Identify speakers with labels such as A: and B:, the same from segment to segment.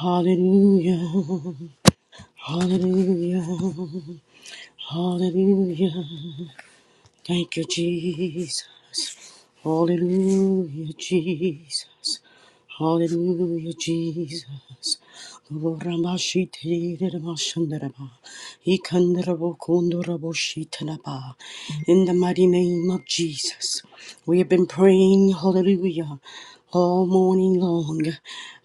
A: Hallelujah. Hallelujah. Hallelujah. Thank you, Jesus. Hallelujah, Jesus. Hallelujah, Jesus. Ramashite Ramashandaraba. Ikandarabo Kondarabo Shitanaba. In the mighty name of Jesus. We have been praying, hallelujah all morning long.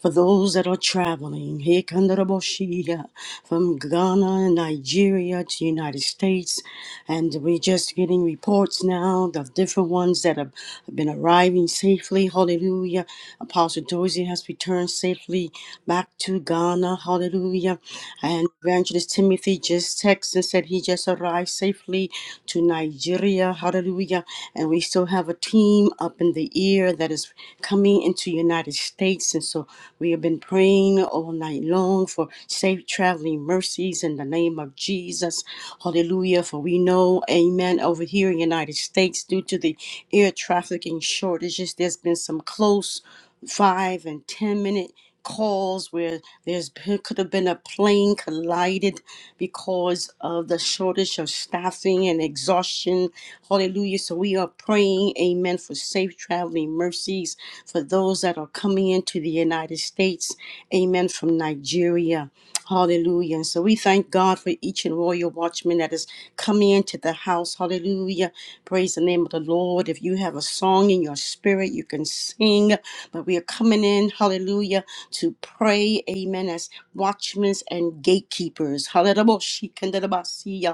A: For those that are traveling, Hikandaraboshia, from Ghana and Nigeria to United States, and we're just getting reports now of different ones that have been arriving safely. Hallelujah. Apostle Dozie has returned safely back to Ghana. Hallelujah. And Evangelist Timothy. Timothy just texted and said he just arrived safely to Nigeria. Hallelujah. And we still have a team up in the air that is coming into United States. And so we have been praying all night long for safe traveling mercies in the name of Jesus. Hallelujah. For we know, amen, over here in United States, due to the air trafficking shortages, there's been some close five and ten minute calls where there's been- could have been a plane collided because of the shortage of staffing and exhaustion. Hallelujah. So we are praying, amen, for safe traveling mercies for those that are coming into the United States. Amen. From Nigeria. Hallelujah. And so we thank God for each and royal watchman that is coming into the house. Hallelujah. Praise the name of the Lord. If you have a song in your spirit, you can sing. But we are coming in, hallelujah, to pray, amen, as watchmen and gatekeepers. Hallelujah.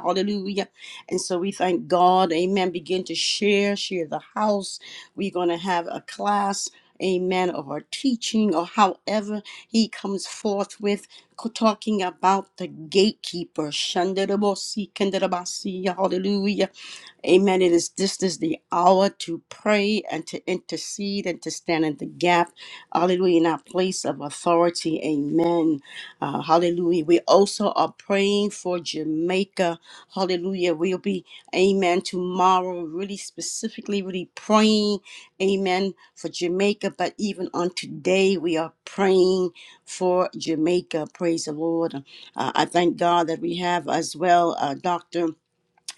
A: Hallelujah. And so we thank God. Amen. Begin to share, share the house. We're going to have a class. Amen. Of our teaching, or however he comes forth with talking about the gatekeeper. Shandarabosi, kandarabasi, Hallelujah. Amen. It is this is the hour to pray and to intercede and to stand in the gap. Hallelujah. In our place of authority. Amen. Uh, hallelujah. We also are praying for Jamaica. Hallelujah. We'll be, amen, tomorrow, really specifically, really praying, amen, for Jamaica. But even on today, we are praying for Jamaica. Praise the Lord. Uh, I thank God that we have as well, uh, Doctor.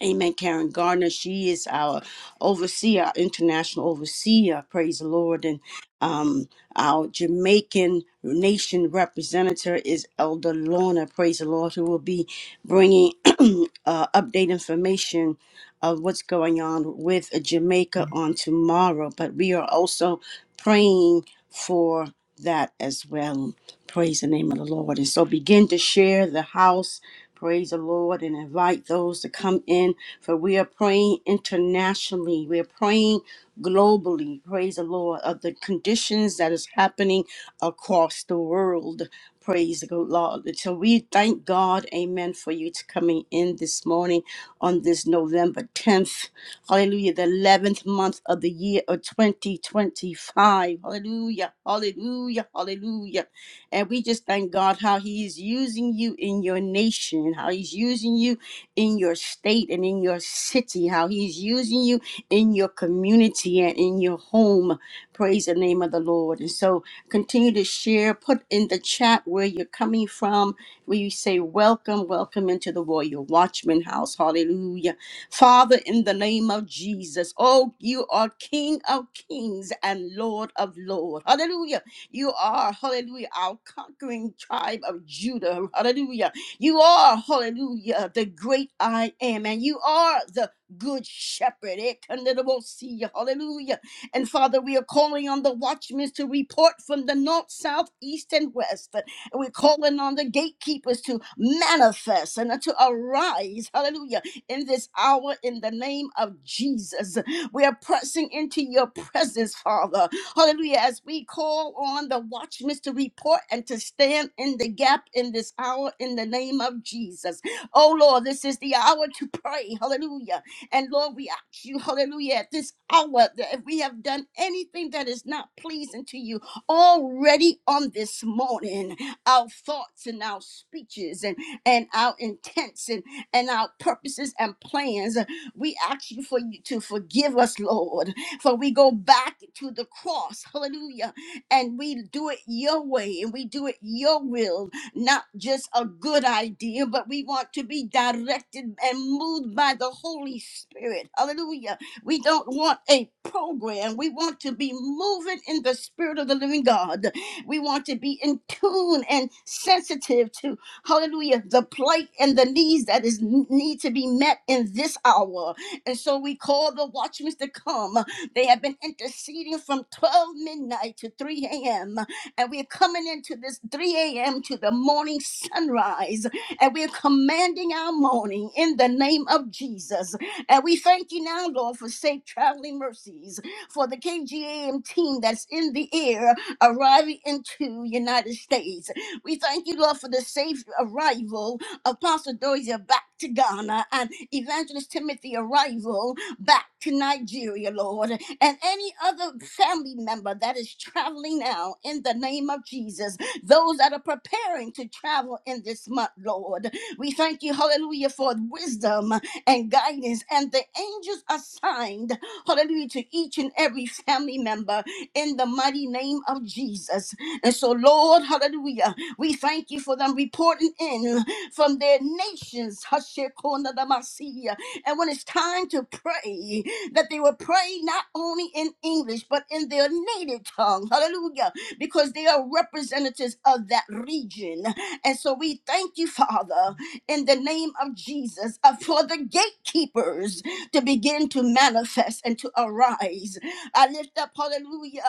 A: Amen. Karen Gardner, she is our overseer, our international overseer. Praise the Lord. And um, our Jamaican nation representative is Elder Lorna. Praise the Lord, who will be bringing uh, update information of what's going on with Jamaica on tomorrow. But we are also praying for that as well. Praise the name of the Lord. And so begin to share the house. Praise the Lord and invite those to come in. For we are praying internationally. We are praying globally. Praise the Lord of the conditions that is happening across the world. Praise the good Lord. So we thank God, amen, for you to coming in this morning on this November 10th. Hallelujah. The 11th month of the year of 2025. Hallelujah. Hallelujah. Hallelujah. And we just thank God how He is using you in your nation, how He's using you in your state and in your city, how He's using you in your community and in your home. Praise the name of the Lord. And so continue to share, put in the chat where you're coming from, where you say, Welcome, welcome into the Royal Watchman house. Hallelujah. Father, in the name of Jesus, oh, you are King of kings and Lord of lords. Hallelujah. You are, hallelujah, our conquering tribe of Judah. Hallelujah. You are, hallelujah, the great I am. And you are the good shepherd. Eh, Kandarabosi, Hallelujah. And Father, we are calling on the watchmen to report from the north, south, east, and west. And we're calling on the gatekeepers to manifest and to arise. Hallelujah. In this hour, in the name of Jesus, we are pressing into your presence, Father. Hallelujah. As we call on the watchmen to report and to stand in the gap in this hour in the name of Jesus. Oh Lord, this is the hour to pray. Hallelujah. And Lord, we ask you, hallelujah, at this hour that if we have done anything that is not pleasing to you already on this morning, our thoughts and our speeches and, and our intents and, and our purposes and plans, we ask you for you to forgive us, Lord. For we go back to the cross, hallelujah, and we do it your way and we do it your will, not just a good idea, but we want to be directed and moved by the Holy Spirit, hallelujah. We don't want a program, we want to be moving in the Spirit of the living God. We want to be in tune and sensitive to, hallelujah, the plight and the needs that is need to be met in this hour. And so we call the watchmen to come. They have been interceding from 12 midnight to 3 a.m. And we're coming into this 3 a.m. to the morning sunrise. And we're commanding our morning in the name of Jesus. And we thank you now, Lord, for safe traveling mercies for the KGAM team that's in the air arriving into United States. We thank you, Lord, for the safe arrival of Pastor Dozier back to Ghana and Evangelist Timothy arrival back to Nigeria, Lord and any other family member that is traveling now in the name of Jesus, those that are preparing to travel in this month, Lord. We thank you, hallelujah, for wisdom and guidance, and the angels assigned, hallelujah, to each and every family member in the mighty name of Jesus. And so, Lord, hallelujah, we thank you for them reporting in from their nations, Hashekona Damasia. And when it's time to pray, that they would pray not only in English, but in their native tongue. Hallelujah. Because they are representatives of that region. And so we thank you, Father, in the name of Jesus, uh, for the gatekeepers to begin to manifest and to arise. I lift up, hallelujah,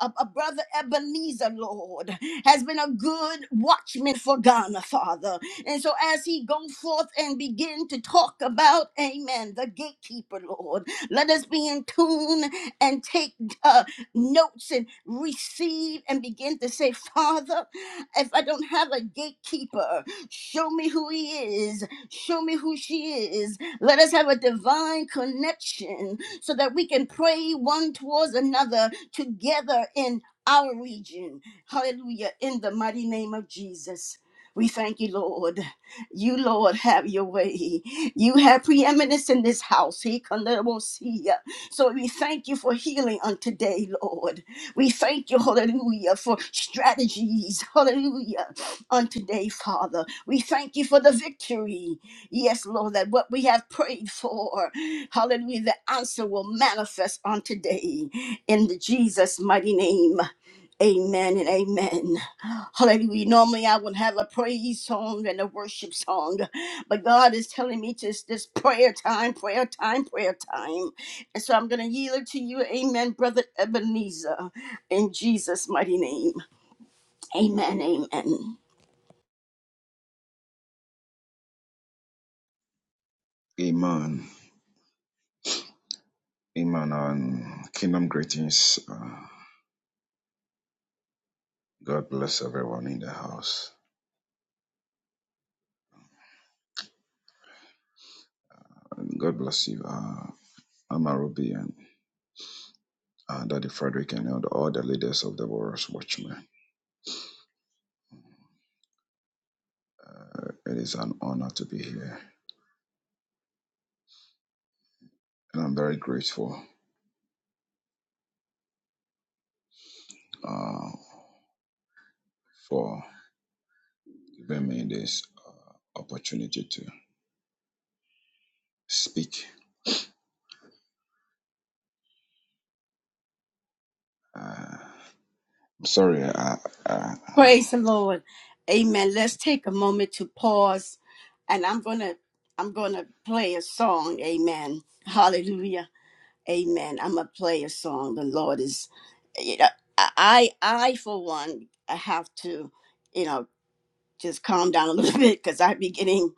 A: a, a brother Ebenezer, Lord, has been a good watchman for Ghana, Father. And so as he go forth and begin to talk about, amen, the gatekeeper, Lord, let us be in tune and take uh, notes and receive and begin to say, Father, if I don't have a gatekeeper, show me who he is, show me who she is. Let us have a divine connection so that we can pray one towards another together in our region. Hallelujah. In the mighty name of Jesus. We thank you, Lord. You, Lord, have your way. You have preeminence in this house. He can let us see ya. So we thank you for healing on today, Lord. We thank you, hallelujah, for strategies, hallelujah, on today, Father. We thank you for the victory. Yes, Lord, that what we have prayed for, hallelujah, the answer will manifest on today. In the Jesus' mighty name, amen and amen. Hallelujah. Normally, I would have a praise song and a worship song, but God is telling me just this prayer time, prayer time, prayer time. And so I'm going to yield it to you. Amen, Brother Ebenezer, in Jesus' mighty name. Amen. Amen.
B: Amen. Amen. And kingdom greetings. Uh, God bless everyone in the house. And God bless you, uh, Mama Ruby and uh, Daddy Frederick and all the, leaders of the Warriors Watchmen. Uh, it is an honor to be here. And I'm very grateful uh, for giving me this uh, opportunity to speak. Uh, I'm sorry. Uh, uh,
A: Praise the Lord. Amen. Let's take a moment to pause, and I'm going to. I'm going to play a song. Amen. Hallelujah. Amen. I'm gonna play a song. The Lord is, you know, I I for one I have to, you know, just calm down a little bit because I be getting,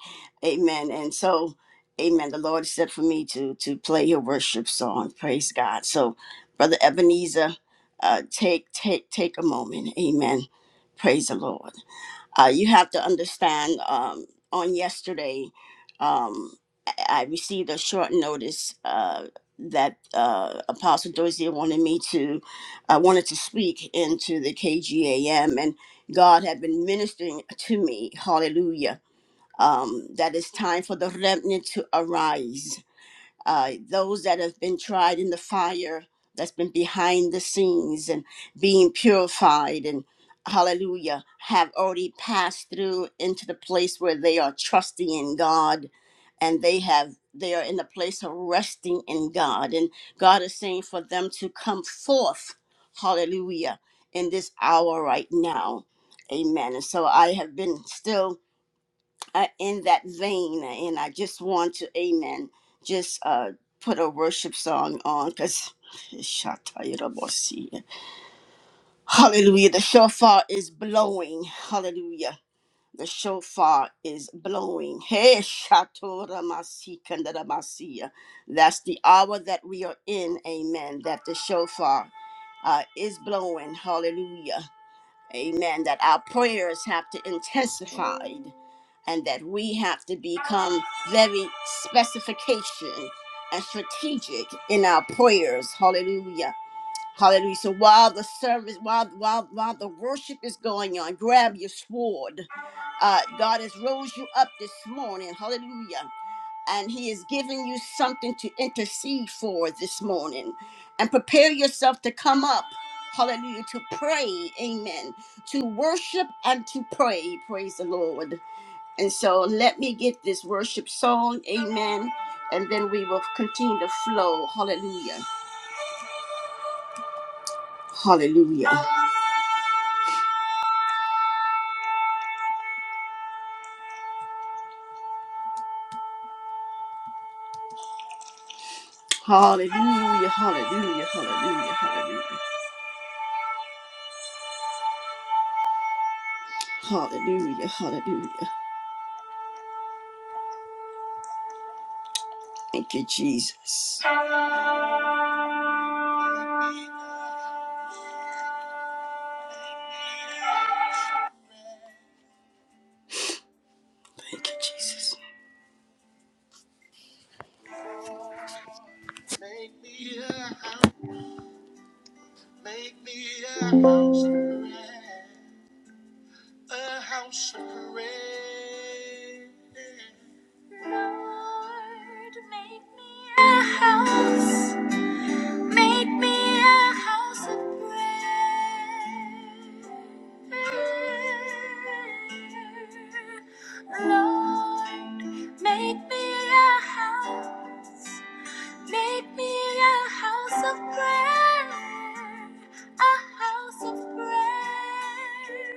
A: Amen. And so, Amen. The Lord said for me to to play your worship song. Praise God. So, Brother Ebenezer, uh, take take take a moment. Amen. Praise the Lord uh, you have to understand um, on yesterday um, i I received a short notice uh, that uh, apostle dozier wanted me to i wanted to speak into the kgam and god had been ministering to me hallelujah um, that it's time for the remnant to arise uh, those that have been tried in the fire that's been behind the scenes and being purified and hallelujah have already passed through into the place where they are trusting in god and they have they are in the place of resting in god and god is saying for them to come forth hallelujah in this hour right now amen and so i have been still uh, in that vein, and I just want to, amen, just uh, put a worship song on because. Hallelujah. The shofar is blowing. Hallelujah. The shofar is blowing. Hey, Shatoramasikandarabasia. That's the hour that we are in. Amen. That the shofar uh, is blowing. Hallelujah. Amen. That our prayers have to intensify and that we have to become very specification and strategic in our prayers. Hallelujah. Hallelujah. So while the service, while while while the worship is going on, grab your sword. Uh, God has rose you up this morning. Hallelujah and he is giving you something to intercede for this morning and prepare yourself to come up hallelujah to pray amen to worship and to pray praise the lord and so let me get this worship song amen and then we will continue to flow hallelujah hallelujah hallelujah hallelujah hallelujah hallelujah hallelujah hallelujah thank you jesus Thank you, Jesus. Make me a house, make me a house of prayer, a house of prayer. Lord, make me a house. Make me a house of prayer. Lord, make me a house. Make me a house of prayer. A house of prayer.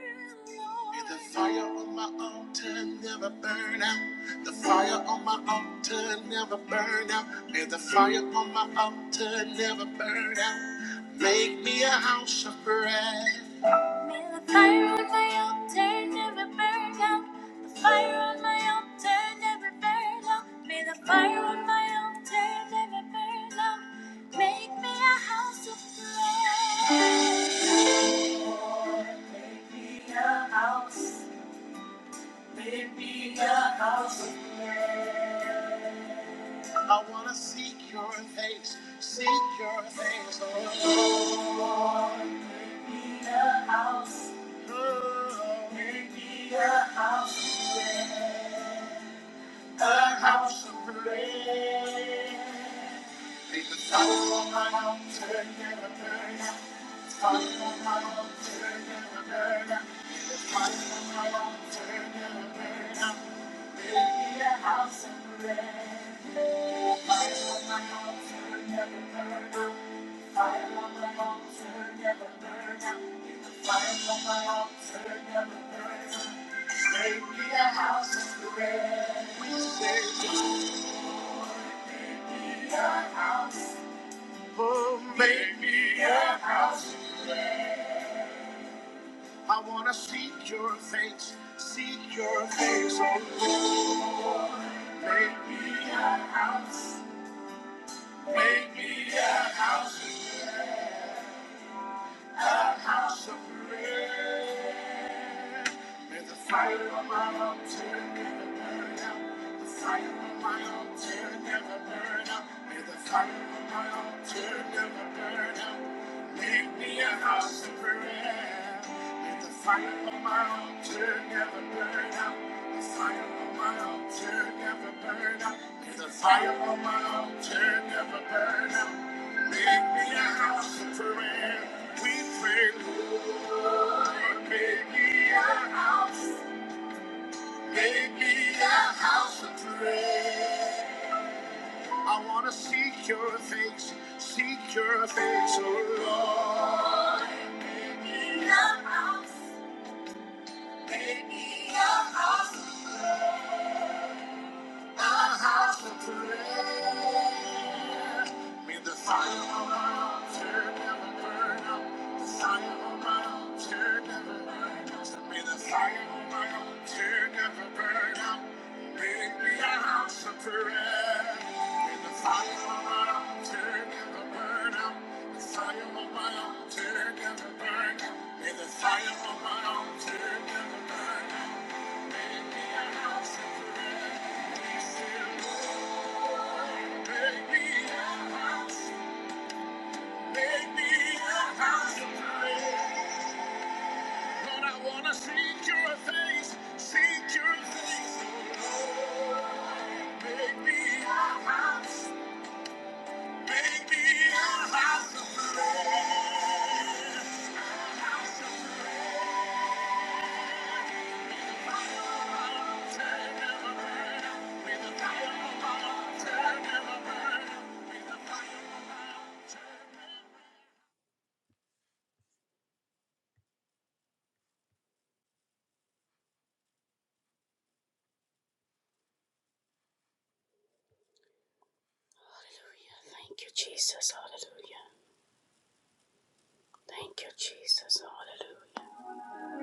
A: Lord. May the fire on my altar never burn out. The fire on my altar never burn out. May the fire on my altar never burn out. Make me a house of prayer. May the fire on my altar never burn out. The fire on my altar never burn out. May the fire on my altar never burn out. Make me a house of prayer. Make me a house of prayer. I want to seek your face, seek your face, oh Lord. Make me a house, oh, make me a house of prayer, a house of prayer. Make the fire on my altar never burn out, the fire on my altar never burn out. Make the fire we say, oh, make me a I wanna seek your face, seek your face, oh Lord. Make me a house, make me a house, a house of prayer. May the fire on my altar never burn out. The fire on my altar never burn out. May the fire on my altar never burn out. Make me a house of prayer. May the fire on my altar never burn out. The fire on my altar never burn out. May the fire on my altar never burn out. Make me a house of prayer. We pray, Lord, make me a house. Make me a house of prayer. I want to seek your face, seek your face, oh Lord. Make me a house, make me a house of prayer. A house of prayer. May the fire of my altar never burn out. The fire of my altar never burn out. May the fire of my altar never burn out. Make me a house of prayer. May the fire of my altar never burn out. The fire of my altar never burn out. May the fire of my altar never burn out. House of prayer.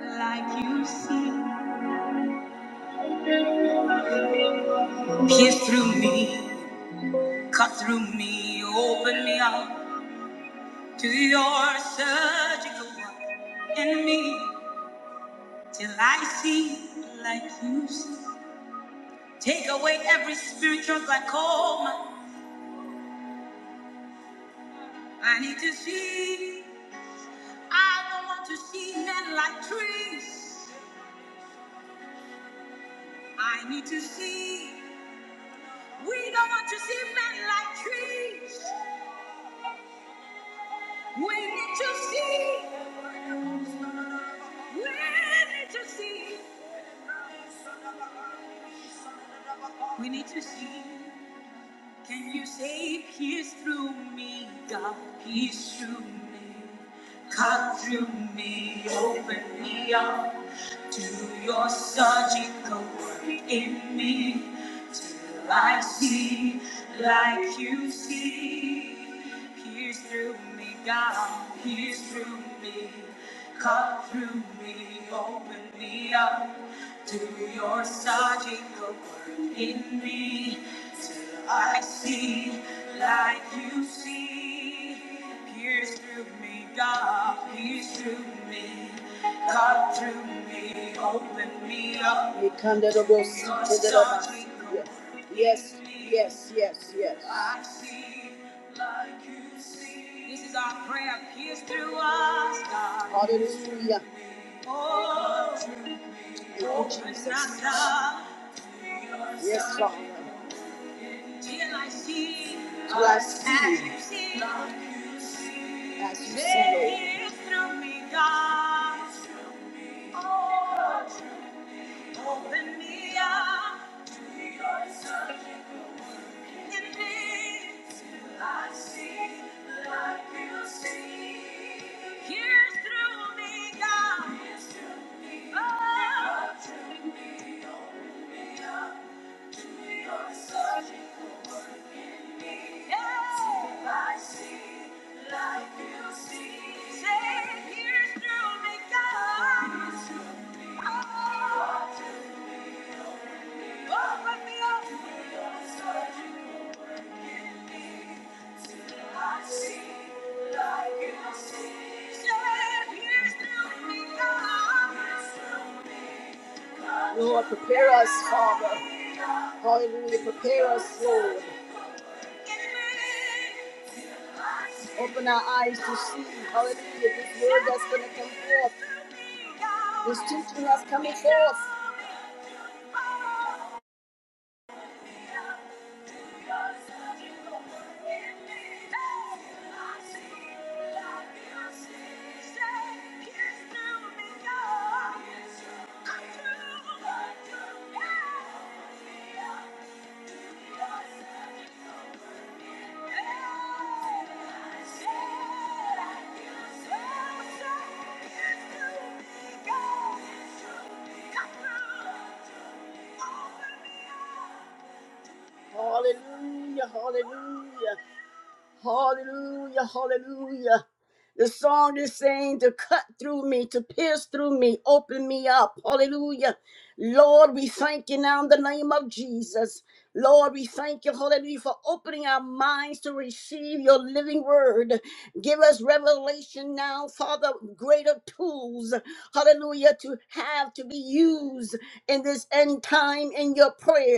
A: Like you see, pierce through me, cut through me, open me up to your surgical work in me till I see like you see. Take away every spiritual glaucoma. I need to see. I don't want to see men like trees. I need to see. We don't want to see men like trees. We need to see. We need to see. We need to see. Can you say peace through me, God? Peace through me. Cut through me. Open me up. Do your surgical work in me till I see like you see. Pierce through me, God, pierce through me, cut through me, open me up. Do your surgical work in me till I see like you see. Pierce through me, God, pierce through me. Cut through me, open me up. Yes, yes, yes, yes. I see like you see. This is our prayer. Pierce through us, God. Hallelujah. Oh, Jesus. Yes, Father. Till I see. Till I see. As you see. As you see. Lord. through me, God. Oh, Open me up to your surgical work in me till I see like you see. Here's through me, God. Here's through me. Oh. God, through me, open me up to your surgical work in me. Yeah. Till I see like you see. Say, God, Open our eyes to see, hallelujah, this word that's going to come forth, this teaching that's coming forth. Hallelujah, hallelujah, Hallelujah, hallelujah. The song is saying to cut through me, to pierce through me, open me up. Hallelujah. Lord, we thank you now in the name of Jesus. Lord, we thank you, hallelujah, for opening our minds to receive your living word. Give us revelation now, Father, greater tools, hallelujah, to have to be used in this end time in your prayer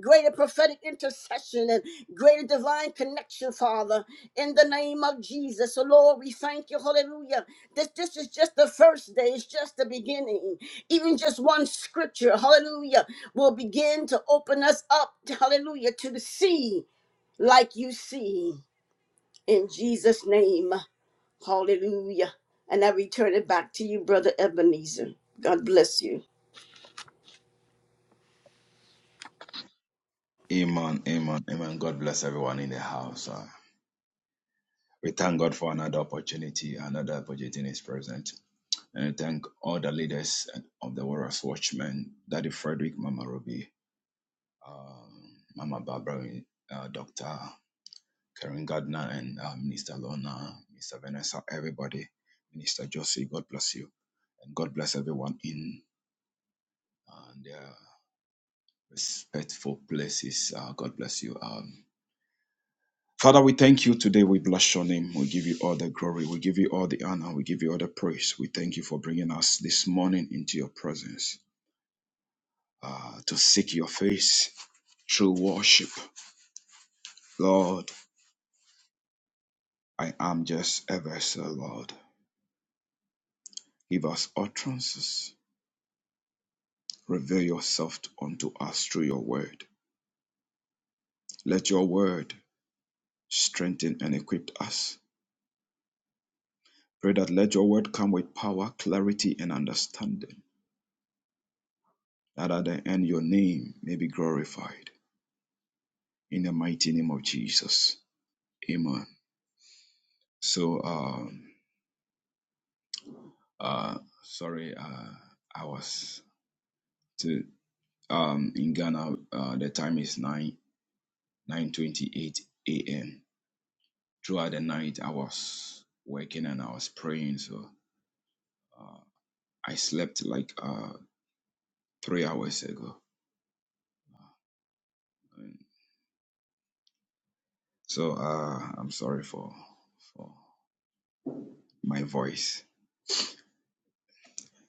A: greater prophetic intercession and greater divine connection, Father, in the name of Jesus. So, Lord, we thank you. Hallelujah. This, this is just the first day, it's just the beginning. Even just one scripture, hallelujah, will begin to open us up, hallelujah, to the sea like you see in Jesus' name. Hallelujah. And I return it back to you, Brother Ebenezer. God bless you.
B: amen. Amen. Amen. God bless everyone in the house. Uh, We thank God for another opportunity, another opportunity in His presence. And I thank all the leaders of the Warriors Watchmen, Daddy Frederick, Mama Ruby, um, Mama Barbara, uh, Dr. Karen Gardner, and uh, Minister Lona, Mr. Vanessa, everybody, Minister Josie, God bless you. And God bless everyone in uh, their respectful places. Uh, God bless you. Um, Father, we thank you today. We bless your name. We give you all the glory. We give you all the honor. We give you all the praise. We thank you for bringing us this morning into your presence uh, to seek your face through worship. Lord, I am just a vessel, Lord. Give us utterances. Reveal yourself unto us through your word. Let your word strengthen and equip us. Pray that let your word come with power, clarity, and understanding, that at the end your name may be glorified. in the mighty name of Jesus. Amen. So, um, uh, sorry, uh, I was to, um, in Ghana, uh, the time is 9, 9.28 a.m. Throughout the night, I was working and I was praying. So, uh, I slept like, uh, three hours ago. And so, uh, I'm sorry for, for my voice.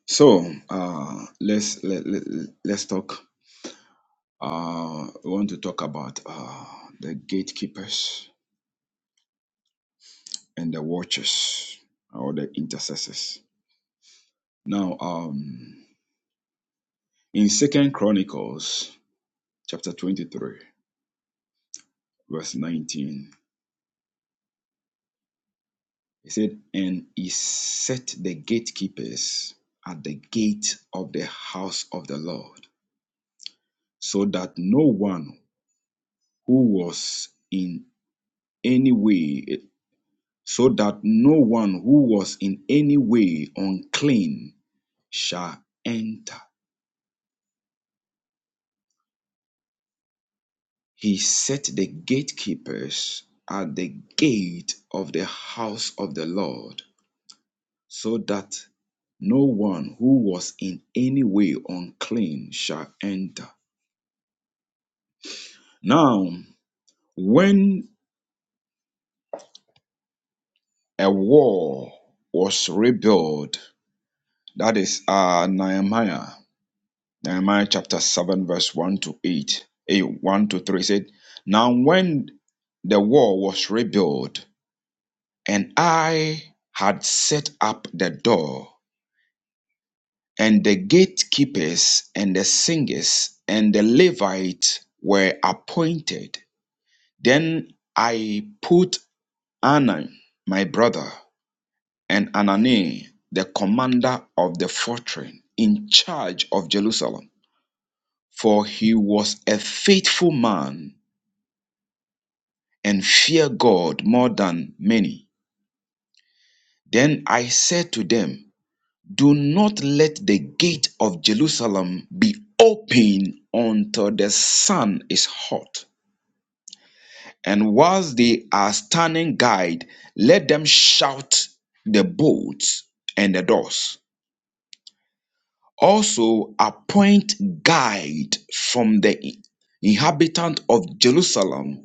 B: So, uh, let's, let, let, let's talk Uh, we want to talk about uh, the gatekeepers and the watchers or the intercessors. Now, um, in Second Chronicles chapter 23, verse 19, it said, And he set the gatekeepers at the gate of the house of the Lord, so that no one who was in any way, so that no one who was in any way unclean shall enter. He set the gatekeepers at the gate of the house of the Lord, so that no one who was in any way unclean shall enter. Now, when a wall was rebuilt, that is uh, Nehemiah, Nehemiah chapter 7, verse 1 to 8, eh, 1 to 3 said, Now, when the wall was rebuilt, And I had set up the door, and the gatekeepers, and the singers, and the Levites were appointed. Then I put Anan, my brother, and Anani, the commander of the fortress, in charge of Jerusalem, for he was a faithful man and feared God more than many. Then I said to them, Do not let the gate of Jerusalem be open until the sun is hot. And whilst they are standing guard, let them shout the bolts and the doors. Also, appoint guide from the inhabitant of Jerusalem,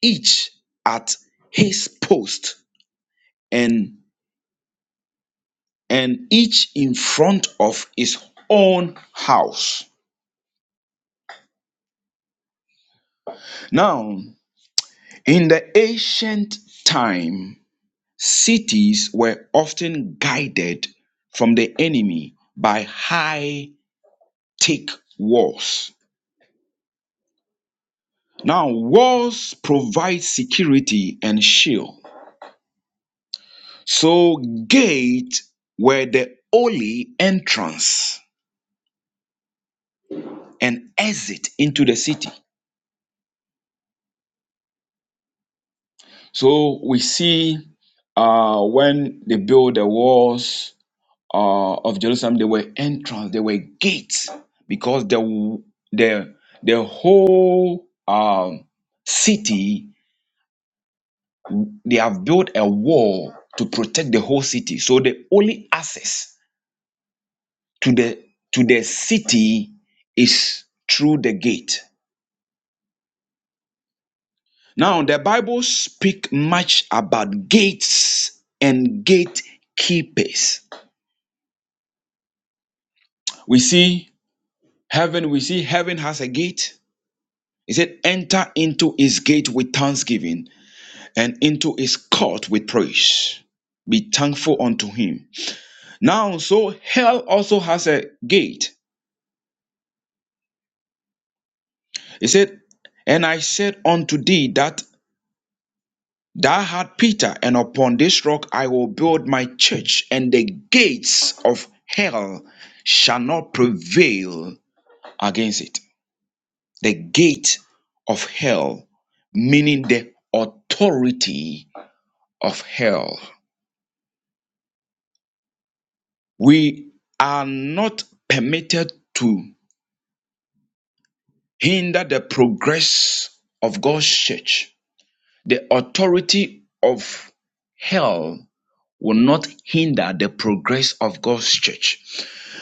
B: each at his post and and each in front of his own house. Now, In the ancient time, cities were often guided from the enemy by high thick walls. Now, walls provide security and shield. So, gate were the only entrance and exit into the city. So, we see uh, when they build the walls uh, of Jerusalem, there were entrance, there were gates, because the the the whole um, city they have built a wall to protect the whole city. So the only access to the to the city is through the gate. Now the Bible speak much about gates and gatekeepers. We see heaven. We see heaven has a gate He said, Enter into his gate with thanksgiving and into his court with praise. Be thankful unto him. Now, so hell also has a gate. He said, And I said unto thee that thou art Peter, and upon this rock I will build my church, and the gates of hell shall not prevail against it. The gate of hell, meaning the authority of hell. We are not permitted to hinder the progress of God's church. The authority of hell will not hinder the progress of God's church.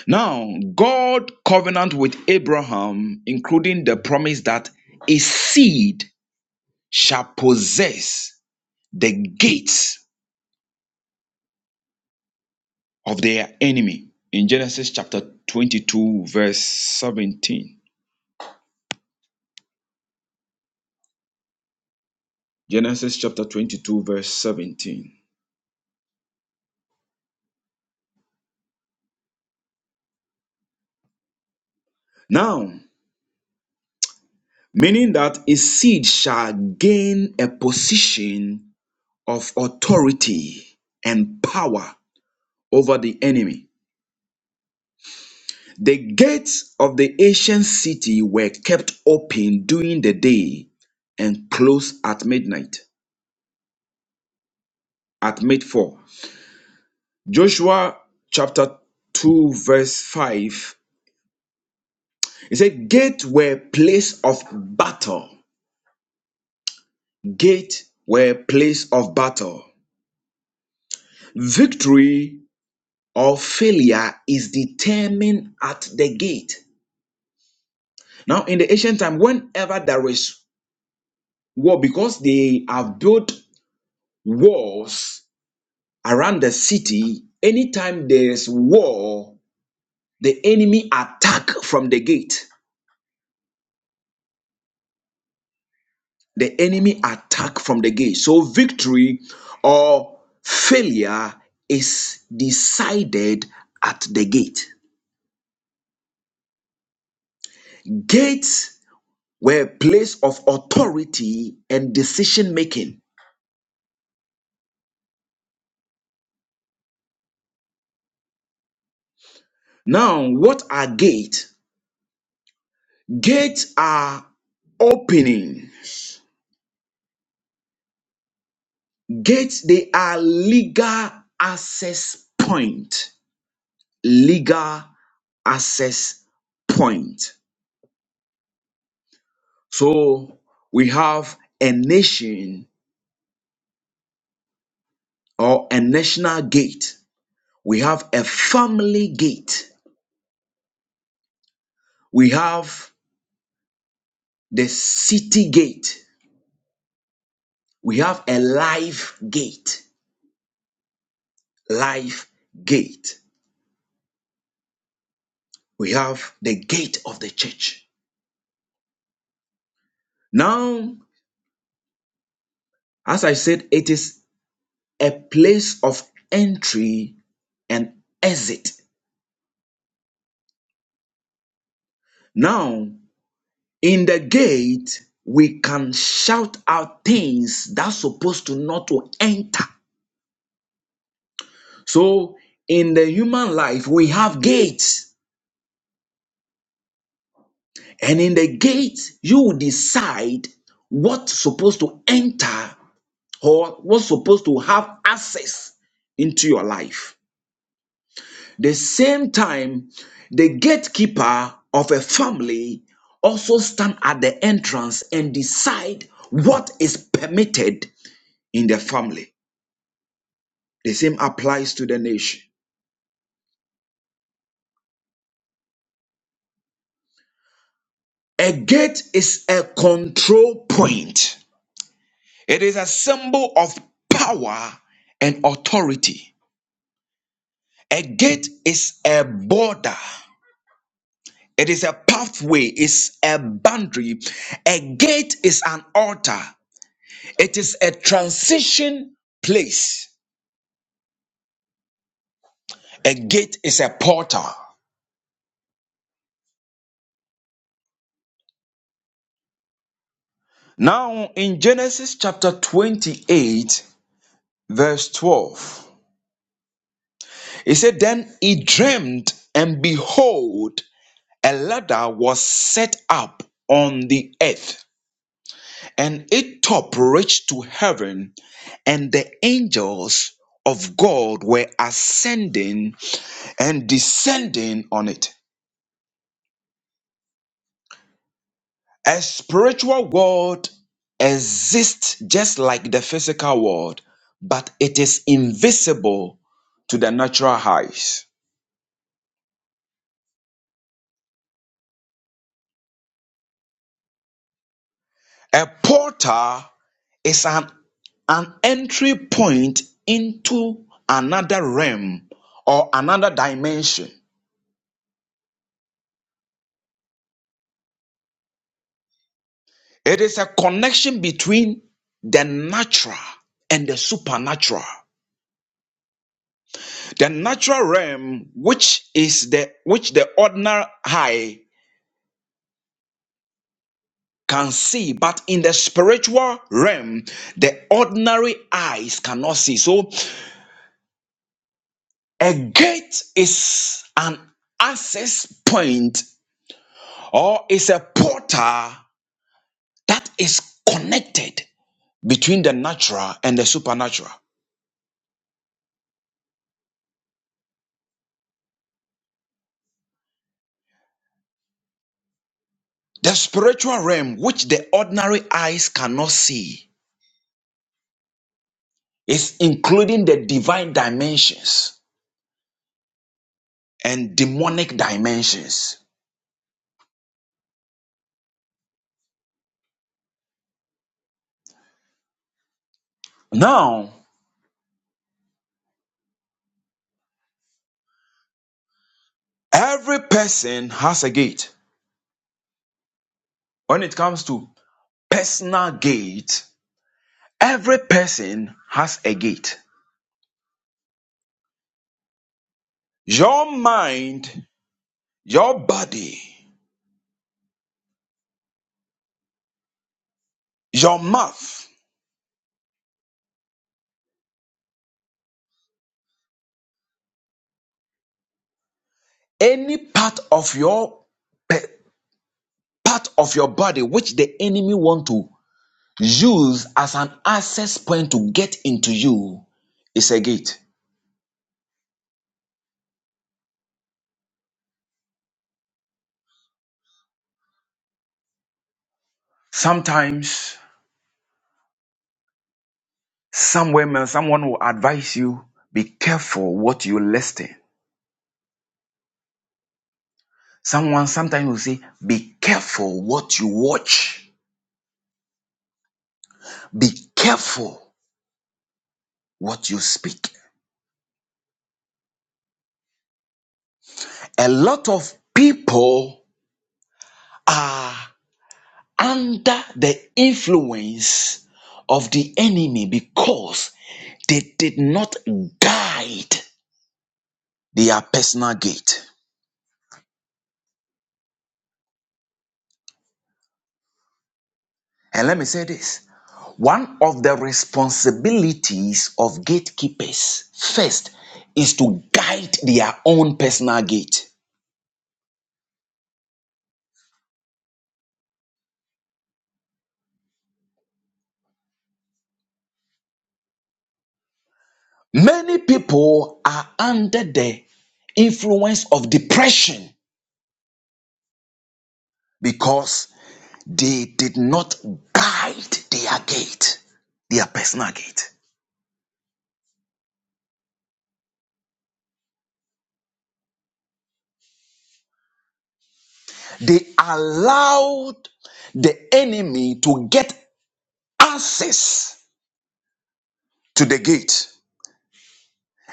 B: Now, God covenant with Abraham, including the promise that a seed shall possess the gates of their enemy in Genesis chapter 22, verse 17. Genesis chapter 22, verse 17. Now, meaning that a seed shall gain a position of authority and power over the enemy. The gates of the ancient city were kept open during the day and closed at midnight, at midfall. Joshua chapter 2, verse 5. It said, Gate were place of battle. Gate were place of battle. Victory or failure is determined at the gate. Now, in the ancient time, whenever there is war, because they have built walls around the city, anytime there is war, the enemy attack from the gate. The enemy attack from the gate. So victory or failure is decided at the gate. Gates were a place of authority and decision making. Now, what are gates? Gates are opening. Gates, they are legal access point. Legal access point. So we have a nation or a national gate. We have a family gate. We have the city gate. We have a life gate life gate. We have the gate of the church. Now, as I said, it is a place of entry and exit. Now, in the gate, we can shout out things that's supposed to not to enter. So, in the human life, we have gates, and in the gate, you will decide what's supposed to enter or what's supposed to have access into your life. The same time, the gatekeeper of a family also stand at the entrance and decide what is permitted in the family. The same applies to the nation. A gate is a control point. It is a symbol of power and authority. A gate is a border. It is a pathway, it's a boundary. A gate is an altar. It is a transition place. A gate is a portal. Now, in Genesis chapter 28, verse 12, it said, Then he dreamed, and behold, a ladder was set up on the earth, and its top reached to heaven, and the angels of God were ascending and descending on it. A spiritual world exists just like the physical world, but it is invisible to the natural eyes. A portal is an, an entry point into another realm or another dimension. It is a connection between the natural and the supernatural. The natural realm, which is the which the ordinary high can see, but in the spiritual realm, the ordinary eyes cannot see. So, a gate is an access point or is a portal that is connected between the natural and the supernatural. The spiritual realm, which the ordinary eyes cannot see, is including the divine dimensions and demonic dimensions. Now, every person has a gate when it comes to Personal gate. Every person has a gate. Your mind, your body, your mouth, any part of your part of your body which the enemy want to use as an access point to get into you is a gate. Sometimes somewhere, someone will advise you, be careful what you listen. Someone sometimes will say, be careful what you watch. Be careful. what you speak. A lot of people are under the influence of the enemy because they did not guide their personal gate. And let me say this one of the responsibilities of gatekeepers first is to guide their own personal gate. Many people are under the influence of depression because They did not guide their gate, their personal gate. They allowed the enemy to get access to the gate.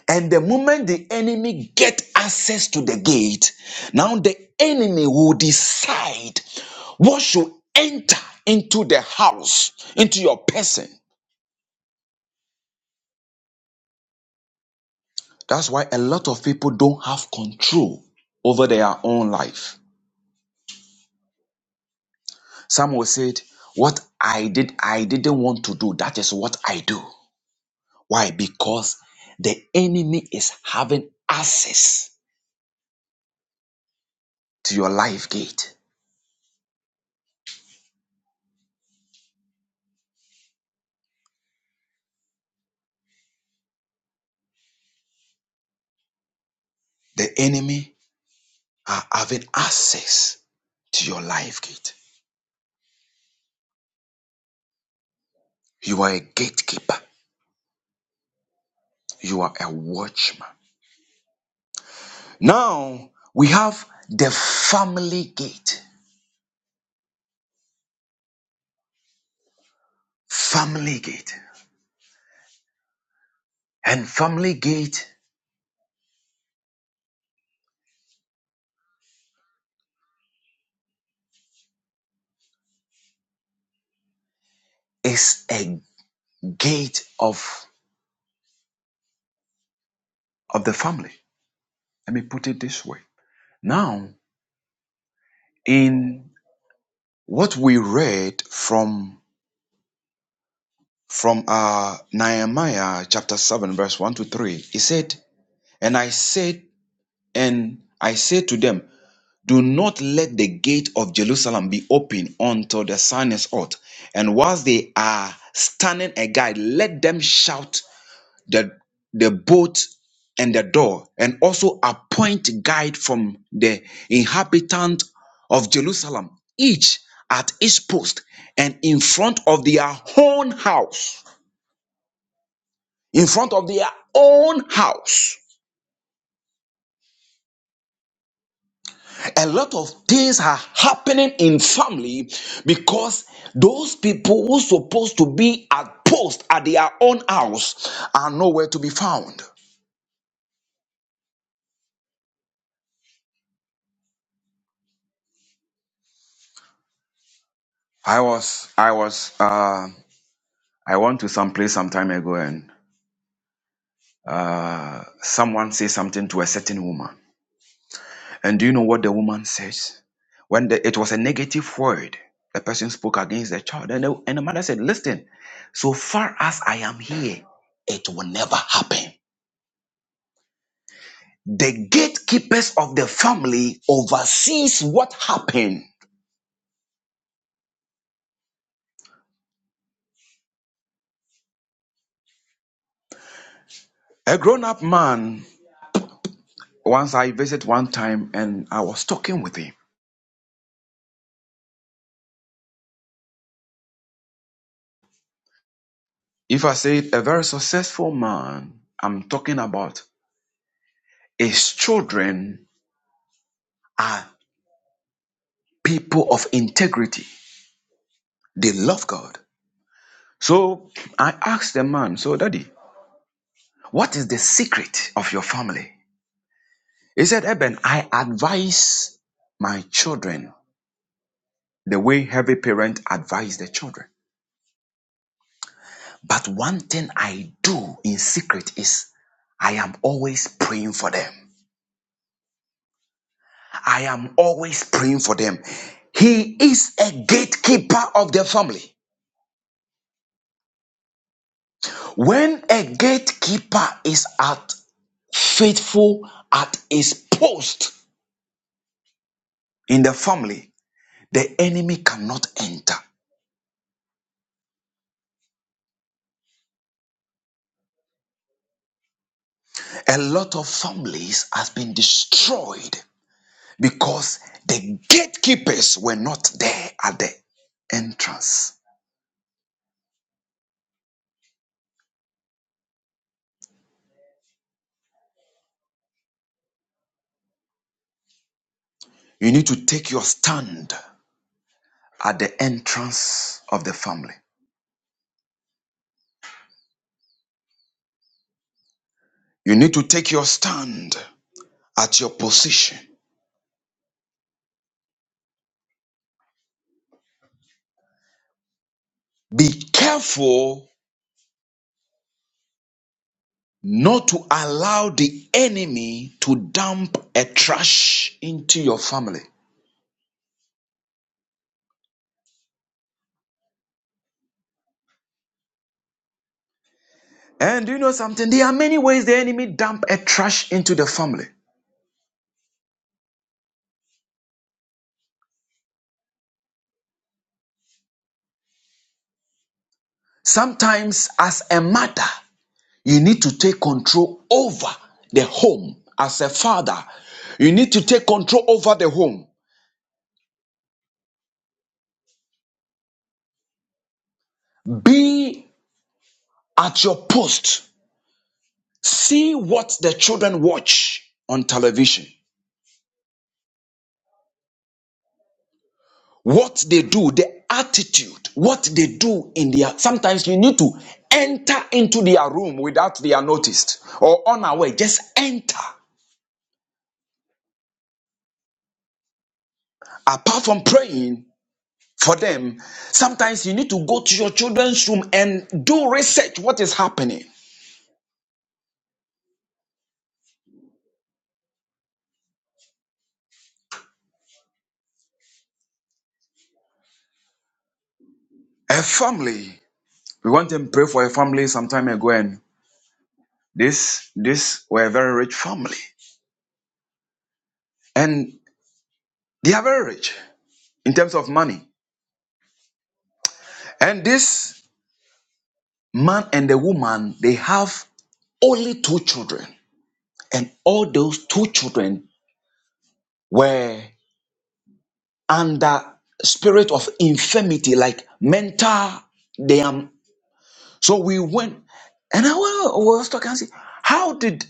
B: And the moment the enemy get access to the gate, now the enemy will decide what should enter into the house, into your person. That's why a lot of people don't have control over their own life. Samuel said, What I did, I didn't want to do. That is what I do. Why? Because the enemy is having access to your life gate. The enemy are having access to your life gate. You are a gatekeeper, you are a watchman. Now we have the family gate. Family gate. And family gate is a gate of, of the family. Let me put it this way Now, in what we read from from uh, Nehemiah chapter seven, verse one to three, he said, "And I said, and I said to them, Do not let the gate of Jerusalem be open until the sun is out, and whilst they are standing a guide, let them shout the, the boat and the door, and also appoint guide from the inhabitant of Jerusalem, each at his post and in front of their own house. In front of their own house. A lot of things are happening in family because those people who supposed to be at post at their own house are nowhere to be found. I was I was uh, I went to some place some time ago and uh, someone said something to a certain woman. And do you know what the woman says? When the, it was a negative word, the person spoke against the child. And the, and the mother said, Listen, so far as I am here, it will never happen. The gatekeepers of the family oversees what happened. A grown up man, once I visited one time and I was talking with him. If I say a very successful man, I'm talking about His children are people of integrity. They love God. So I asked the man, so daddy, what is the secret of your family? He said, Eben, I advise my children the way every parent advises their children. But one thing I do in secret is I am always praying for them. I am always praying for them. He is a gatekeeper of the family. When a gatekeeper is at faithful at his post in the family the enemy cannot enter a lot of families has been destroyed because the gatekeepers were not there at the entrance you need to take your stand at the entrance of the family you need to take your stand at your position be careful not to allow the enemy to dump a trash into your family And do you know something? There are many ways the enemy dump a trash into the family. Sometimes, as a mother, you need to take control over the home. As a father, you need to take control over the home. Be at your post. See what the children watch on television, what they do, the attitude, what they do in their. Sometimes you need to enter into their room without they are noticed or on our way. Just enter apart from praying for them, sometimes you need to go to your children's room and do research what is happening. A family, we went and prayed for a family some time ago, and this this were a very rich family, and they are very rich in terms of money. And this man and the woman, they have only two children, and all those two children were under spirit of infirmity, like mental. They are. So we went, and I wa- was talking. I said, How did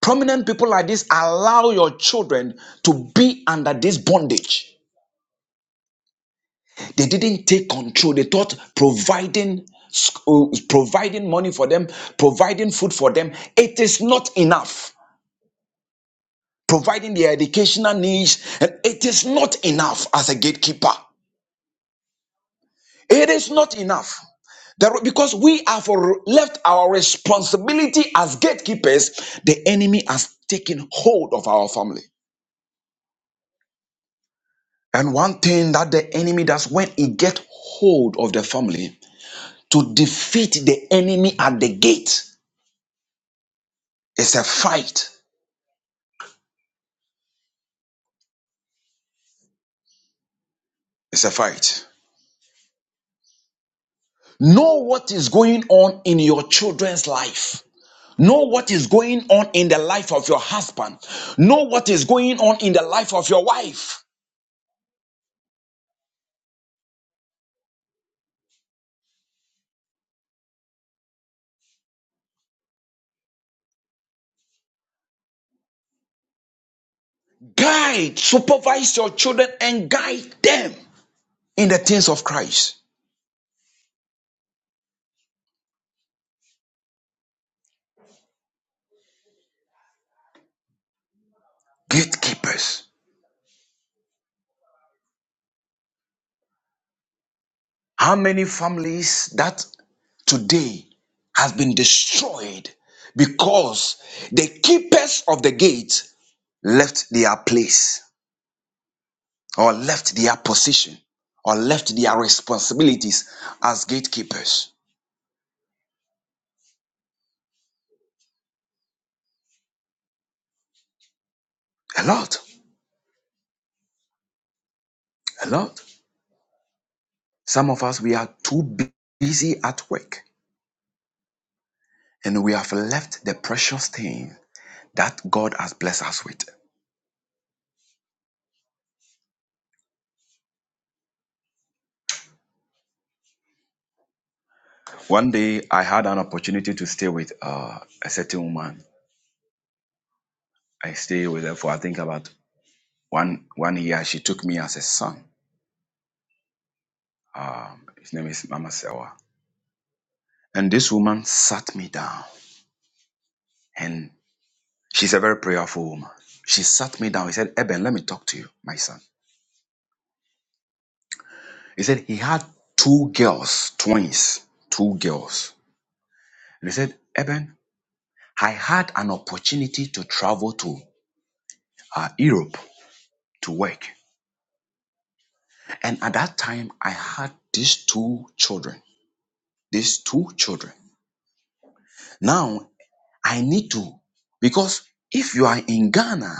B: prominent people like this allow your children to be under this bondage? They didn't take control. They thought providing sc- uh, providing money for them, providing food for them, it is not enough. Providing their educational needs, and it is not enough as a gatekeeper. It is not enough. There- because we have r- left our responsibility as gatekeepers, the enemy has taken hold of our family. And one thing that the enemy does when he gets hold of the family to defeat the enemy at the gate is a fight. It's a fight. Know what is going on in your children's life. Know what is going on in the life of your husband. Know what is going on in the life of your wife. Guide, supervise your children and guide them in the things of Christ. Gatekeepers. How many families that today has been destroyed because the keepers of the gate left their place or left their position or left their responsibilities as gatekeepers. A lot, a lot. Some of us, we are too bu- busy at work and we have left the precious thing that God has blessed us with. One day, I had an opportunity to stay with uh, a certain woman. I stayed with her for I think about one one year. She took me as a son. Um, his name is Mama Sewa. And this woman sat me down, and she's a very prayerful woman. She sat me down. He said, "Eben, let me talk to you, my son." He said he had two girls, twins, two girls. And he said, Eben, I had an opportunity to travel to uh, Europe to work. And at that time, I had these two children. These two children. Now, I need to, because if you are in Ghana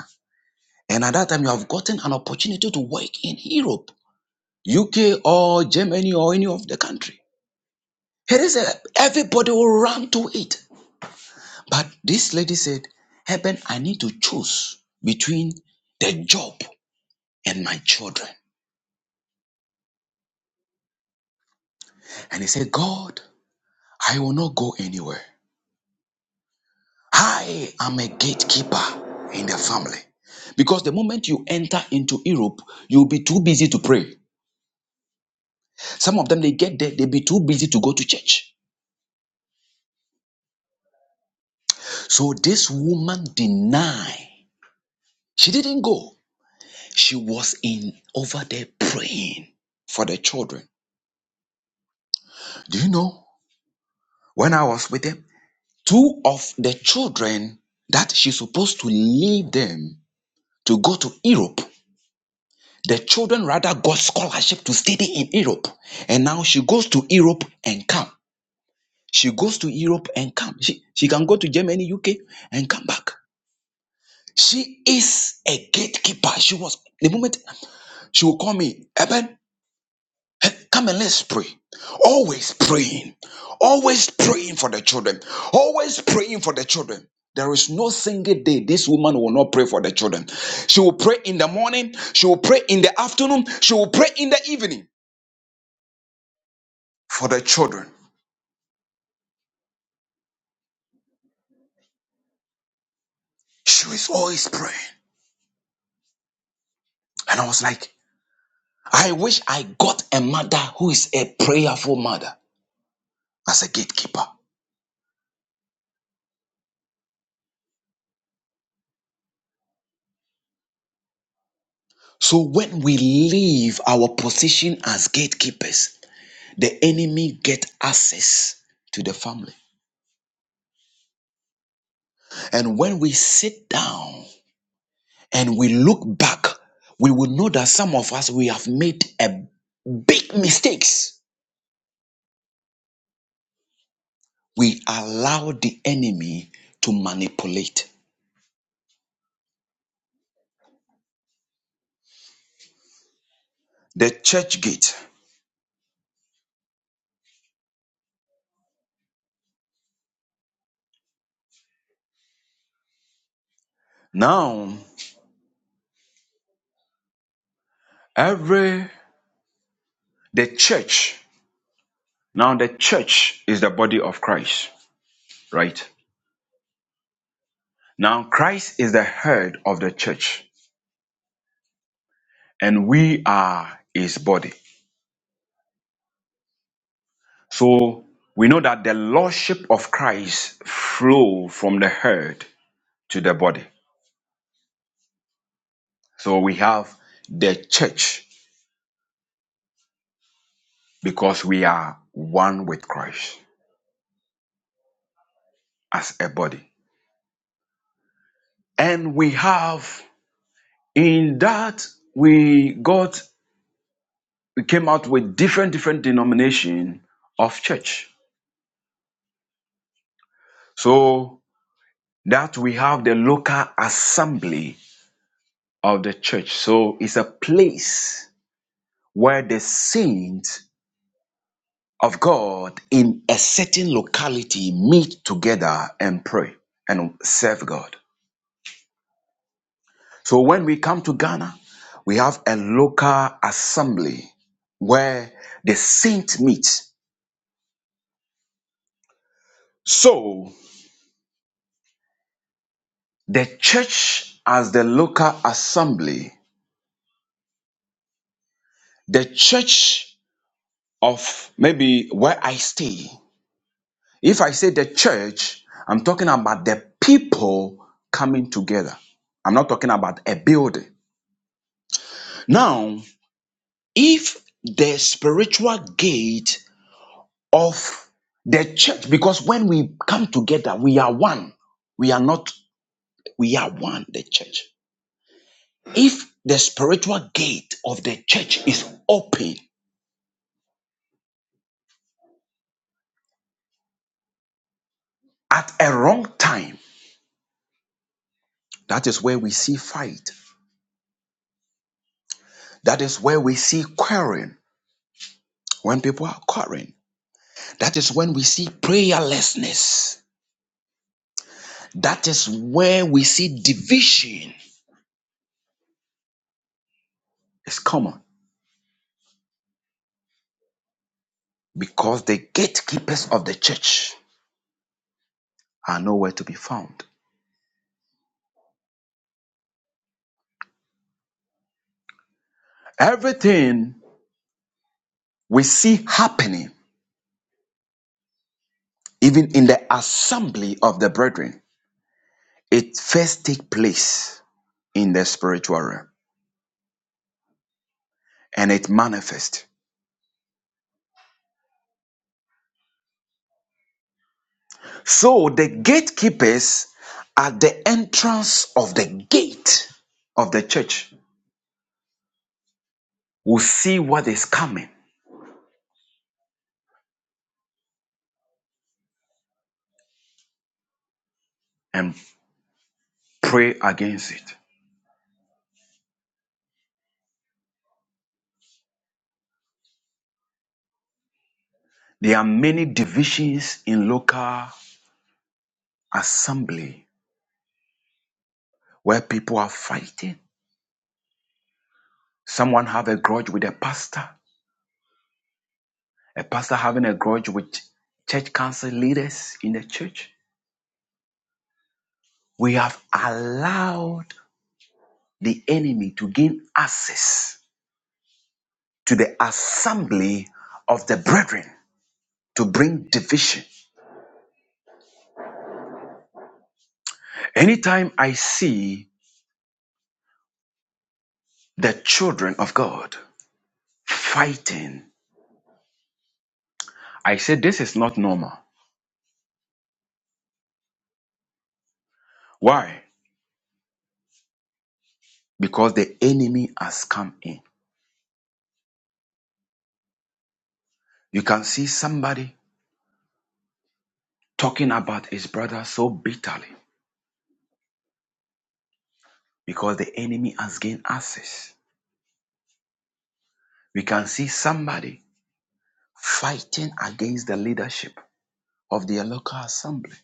B: and at that time you have gotten an opportunity to work in Europe, UK, or Germany, or any of the country, it is a, everybody will run to it. But this lady said, Heaven, I need to choose between the job and my children. And he said, God, I will not go anywhere. I am a gatekeeper in the family. Because the moment you enter into Europe, you'll be too busy to pray. Some of them, they get there, they'll be too busy to go to church. So this woman denied. She didn't go. She was in over there praying for the children. Do you know? When I was with them, two of the children that she's supposed to leave them to go to Europe The children rather got scholarship to study in Europe. And now she goes to Europe and come. She goes to Europe and come. She, she can go to Germany, UK and come back. She is a gatekeeper. She was, the moment she will call me, Eben, eh, come and let's pray. Always praying. Always praying for the children. Always praying for the children. There is no single day this woman will not pray for the children. She will pray in the morning. She will pray in the afternoon. She will pray in the evening. for the children. She was always praying. And I was like, I wish I got a mother who is a prayerful mother as a gatekeeper. So when we leave our position as gatekeepers, the enemy get access to the family. And when we sit down and we look back, we will know that some of us we have made a big mistakes. We allow the enemy to manipulate the church gate. Now Every the church. Now the church is the body of Christ, right? Now Christ is the head of the church and we are his body. So we know that the lordship of Christ flow from the head to the body. So we have the church because we are one with Christ as a body. And we have in that we got we came out with different different denomination of church so that we have the local assembly of the church so it's a place where the saints of god in a certain locality meet together and pray and serve god so when we come to ghana we have a local assembly where the saints meet so the church as the local assembly the church of maybe where I stay. If I say the church, I'm talking about the people coming together. I'm not talking about a building. Now, if the spiritual gate of the church, because when we come together, we are one. We are not, we are one, the church. If the spiritual gate of the church is open at a wrong time, that is where we see fight That is where we see quarreling, when people are quarreling. That is when we see prayerlessness. That is where we see division. It's common because the gatekeepers of the church are nowhere to be found. Everything we see happening, even in the assembly of the brethren, it first takes place in the spiritual realm and it manifests. So the gatekeepers at the entrance of the gate of the church will see what is coming and pray against it. There are many divisions in local assembly where people are fighting. Someone have a grudge with a pastor, a pastor having a grudge with church council leaders in the church. We have allowed the enemy to gain access to the assembly of the brethren to bring division. Anytime I see the children of God fighting, I say this is not normal. Why? Because the enemy has come in. You can see somebody talking about his brother so bitterly because the enemy has gained access. We can see somebody fighting against the leadership of their local assembly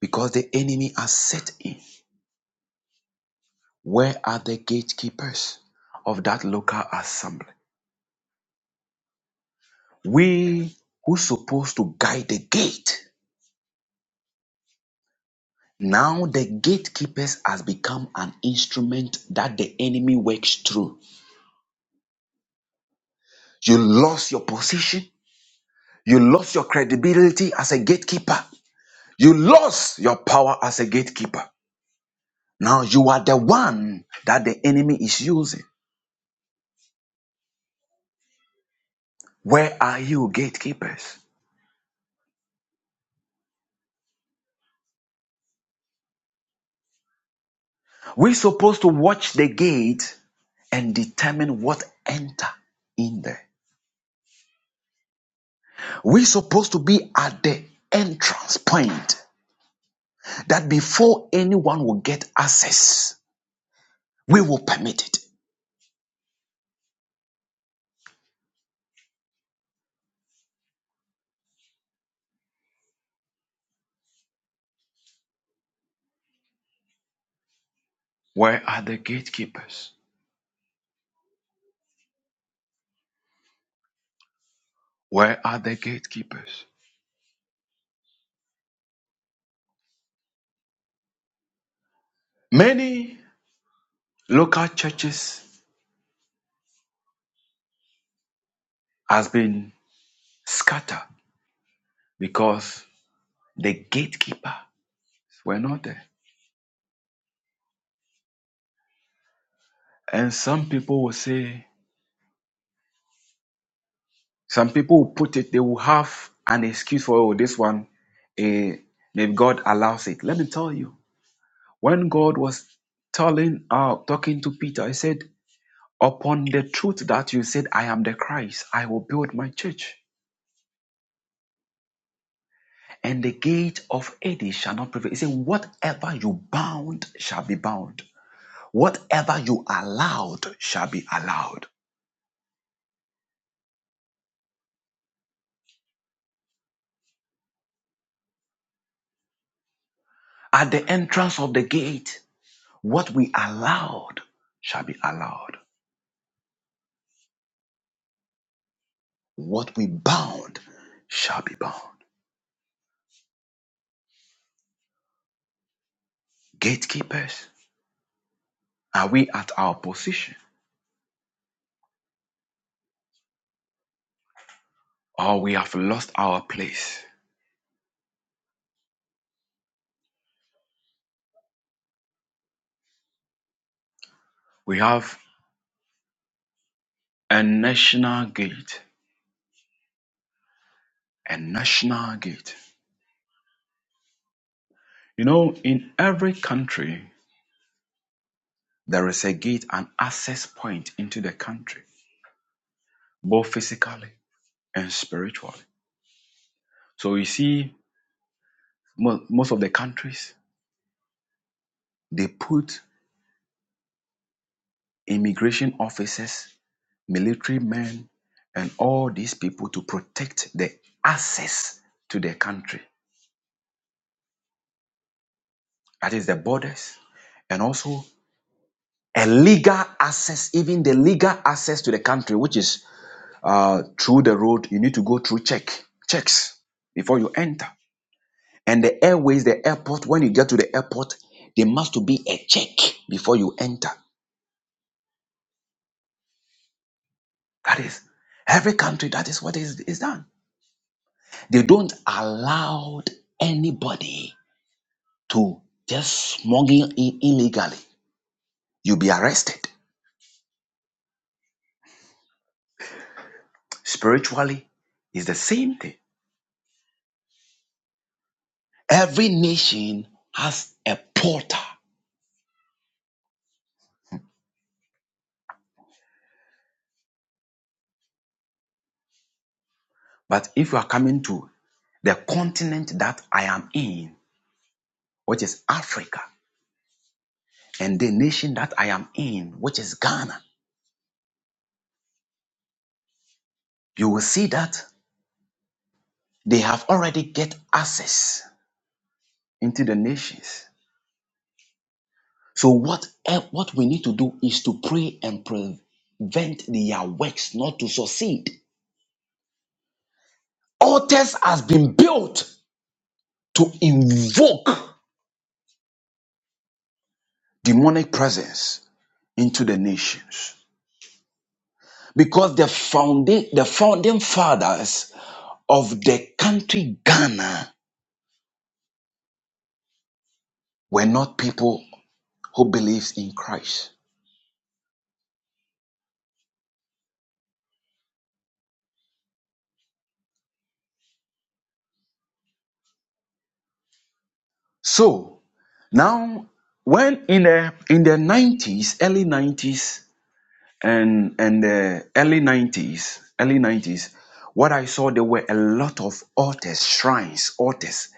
B: because the enemy has set in. Where are the gatekeepers of that local assembly? We who supposed to guide the gate. Now the gatekeepers has become an instrument that the enemy works through. You lost your position. You lost your credibility as a gatekeeper. You lost your power as a gatekeeper. Now you are the one that the enemy is using. Where are you, gatekeepers? We're supposed to watch the gate and determine what enter in there. We're supposed to be at the entrance point that before anyone will get access, we will permit it. Where are the gatekeepers? Where are the gatekeepers? Many local churches has been scattered because the gatekeeper were not there. And some people will say, some people will put it, they will have an excuse for oh, this one. eh, maybe God allows it. Let me tell you, When God was telling, uh, talking to Peter, he said, Upon the truth that you said, I am the Christ, I will build my church, and the gate of Hades shall not prevail. He said, Whatever you bound shall be bound, whatever you allowed shall be allowed. At the entrance of the gate, what we allowed shall be allowed, what we bound shall be bound. Gatekeepers, are we at our position or we have lost our place? We have a national gate. A national gate. You know, in every country, there is a gate, an access point into the country, both physically and spiritually. So you see, most of the countries, they put immigration officers, military men, and all these people to protect the access to the country. That is the borders and also a legal access, even the legal access to the country, which is uh, through the road, you need to go through check checks before you enter. And the airways, the airport, when you get to the airport, there must be a check before you enter. That is every country. That is what is, is done. They don't allow anybody to just smuggle in illegally. You'll be arrested. Spiritually, it's the same thing. Every nation has a porter, but if you are coming to the continent that I am in, which is Africa, and the nation that I am in, which is Ghana, you will see that they have already get access into the nations. So what el- what we need to do is to pray and prevent their works not to succeed. Altars has been built to invoke demonic presence into the nations because the founding the founding fathers of the country Ghana were not people who believes in Christ. So now, when in the in the nineties, early nineties, and and the early nineties, early nineties, what I saw there were a lot of altars, shrines, altars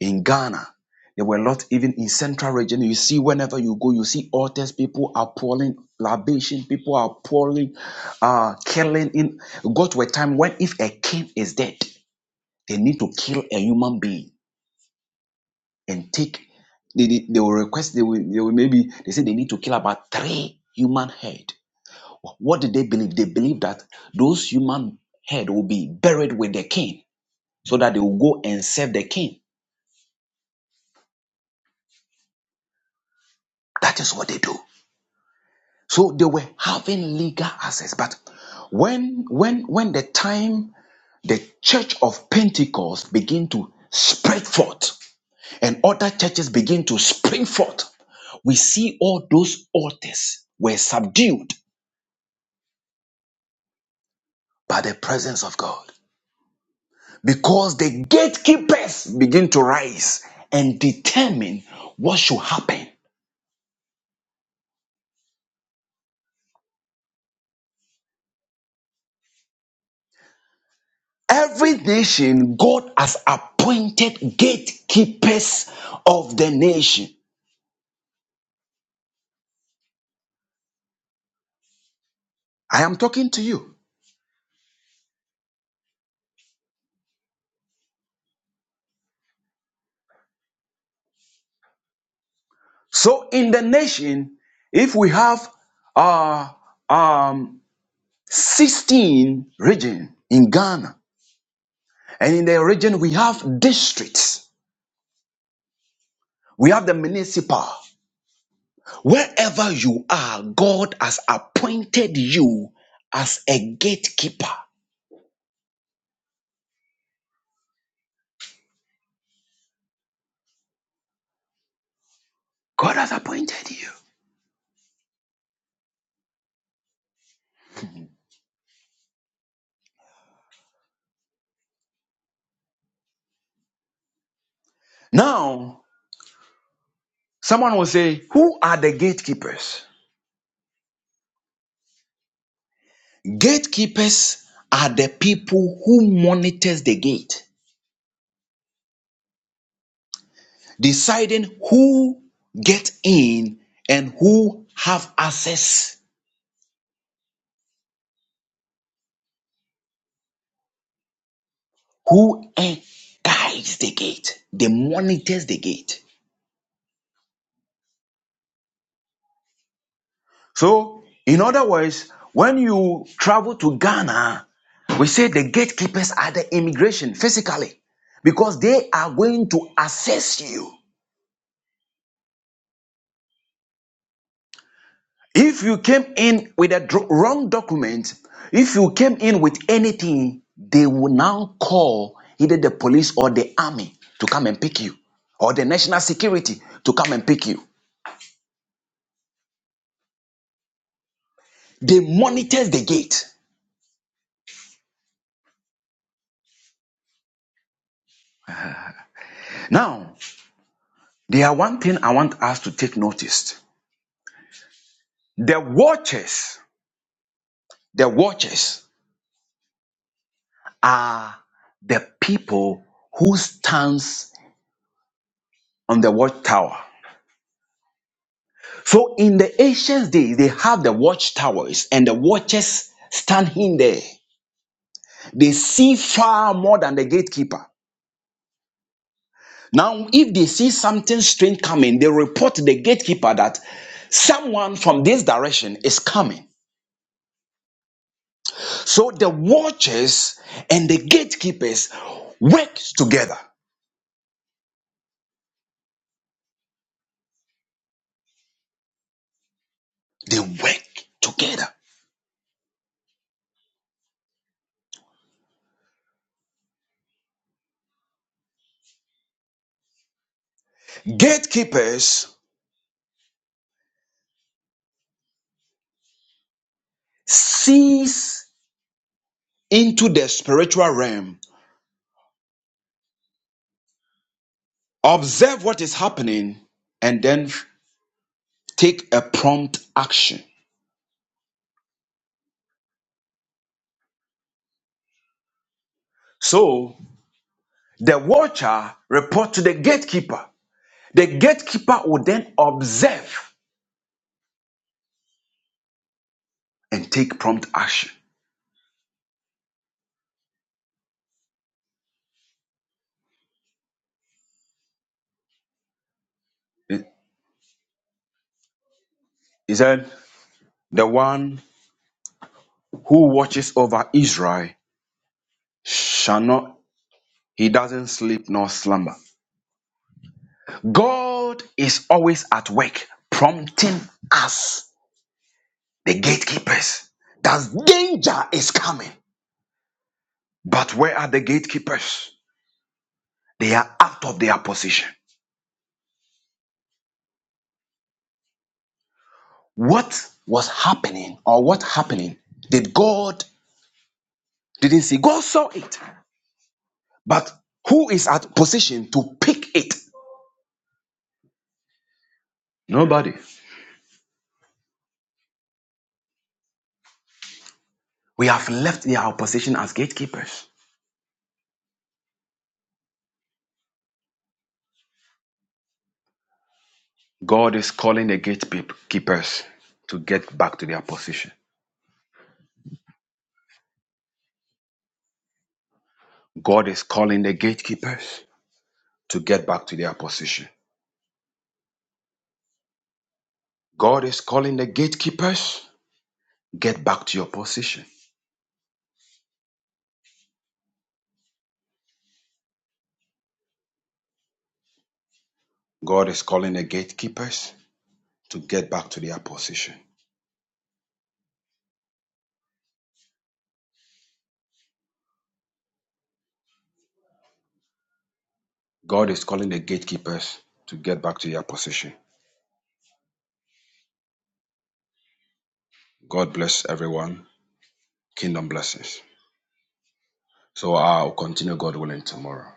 B: in Ghana. There were a lot even in central region. You see, whenever you go, you see altars. People are pouring libation. People are pouring, uh, killing. In got to a time when if a king is dead, they need to kill a human being and take they, they, they will request they will, they will maybe they say they need to kill about three human head what did they believe they believe that those human head will be buried with the king so that they will go and serve the king that is what they do so they were having legal access but when when when the time the church of pentecost begin to spread forth and other churches begin to spring forth we see all those altars were subdued by the presence of God. Because the gatekeepers begin to rise and determine what should happen. Every nation, God has appointed gatekeepers of the nation. I am talking to you. So, in the nation, if we have uh, um, 16 region in Ghana, and in the region we have districts, we have the municipal, Wherever you are, God has appointed you as a gatekeeper. God has appointed you. Now, someone will say, Who are the gatekeepers? Gatekeepers are the people who monitors the gate, deciding who get in and who have access, who en- guides the gate. They monitors the gate. So, in other words, when you travel to Ghana, we say the gatekeepers are the immigration physically because they are going to assess you. If you came in with a wrong document, if you came in with anything, they will now call either the police or the army to come and pick you or the national security to come and pick you. They monitor the gate. Now, there are one thing I want us to take notice. The watchers The watchers are the people who stands on the watchtower. So in the ancient days, they have the watchtowers and the watchers standing there. They see far more than the gatekeeper. Now, if they see something strange coming, they report to the gatekeeper that someone from this direction is coming. So the watchers and the gatekeepers work together. They work together. Gatekeepers sees into the spiritual realm, observe what is happening, and then take a prompt action. So the watcher report to the gatekeeper. The gatekeeper will then observe and take prompt action. He said, The one who watches over Israel shall not, he doesn't sleep nor slumber. God is always at work, prompting us The gatekeepers. That danger is coming. But where are the gatekeepers? They are out of their position. What was happening or what happening did God didn't see? God saw it. But who is at position to pick it? Nobody. We have left their position as gatekeepers. God is calling the gatekeepers to get back to their position. God is calling the gatekeepers to get back to their position. God is calling the gatekeepers Get back to your position. God is calling the gatekeepers to get back to their position. God is calling the gatekeepers to get back to their position. God bless everyone. Kingdom blessings. So I'll continue, God willing, tomorrow.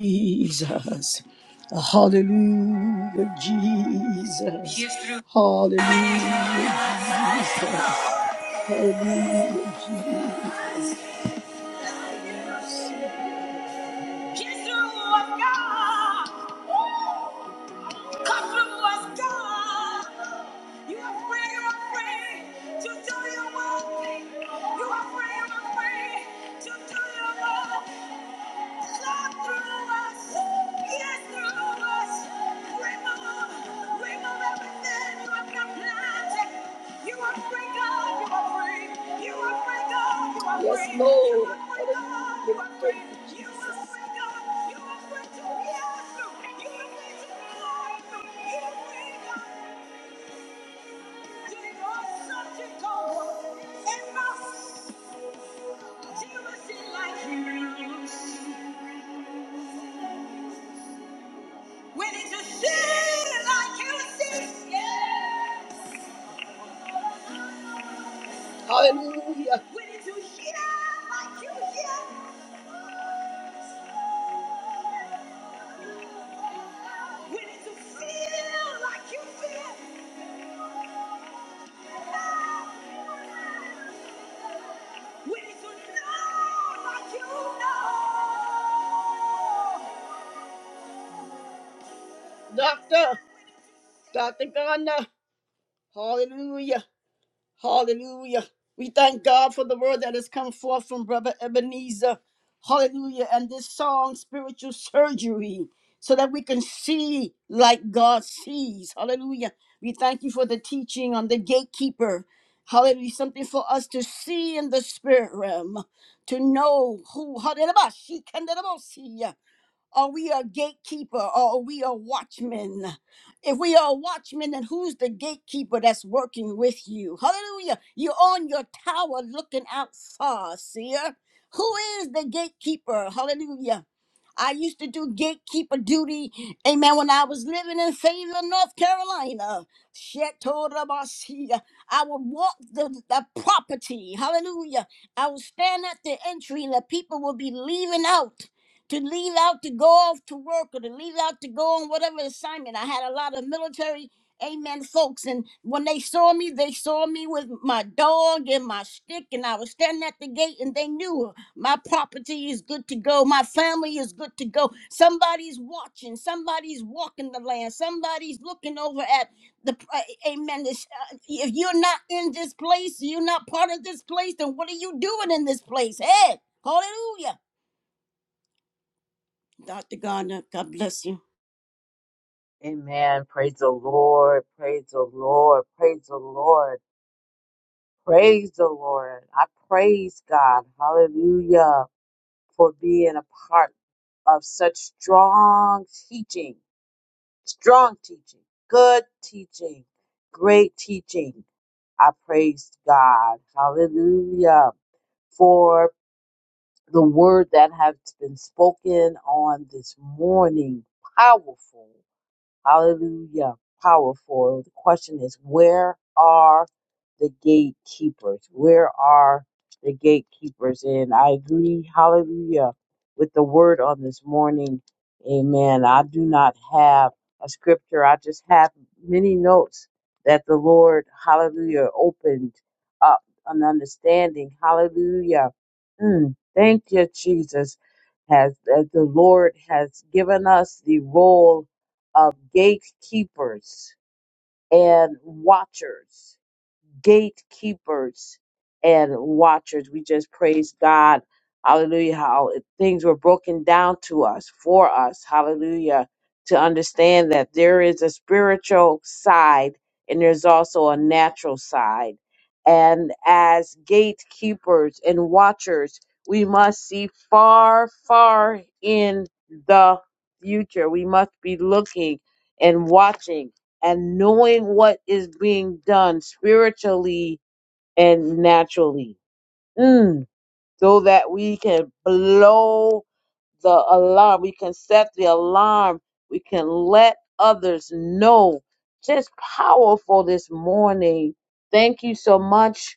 A: Jesus. Hallelujah, Jesus. Yes, Hallelujah. Yes, Yes, Lord. like We need to see like you see. Yes. Hallelujah. We need to hear like you hear. We need to feel like you feel. We need to know like you know. Doctor, Dr. Ghana, hallelujah. Hallelujah. We thank God for the word that has come forth from Brother Ebenezer. Hallelujah. And this song, Spiritual Surgery, so that we can see like God sees. Hallelujah. We thank you for the teaching on the gatekeeper. Hallelujah. Something for us to see in the spirit realm, to know who. Hallelujah. Are we a gatekeeper or are we a watchman? If we are a watchman, then who's the gatekeeper that's working with you? Hallelujah. You're on your tower looking out far, seer. Who is the gatekeeper? Hallelujah. I used to do gatekeeper duty, amen, when I was living in Fayetteville, North Carolina. Shetorabasia. I would walk the, the property, hallelujah. I would stand at the entry and the people would be leaving out to leave out to go off to work or to leave out to go on whatever assignment. I had a lot of military amen folks and when they saw me they saw me with my dog and my stick and I was standing at the gate and they knew my property is good to go my family is good to go somebody's watching somebody's walking the land somebody's looking over at the uh, amen this, uh, if you're not in this place you're not part of this place then what are you doing in this place hey hallelujah Dr. Gardner, God bless you.
C: Amen. Praise the Lord. Praise the Lord. Praise the Lord. Praise the Lord. I praise God. Hallelujah. For being a part of such strong teaching, strong teaching, good teaching, great teaching. I praise God. Hallelujah. For the word that has been spoken on this morning. Powerful. Hallelujah. Powerful. The question is, where are the gatekeepers? Where are the gatekeepers? And I agree, hallelujah, with the word on this morning. Amen. I do not have a scripture. I just have many notes that the Lord, hallelujah, opened up an understanding. Hallelujah. Mm, thank you, Jesus. Has that the Lord has given us the role of gatekeepers and watchers gatekeepers and watchers. We just praise God. Hallelujah. How things were broken down to us, for us. Hallelujah. To understand that there is a spiritual side and there's also a natural side. And as gatekeepers and watchers, we must see far, far in the future. We must be looking and watching and knowing what is being done spiritually and naturally. Mm, so that we can blow the alarm, we can set the alarm, we can let others know. Just powerful this morning. Thank you so much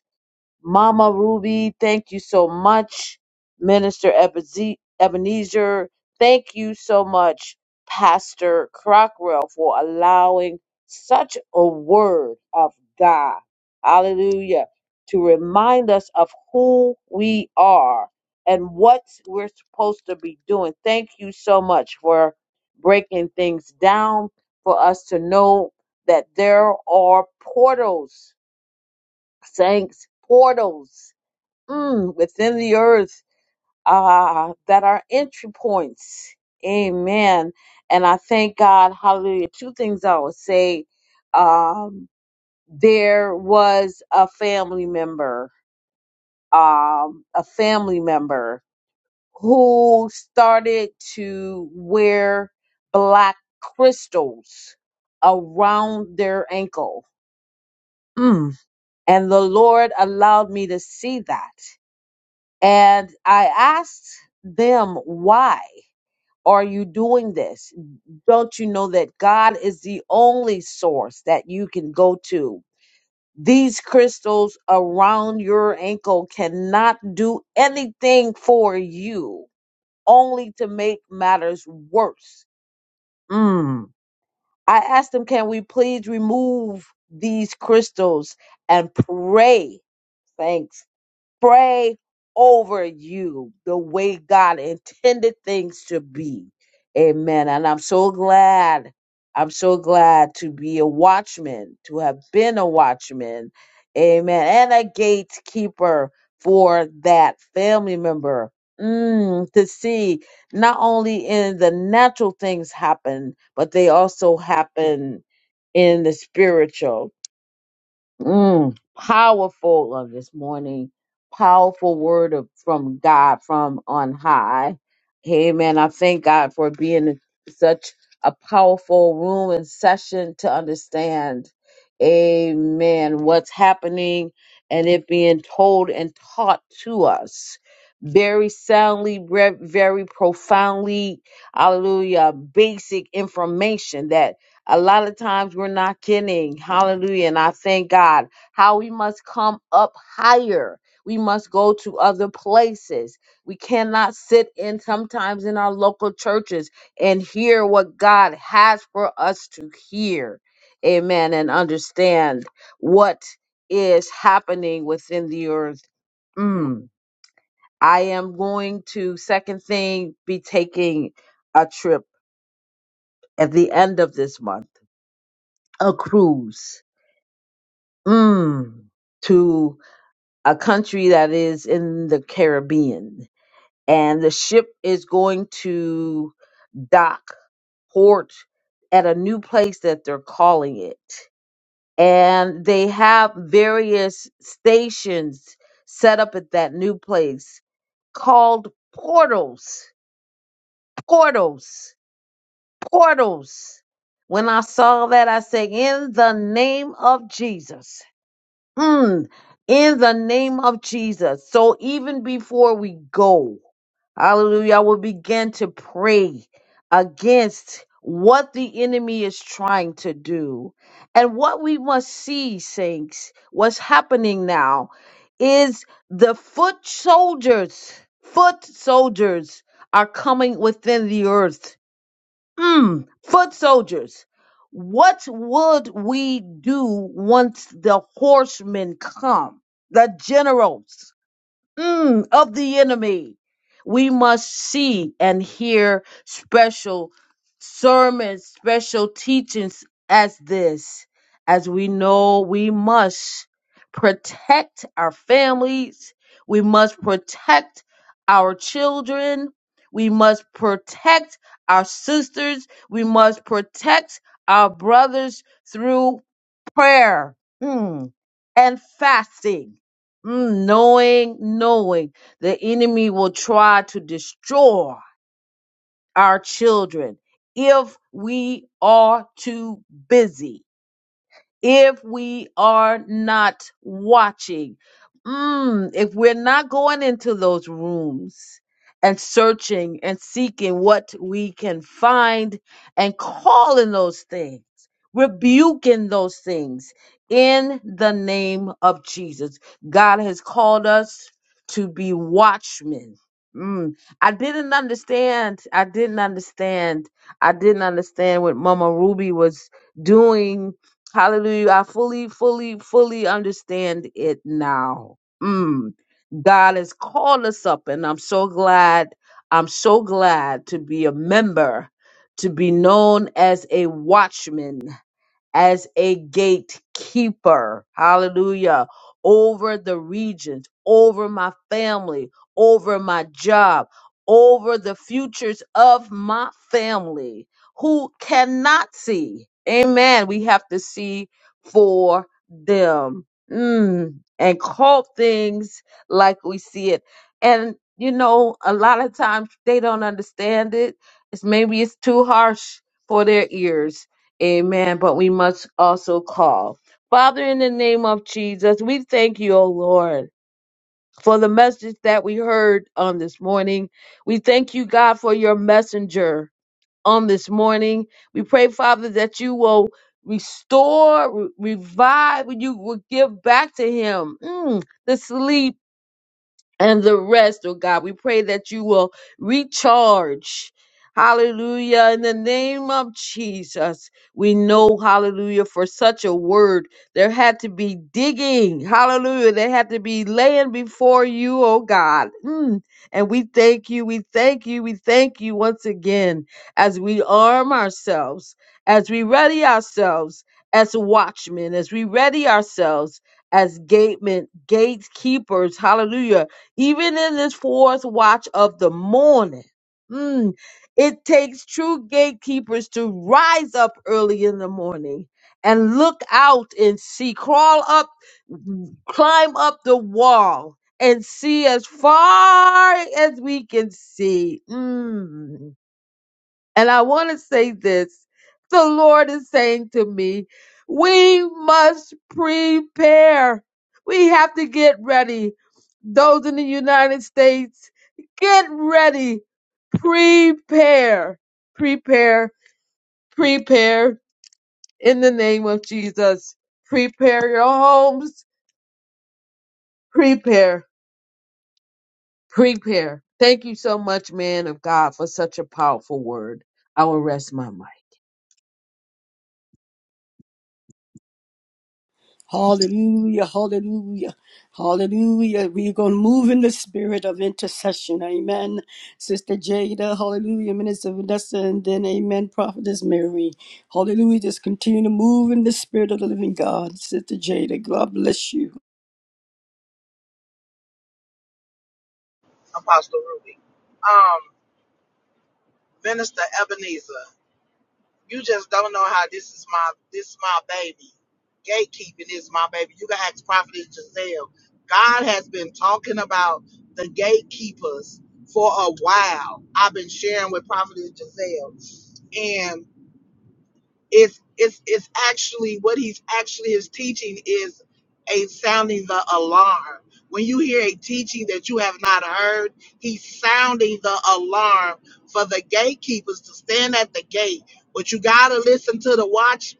C: Mama Ruby, thank you so much. Minister Ebeze- Ebenezer, thank you so much, Pastor Crockwell, for allowing such a word of God. Hallelujah. To remind us of who we are and what we're supposed to be doing. Thank you so much for breaking things down for us to know that there are portals, saints, portals mm, within the earth uh, that are entry points. Amen. And I thank God. Hallelujah. Two things I would say. Um, there was a family member, um, a family member who started to wear black crystals around their ankle. Mm. And the Lord allowed me to see that. And I asked them, why are you doing this? Don't you know that God is the only source that you can go to? These crystals around your ankle cannot do anything for you, only to make matters worse. Mm. I asked them, can we please remove these crystals and pray? Thanks pray over you the way God intended things to be. Amen. And I'm so glad. I'm so glad to be a watchman, to have been a watchman. Amen. And a gatekeeper for that family member. Mm, to see not only in the natural things happen, but they also happen in the spiritual. Mm, powerful of this morning. Powerful word of, from God from on high. Amen. I thank God for being in such a powerful room and session to understand, amen, what's happening and it being told and taught to us very soundly, bre- very profoundly, hallelujah, basic information that a lot of times we're not kidding. Hallelujah. And I thank God how we must come up higher. We must go to other places. We cannot sit in sometimes in our local churches and hear what God has for us to hear. Amen. And understand what is happening within the earth. Mm. I am going to, second thing, be taking a trip at the end of this month, a cruise mm, to a country that is in the Caribbean. And the ship is going to dock, port at a new place that they're calling it. And they have various stations set up at that new place called portals. Portals. Portals. When I saw that, I said, In the name of Jesus Mm, in the name of Jesus. So even before we go, hallelujah, I will begin to pray against what the enemy is trying to do. And what we must see, saints, what's happening now is the foot soldiers, foot soldiers are coming within the earth Mm, foot soldiers, what would we do once the horsemen come? The generals mm, of the enemy. We must see and hear special sermons, special teachings as this, as we know we must protect our families, we must protect our children, we must protect our sisters, we must protect our brothers through prayer mm, and fasting Mm, knowing, knowing the enemy will try to destroy our children if we are too busy if we are not watching. Mm, if we're not going into those rooms and searching and seeking what we can find and calling those things, rebuking those things in the name of Jesus. God has called us to be watchmen. Mm, I didn't understand. I didn't understand. I didn't understand what Mama Ruby was doing Hallelujah. I fully, fully, fully understand it now. Mm. God has called us up, and I'm so glad. I'm so glad to be a member, to be known as a watchman as a gatekeeper, hallelujah, over the regions, over my family, over my job, over the futures of my family who cannot see. Amen. We have to see for them mm, and call things like we see it. And, you know, a lot of times they don't understand it. It's maybe it's too harsh for their ears Amen. But we must also call. Father, in the name of Jesus, we thank you, O Lord, for the message that we heard on this morning. We thank you, God, for your messenger on this morning. We pray, Father, that you will restore, re- revive, you will give back to him mm, the sleep and the rest, oh God. We pray that you will recharge. Hallelujah. In the name of Jesus, we know, hallelujah, for such a word, there had to be digging. Hallelujah. There had to be laying before you, oh God. Mm. And we thank you. We thank you. We thank you once again as we arm ourselves, as we ready ourselves as watchmen, as we ready ourselves as gatemen, gatekeepers. Hallelujah even in this fourth watch of the morning, mm, it takes true gatekeepers to rise up early in the morning and look out and see, crawl up, climb up the wall and see as far as we can see. Mm. And I want to say this the Lord is saying to me, we must prepare. We have to get ready. Those in the United States, get ready. Prepare, prepare, prepare in the name of Jesus. Prepare your homes. Prepare, prepare. Thank you so much, man of God, for such a powerful word. I will rest my mind.
A: Hallelujah, hallelujah, hallelujah. We're going to move in the spirit of intercession. Amen. Sister Jada, hallelujah. Minister Vanessa, and then amen. Prophetess Mary, hallelujah. Just continue to move in the spirit of the living God. Sister Jada, God bless you.
D: Apostle Ruby. Um, Minister Ebenezer, you just don't know how this is my this my baby. Gatekeeping is my baby. You can ask Prophet Giselle. God has been talking about the gatekeepers for a while. I've been sharing with Prophet Giselle. it's it's it's actually what he's actually is teaching is a sounding the alarm. When you hear a teaching that you have not heard, he's sounding the alarm for the gatekeepers to stand at the gate. But you gotta listen to the watch.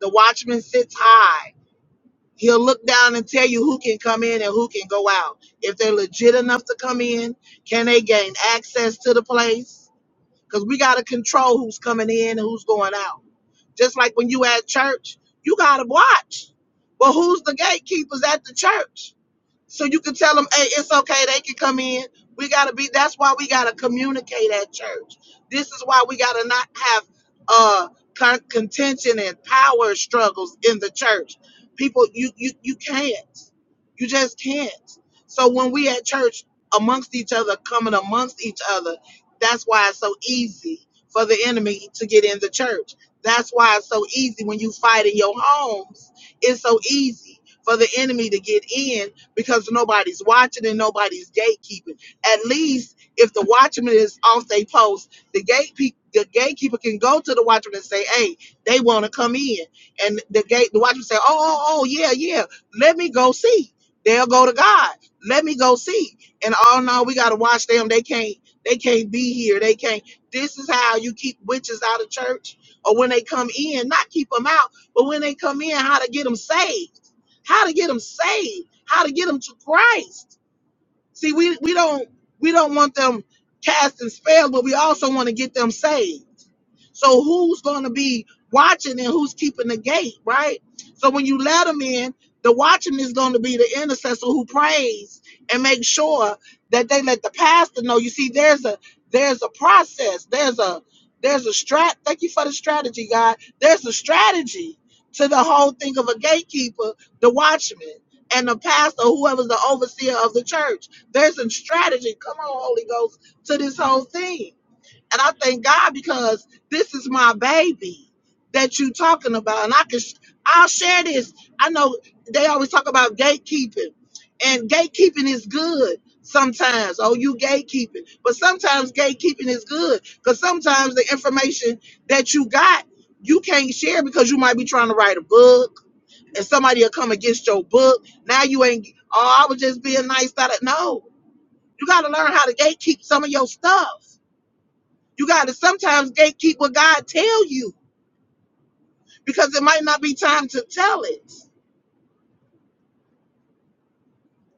D: The watchman sits high. He'll look down and tell you who can come in and who can go out. If they're legit enough to come in, can they gain access to the place? because we got to control who's coming in and who's going out. Just like when you at church, you got to watch. But who's the gatekeepers at the church? So you can tell them, hey, it's okay, they can come in. We gotta be that's why we gotta communicate at church. This is why we gotta not have uh con- contention and power struggles in the church. People, you you you can't. You just can't. So when we at church amongst each other, coming amongst each other, that's why it's so easy for the enemy to get in the church. That's why it's so easy when you fight in your homes. It's so easy for the enemy to get in because nobody's watching and nobody's gatekeeping. At least if the watchman is off they post, the gatekeeper the gatekeeper can go to the watchman and say, "Hey, they want to come in," and the gate the watchman say, "Oh, oh, oh, yeah, yeah, let me go see." They'll go to God. Let me go see. And oh no, we gotta watch them. They can't. They can't be here. They can't. This is how you keep witches out of church, or when they come in, not keep them out, but when they come in, how to get them saved how to get them saved, how to get them to Christ. See, we, we don't we don't want them casting spells, but we also want to get them saved. So who's going to be watching and who's keeping the gate, right? So when you let them in, the watchman is going to be the intercessor who prays and makes sure that they let the pastor know. You see, there's a there's a process. There's a there's a strat. Thank you for the strategy, God. There's a strategy to the whole thing of a gatekeeper, the watchman, and the pastor, whoever's the overseer of the church. There's a strategy. Come on, Holy Ghost, to this whole thing. And I thank God because this is my baby that you talking about, and I can sh- I'll share this. I know they always talk about gatekeeping, and gatekeeping is good sometimes. Oh, you gatekeeping, but sometimes gatekeeping is good because sometimes the information that you got you can't share because you might be trying to write a book, and somebody will come against your book. Now you ain't. Oh, I was just being nice. That no, you got to learn how to gatekeep some of your stuff. You got to sometimes gatekeep what God tell you because it might not be time to tell it.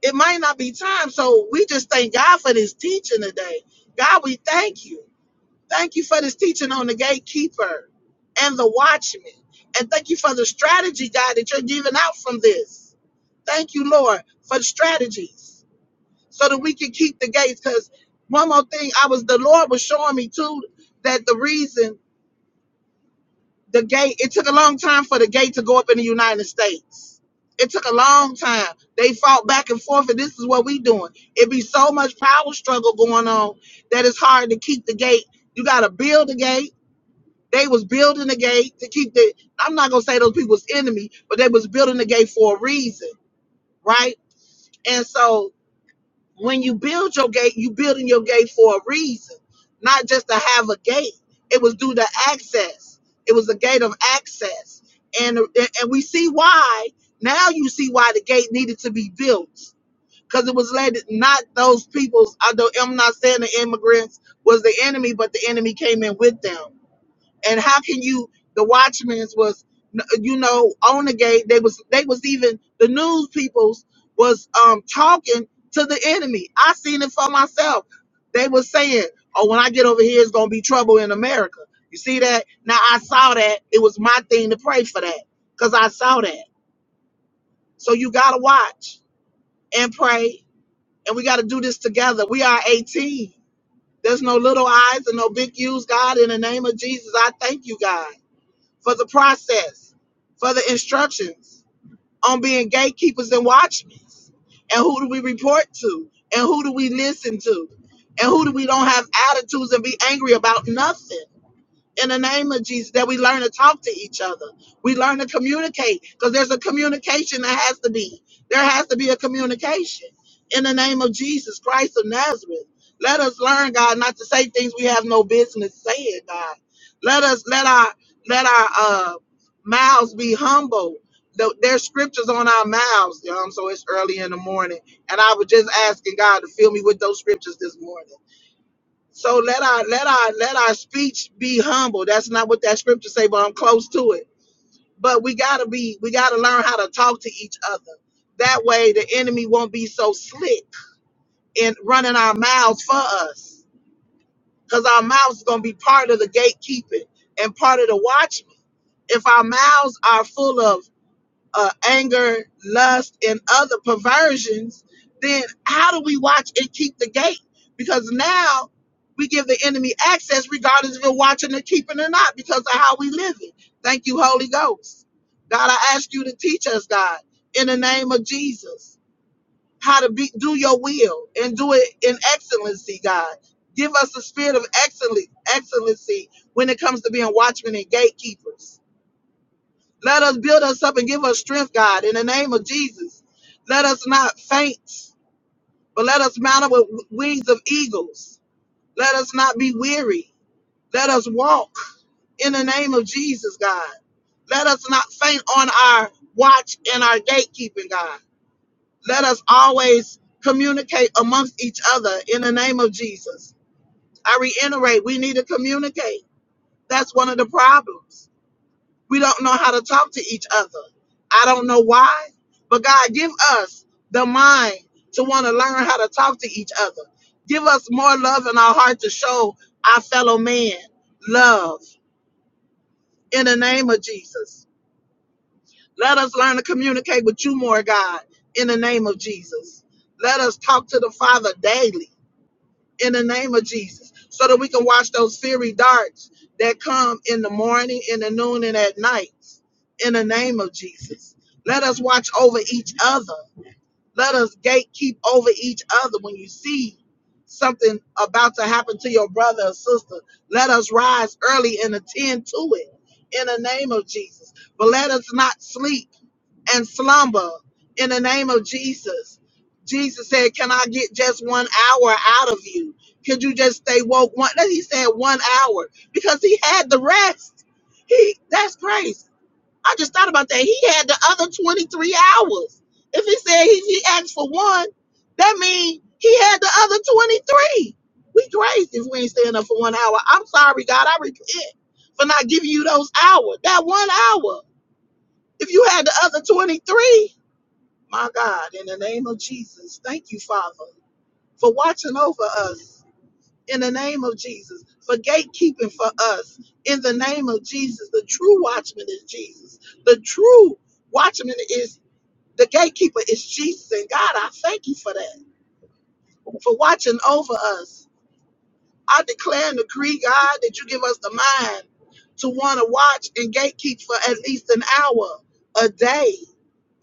D: It might not be time. So we just thank God for this teaching today. God, we thank you. Thank you for this teaching on the gatekeeper and the watchman. And thank you for the strategy, God, that you're giving out from this. Thank you, Lord, for the strategies so that we can keep the gates. Because one more thing, I was the Lord was showing me too that the reason the gate it took a long time for the gate to go up in the united states it took a long time they fought back and forth and this is what we doing it be so much power struggle going on that it's hard to keep the gate you gotta build the gate they was building the gate to keep the i'm not gonna say those people's enemy but they was building the gate for a reason right and so when you build your gate, you building your gate for a reason, not just to have a gate. It was due to access. It was a gate of access, and and we see why now. You see why the gate needed to be built because it was led not those peoples. Although I'm not saying the immigrants was the enemy, but the enemy came in with them and how can you the watchmen's was you know on the gate they was they was even the news peoples was um talking to the enemy i seen it for myself they was saying oh when i get over here it's gonna be trouble in america you see that now i saw that it was my thing to pray for that because i saw that so you gotta watch and pray and we gotta do this together we are 18 there's no little eyes and no big U's, God. In the name of Jesus, I thank you, God for the process, for the instructions on being gatekeepers and watchmen. And who do we report to? And who do we listen to? And who do we don't have attitudes and be angry about nothing? in the name of Jesus that we learn to talk to each other. We learn to communicate because there's a communication that has to be. There has to be a communication in the name of Jesus Christ of Nazareth. Let us learn, God, not to say things we have no business saying, God. Let us let our let our uh, mouths be humble. The- There's scriptures on our mouths, you know, so it's early in the morning. And I was just asking God to fill me with those scriptures this morning so let our let our let our speech be humble. That's not what that scripture say, but I'm close to it. But we gotta be we gotta learn how to talk to each other. That way the enemy won't be so slick in running our mouths for us. Because our mouths is gonna be part of the gatekeeping and part of the watchman. If our mouths are full of uh, anger, lust, and other perversions, then how do we watch and keep the gate? Because now we give the enemy access regardless if we're watching and keeping or not because of how we live it. Thank you, Holy Ghost. God, I ask you to teach us, God, in the name of Jesus, how to be, do your will and do it in excellency, God. Give us the spirit of excellen- excellency when it comes to being watchmen and gatekeepers. Let us build us up and give us strength, God, in the name of Jesus. Let us not faint, but let us mount up with w- wings of eagles. Let us not be weary. Let us walk in the name of Jesus, God. Let us not faint on our watch and our gatekeeping, God. Let us always communicate amongst each other in the name of Jesus. I reiterate, we need to communicate. That's one of the problems We don't know how to talk to each other. I don't know why, but God, give us the mind to want to learn how to talk to each other. Give us more love in our heart to show our fellow man love in the name of Jesus. Let us learn to communicate with you more, God, in the name of Jesus. Let us talk to the Father daily in the name of Jesus so that we can watch those fiery darts that come in the morning, in the noon, and at night in the name of Jesus. Let us watch over each other let us gatekeep over each other when you see something about to happen to your brother or sister. Let us rise early and attend to it in the name of Jesus. But let us not sleep and slumber in the name of Jesus. Jesus said, Can I get just one hour out of you? Could you just stay woke? One, he said one hour because he had the rest. He that's grace I just thought about that. He had the other 23 hours. If he said he, he asked for one, that means he had the other 23. We crazy if we ain't staying up for one hour. I'm sorry, God. I repent for not giving you those hours, that one hour. If you had the other 23, my God, in the name of Jesus, thank you, Father, for watching over us in the name of Jesus, for gatekeeping for us in the name of Jesus. The true watchman is Jesus. The true watchman is the gatekeeper is Jesus. And God, I thank you for that, for watching over us I declare and decree, God, that you give us the mind to want to watch and gatekeep for at least an hour a day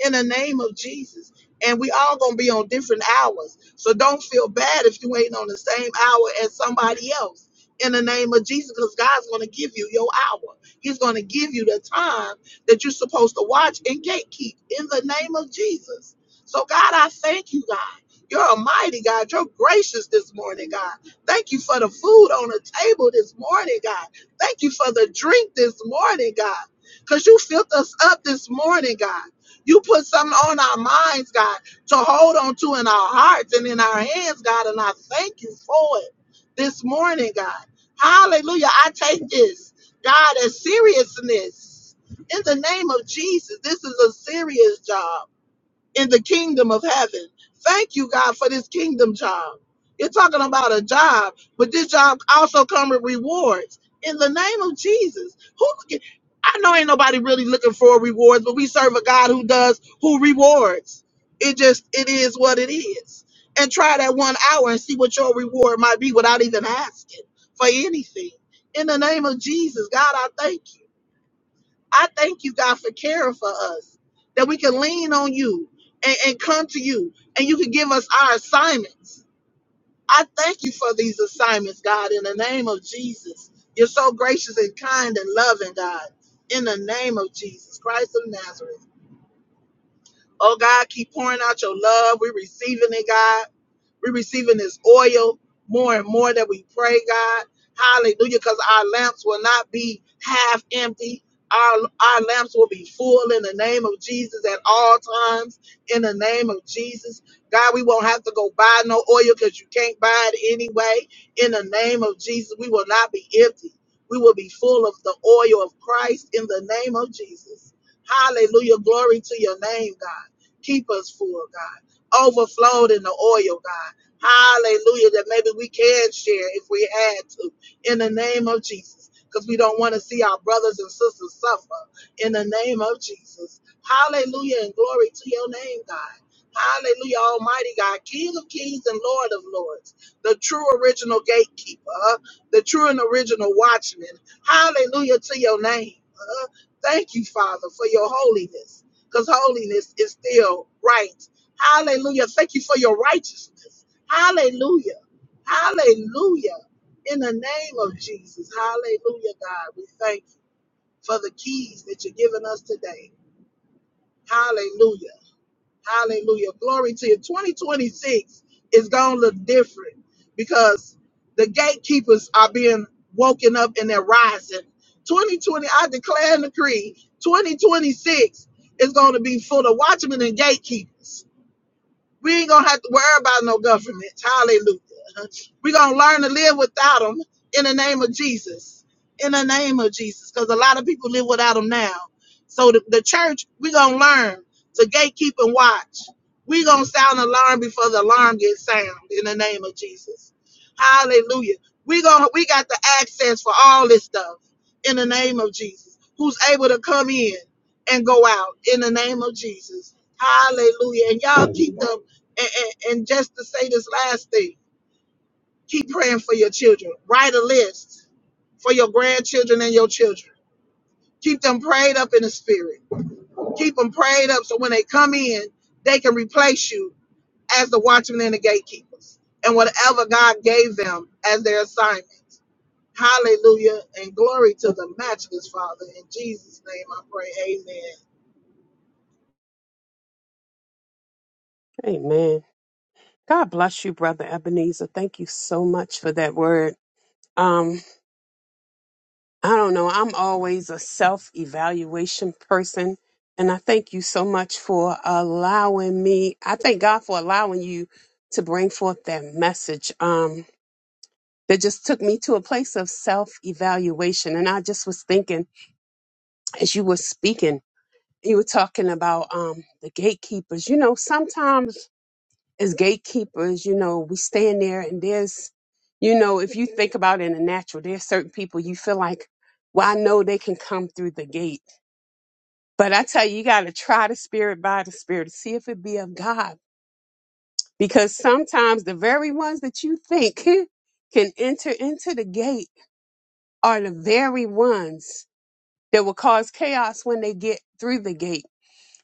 D: in the name of Jesus. And we all gonna be on different hours. So don't feel bad if you ain't on the same hour as somebody else. In the name of Jesus, because God's gonna give you your hour. He's gonna give you the time that you're supposed to watch and gatekeep in the name of Jesus. So God, I thank you, God. You're a mighty God. You're gracious this morning, God. Thank you for the food on the table this morning, God. Thank you for the drink this morning, God. Because you filled us up this morning, God. You put something on our minds, God, to hold on to in our hearts and in our hands, God. And I thank you for it this morning, God. Hallelujah. I take this, God, as seriousness. In the name of Jesus, this is a serious job in the kingdom of heaven. Thank you, God, for this kingdom job. You're talking about a job, but this job also comes with rewards. In the name of Jesus, who can- I know ain't nobody really looking for rewards, but we serve a God who does, who rewards. It just it is what it is. And try that one hour and see what your reward might be without even asking for anything. In the name of Jesus, God, I thank you. I thank you, God, for caring for us, that we can lean on you and, and come to you, and you can give us our assignments. I thank you for these assignments, God, in the name of Jesus. You're so gracious and kind and loving, God, in the name of Jesus Christ of Nazareth. Oh, God, keep pouring out your love. We're receiving it, God. We're receiving this oil more and more that we pray, God. Hallelujah, because our lamps will not be half empty. Our, our lamps will be full in the name of Jesus at all times. In the name of Jesus. God, we won't have to go buy no oil because you can't buy it anyway. In the name of Jesus, we will not be empty. We will be full of the oil of Christ in the name of Jesus. Hallelujah. Glory to your name, God. Keep us full, God overflowed in the oil, God. Hallelujah. That maybe we can share if we had to in the name of Jesus. Because we don't want to see our brothers and sisters suffer in the name of Jesus. Hallelujah and glory to your name, God. Hallelujah, Almighty God, King of kings and Lord of lords, the true original gatekeeper, uh, the true and original watchman. Hallelujah to your name. uh. thank you, Father, for your holiness, because holiness is still right. Hallelujah. Thank you for your righteousness. Hallelujah. Hallelujah. In the name of Jesus. Hallelujah, God. We thank you for the keys that you're giving us today. Hallelujah. Hallelujah. Glory to you. 2026 is going to look different because the gatekeepers are being woken up and they're rising. 2020, I declare and decree 2026 is going to be full of watchmen and gatekeepers. We ain't gonna have to worry about no government. Hallelujah. We're gonna learn to live without them in the name of Jesus. In the name of Jesus, because a lot of people live without them now. So the, the church, we're gonna learn to gatekeep and watch. We're gonna sound alarm before the alarm gets sound in the name of Jesus. Hallelujah. We gonna we got the access for all this stuff in the name of Jesus. Who's able to come in and go out in the name of Jesus. Hallelujah. And y'all keep the and, and, and just to say this last thing, keep praying for your children. Write a list for your grandchildren and your children. Keep them prayed up in the spirit. Keep them prayed up so when they come in, they can replace you as the watchmen and the gatekeepers and whatever God gave them as their assignment. Hallelujah and glory to the matchless Father. In Jesus' name I pray.
E: Amen. God bless you, Brother Ebenezer. Thank you so much for that word. Um, I don't know. I'm always a self evaluation person. And I thank you so much for allowing me. I thank God for allowing you to bring forth that message. Um, that just took me to a place of self evaluation. And I just was thinking as you were speaking, you were talking about um, the gatekeepers. You know, sometimes as gatekeepers, you know, we stand there and there's, you know, if you think about it in the natural, there's certain people you feel like, well, I know they can come through the gate. But I tell you, you got to try the spirit by the spirit to see if it be of God. Because sometimes the very ones that you think can enter into the gate are the very ones that will cause chaos when they get through the gate.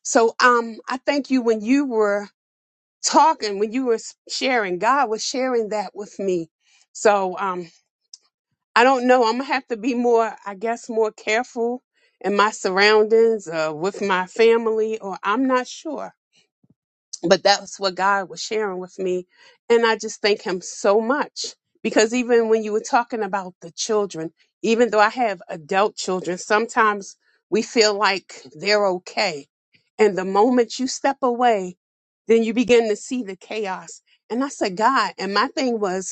E: So um, I thank you when you were talking when you were s- sharing god was sharing that with me so um i don't know i'm gonna have to be more i guess more careful in my surroundings uh, with my family or i'm not sure but that's what God was sharing with me. And I just thank Him so much because even when you were talking about the children, even though I have adult children, sometimes we feel like they're okay. And the moment you step away, then you begin to see the chaos. And I said, God, and my thing was,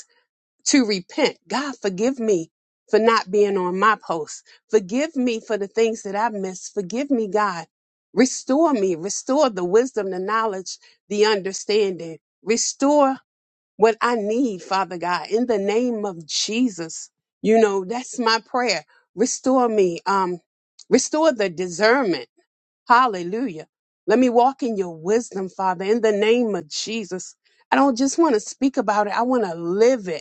E: to repent. God, forgive me for not being on my post. Forgive me for the things that I've missed. Forgive me, God. Restore me. Restore the wisdom, the knowledge, the understanding. Restore what I need, Father God, in the name of Jesus. You know, that's my prayer. Restore me. Um, restore the discernment. Hallelujah. Let me walk in your wisdom, Father, in the name of Jesus. I don't just want to speak about it. I want to live it.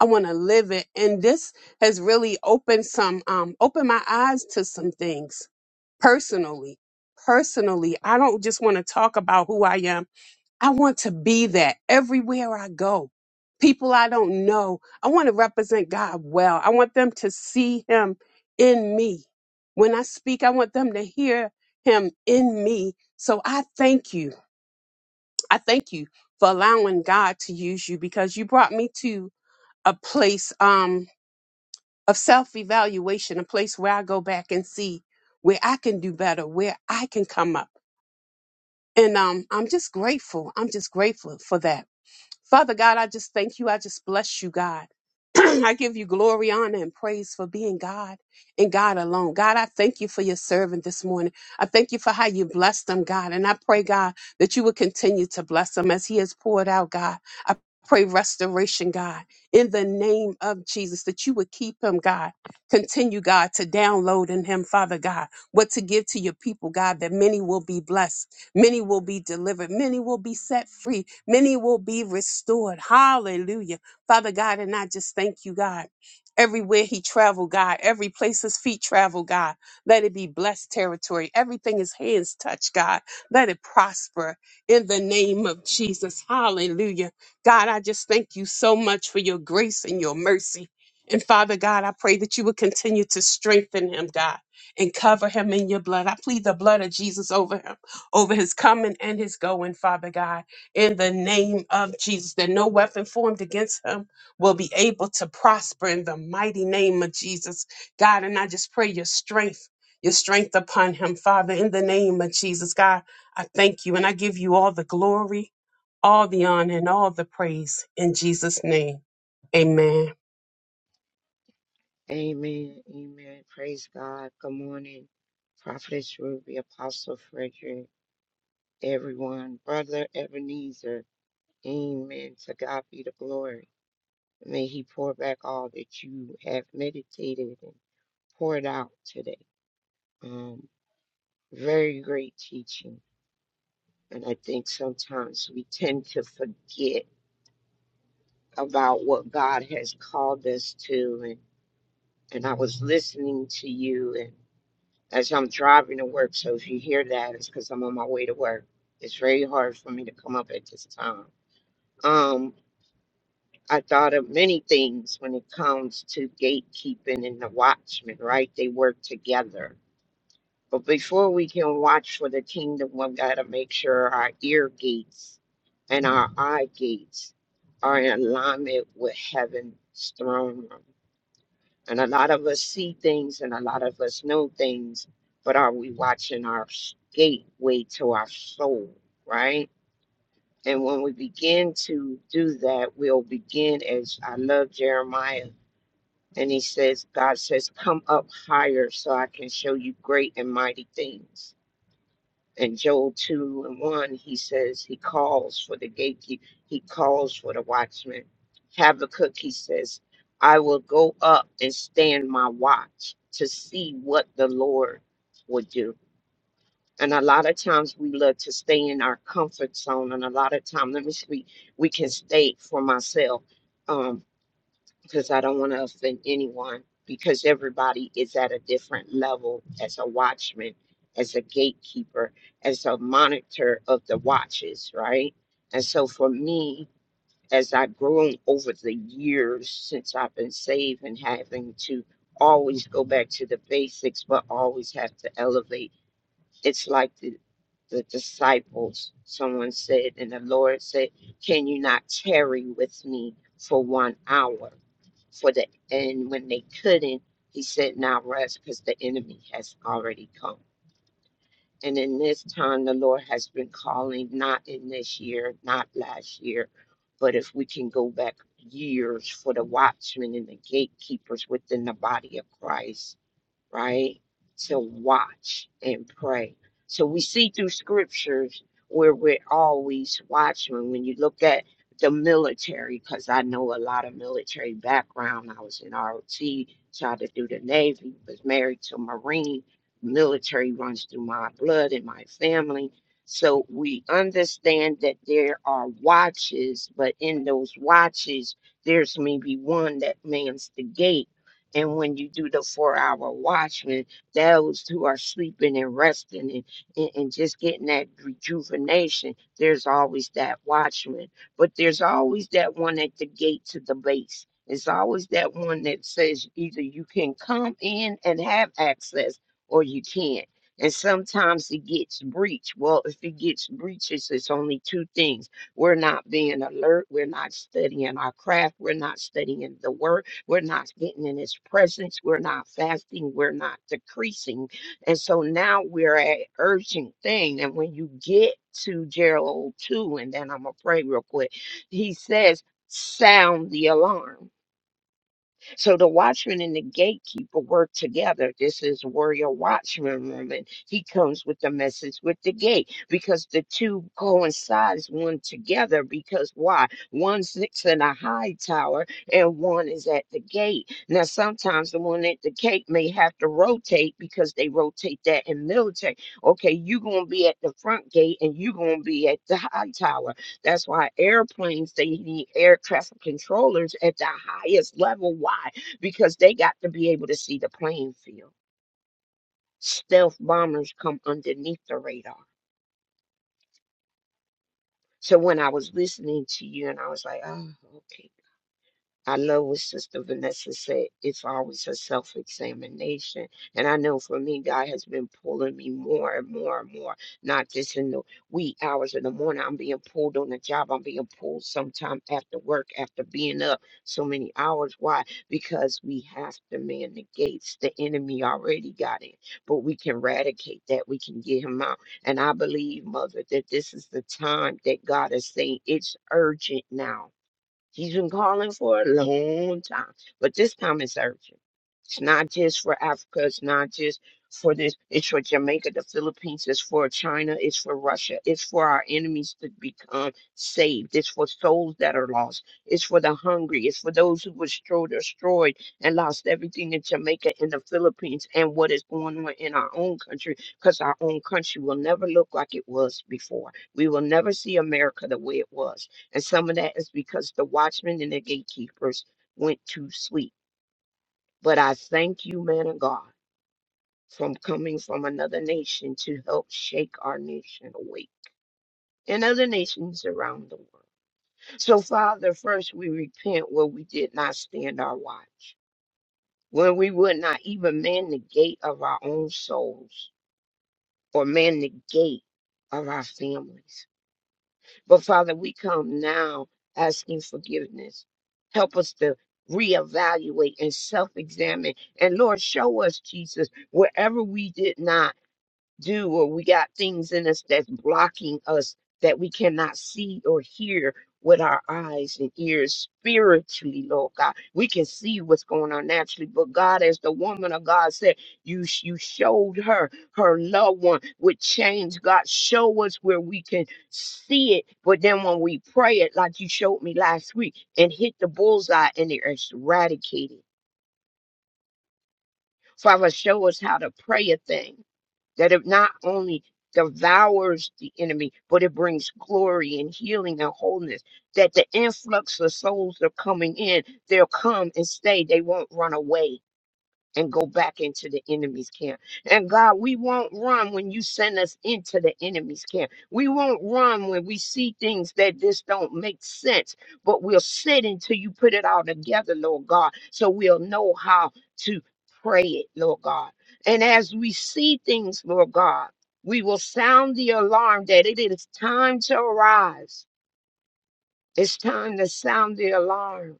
E: I want to live it. And this has really opened some, um, opened my eyes to some things personally. Personally, I don't just want to talk about who I am. I want to be that everywhere I go. People I don't know, I want to represent God well. I want them to see Him in me. When I speak, I want them to hear Him in me. So I thank you. I thank you for allowing God to use you because you brought me to a place. Um, of self evaluation, a place where I go back and see where I can do better, where I can come up. And um, I'm just grateful. I'm just grateful for that. Father God, I just thank you. I just bless you, God. I give you glory, honor, and praise for being God and God alone. God, I thank you for your servant this morning. I thank you for how you blessed them, God. And I pray, God, that you will continue to bless him as he has poured out, God. I pray restoration, God, in the name of Jesus, that you would keep him, God. Continue, God, to download in him, Father God, what to give to your people, God, that many will be blessed Many will be delivered. Many will be set free. Many will be restored. Hallelujah. Father God, and I just thank you, God. Everywhere he traveled, God, every place his feet travel, God, let it be blessed territory. Everything his hands touch, God, let it prosper in the name of Jesus. Hallelujah. God, I just thank you so much for your grace and your mercy. And Father God, I pray that you would continue to strengthen him, God, and cover him in your blood. I plead the blood of Jesus over him over his coming and his going, Father God, in the name of Jesus, that no weapon formed against him will be able to prosper in the mighty name of Jesus, God. And I just pray your strength, your strength upon him, Father, in the name of Jesus, God. I thank you and I give you all the glory, all the honor, and all the praise in Jesus' name. Amen.
F: Amen. Amen. Praise God. Good morning, Prophetess Ruby, Apostle Frederick, everyone, Brother Ebenezer. Amen. To God be the glory. May He pour back all that you have meditated and poured out today. Um, very great teaching. And I think sometimes we tend to forget about what God has called us to. And, and I was listening to you As I'm driving to work, so if you hear that, it's because I'm on my way to work. It's very hard for me to come up at this time. Um, I thought of many things when it comes to gatekeeping and the watchmen, right? They work together. But before we can watch for the kingdom, we've got to make sure our ear gates and our eye gates are in alignment with heaven's throne room and a lot of us see things and a lot of us know things, but are we watching our s- gateway to our soul, right? And when we begin to do that, we'll begin as I love Jeremiah. And he says, God says, Come up higher so I can show you great and mighty things in Joel 2 and 1, he says he calls for the gatekeeper, he calls for the watchman. Habakkuk, he says, I will go up and stand my watch to see what the Lord would do. And a lot of times we love to stay in our comfort zone, and a lot of time, let me speak, we can stay for myself. Um, because I don't want to offend anyone because everybody is at a different level as a watchman, as a gatekeeper, as a monitor of the watches, right? And so for me, as I've grown over the years since I've been saved and having to always go back to the basics, but always have to elevate, it's like the the disciples, someone said, and the Lord said, Can you not tarry with me for one hour? for the and when they couldn't, he said, "Now rush, because the enemy has already come." And in this time, the Lord has been calling, not in this year, not last year, but if we can go back years for the watchmen and the gatekeepers within the body of Christ right? To watch and pray. So we see through scriptures where we're always watching. When you look at the military, because I know a lot of military background, I was in ROT, tried to do the Navy, was married to a Marine. Military runs through my blood and my family. So we understand that there are watches, but in those watches, there's maybe one that mans the gate and when you do the four hour watchman, those who are sleeping and resting and, and, and just getting that rejuvenation, there's always that watchman. But there's always that one at the gate to the base. It's always that one that says either you can come in and have access or you can't. And sometimes it gets breached. Well, if it gets breached, it's it's only two things. We're not being alert. We're not studying our craft. We're not studying the word we're not getting in his presence. We're not fasting. We're not decreasing. And so now we're at urgent thing. And when you get to Gerald 2, and then I'm going to pray real quick, he says, sound the alarm so the watchman and the gatekeeper work together. This is warrior watchman woman. He comes with the message with the gate because the two coincides one together. Because why? One sits in a high tower and one is at the gate. Now sometimes the one at the gate may have to rotate because they rotate that in military. Okay, you're gonna be at the front gate and you're gonna be at the high tower that's why airplanes, they need air traffic controllers at the highest level. Why? Because they got to be able to see the playing field. Stealth bombers come underneath the radar. So when I was listening to you and I was like, oh, okay I love what Sister Vanessa said. It's always a self examination. And I know for me, God has been pulling me more and more and more, not just in the wee hours of the morning. I'm being pulled on the job. I'm being pulled sometime after work, after being up so many hours. Why? Because we have to man the gates. The enemy already got in, but we can eradicate that. We can get him out. And I believe, Mother, that this is the time that God is saying it's urgent now She's been calling for a long time, but this time it's urgent. It's not just for Africa. It's not just for this. It's for Jamaica, the Philippines. It's for China. It's for Russia. It's for our enemies to become saved. It's for souls that are lost. It's for the hungry. It's for those who were stro- destroyed and lost everything in Jamaica and the Philippines and what is going on in our own country because our own country will never look like it was before. We will never see America the way it was and some of that is because the watchmen and the gatekeepers went to sleep. But I thank you, man of God, from coming from another nation to help shake our nation awake and other nations around the world. So, Father, first we repent where we did not stand our watch, when we would not even man the gate of our own souls or man the gate of our families. But Father, we come now asking forgiveness. Help us to reevaluate and self examine. And Lord, show us, Jesus, wherever we did not do or we got things in us that's blocking us that we cannot see or hear with our eyes and ears spiritually, Lord God. We can see what's going on naturally, but God, as the woman of God said, you you showed her her loved one with change. God, show us where we can see it, but then when we pray it, like you showed me last week, and hit the bullseye and it's eradicated. Father, show us how to pray a thing that it not only devours the enemy, but it brings glory and healing and wholeness. That the influx of souls that are coming in, they'll come and stay. They won't run away and go back into the enemy's camp. And God, we won't run when you send us into the enemy's camp. We won't run when we see things that just don't make sense, but we'll sit until you put it all together, Lord God, so we'll know how to pray it, Lord God. And as we see things, Lord God, we will sound the alarm that it is time to arise. It's time to sound the alarm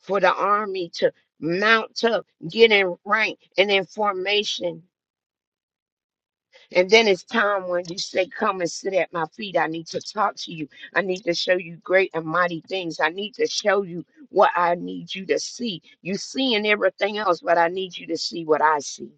F: for the army to mount up, get in rank and in formation. And then it's time when you say, Come and sit at my feet. I need to talk to you. I need to show you great and mighty things. I need to show you what I need you to see. You seeing everything else, but I need you to see what I see.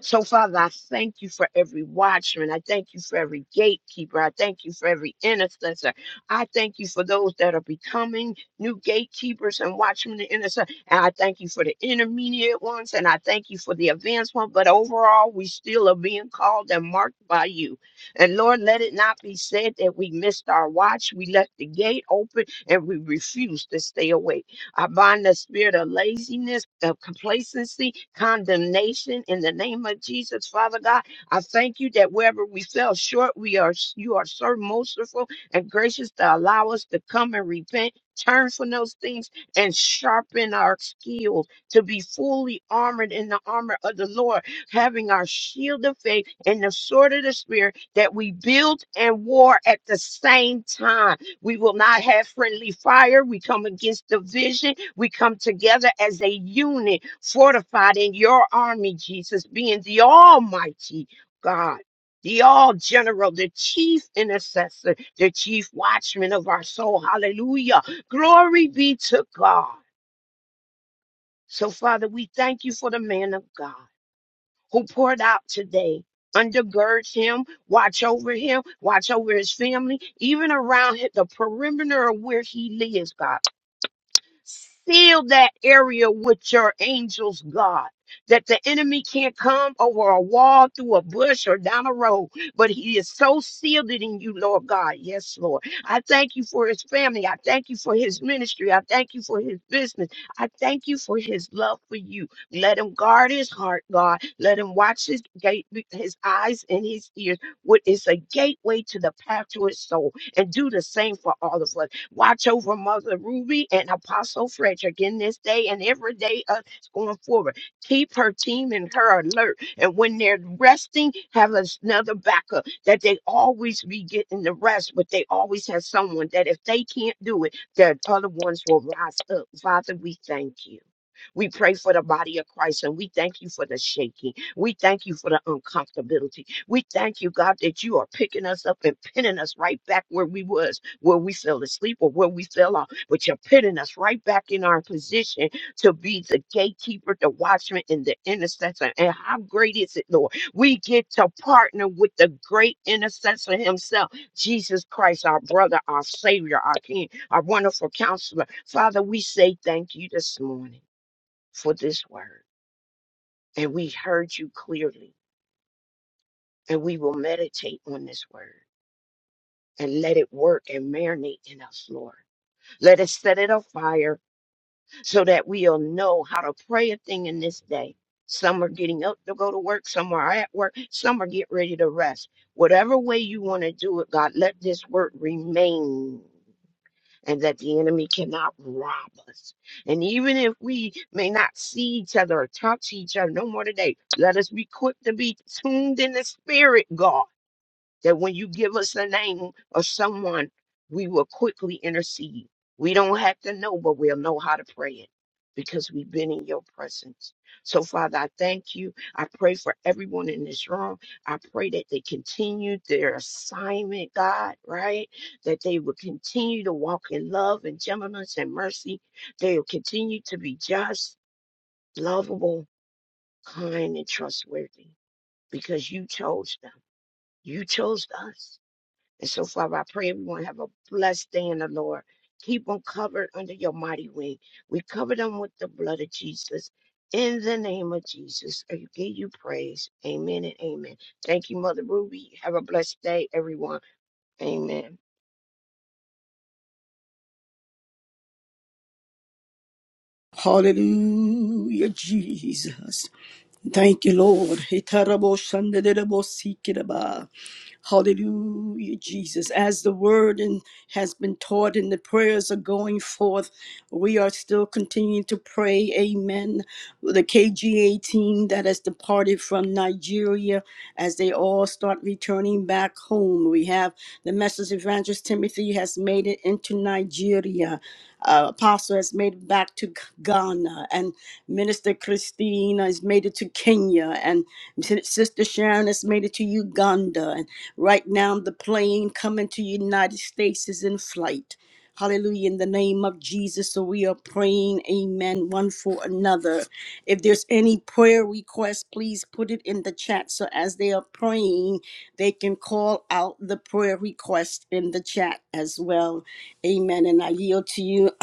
F: So, Father, I thank you for every watchman. I thank you for every gatekeeper. I thank you for every intercessor. I thank you for those that are becoming new gatekeepers and watchmen and intercessors. And I thank you for the intermediate ones. And I thank you for the advanced one. But overall, we still are being called and marked by you. And Lord, let it not be said that we missed our watch. We left the gate open and we refused to stay awake. I bind the spirit of laziness, of complacency, condemnation in the name of Jesus, Father God. I thank you that wherever we fell short, we are you are so merciful and gracious to allow us to come and repent. Turn from those things and sharpen our skills to be fully armored in the armor of the Lord, having our shield of faith and the sword of the Spirit that we build and war at the same time we will not have friendly fire. We come against division. We come together as a unit, fortified in your army, Jesus, being the Almighty God, the All General, the Chief Intercessor, the Chief Watchman of our soul. Hallelujah. Glory be to God. So, Father, we thank you for the man of God who poured out today. Undergird him, watch over him, watch over his family, even around hi- the perimeter of where he lives, God. Seal that area with your angels, God, that the enemy can't come over a wall, through a bush, or down a road. But he is so sealed in you, Lord God. Yes, Lord. I thank you for his family. I thank you for his ministry. I thank you for his business. I thank you for his love for you. Let him guard his heart, God. Let him watch his gate, his eyes and his ears. What is a gateway to the path to his soul. And do the same for all of us. Watch over Mother Ruby and Apostle Frederick in this day and every day uh, going forward. Keep her team and her alert. And when they're resting, have us another backup that they always be getting the rest, but they always have someone that if they can't do it, the other ones will rise up. Father, we thank you. We pray for the body of Christ and we thank you for the shaking. We thank you for the uncomfortability. We thank you, God, that you are picking us up and pinning us right back where we was where we fell asleep or where we fell off, but you're putting us right back in our position to be the gatekeeper, the watchman, and the intercessor. And how great is it, Lord? We get to partner with the great intercessor himself, Jesus Christ, our brother, our Savior, our King, our wonderful counselor. Father, we say thank you this morning for this word. And we heard you clearly, and we will meditate on this word and let it work and marinate in us, Lord. Let us set it afire so that we'll know how to pray a thing in this day. Some are getting up to go to work, some are at work, some are getting ready to rest. Whatever way you want to do it, God, let this word remain and that the enemy cannot rob us. And even if we may not see each other or talk to each other no more today, let us be quick to be tuned in the spirit, God that when you give us the name of someone, we will quickly intercede. We don't have to know, but we'll know how to pray it because we've been in your presence. So, Father, I thank you. I pray for everyone in this room. I pray that they continue their assignment, God, right? That they will continue to walk in love and gentleness and mercy. They will continue to be just, lovable, kind, and trustworthy because you chose them. You chose us. And so, Father, I pray everyone have a blessed day in the Lord. Keep them covered under your mighty wing. We cover them with the blood of Jesus. In the name of Jesus, I give you praise. Amen and amen. Thank you, Mother Ruby. Have a blessed day, everyone. Amen.
A: Hallelujah, Jesus. Thank you, Lord. Itarabo shandedebo sikiraba. Hallelujah, Jesus. As the word and has been taught and the prayers are going forth, we are still continuing to pray. Amen. The KGA team that has departed from Nigeria, as they all start returning back home, we have the message evangelist Timothy has made it into Nigeria. Uh, Apostle has made it back to Ghana, and Minister Christine has made it to Kenya, and Sister Sharon has made it to Uganda, and Right now, the plane coming to United States is in flight. Hallelujah. In the name of Jesus. So we are praying, amen, one for another. If there's any prayer request, please put it in the chat. So as they are praying, they can call out the prayer request in the chat as well. Amen. And I yield to you,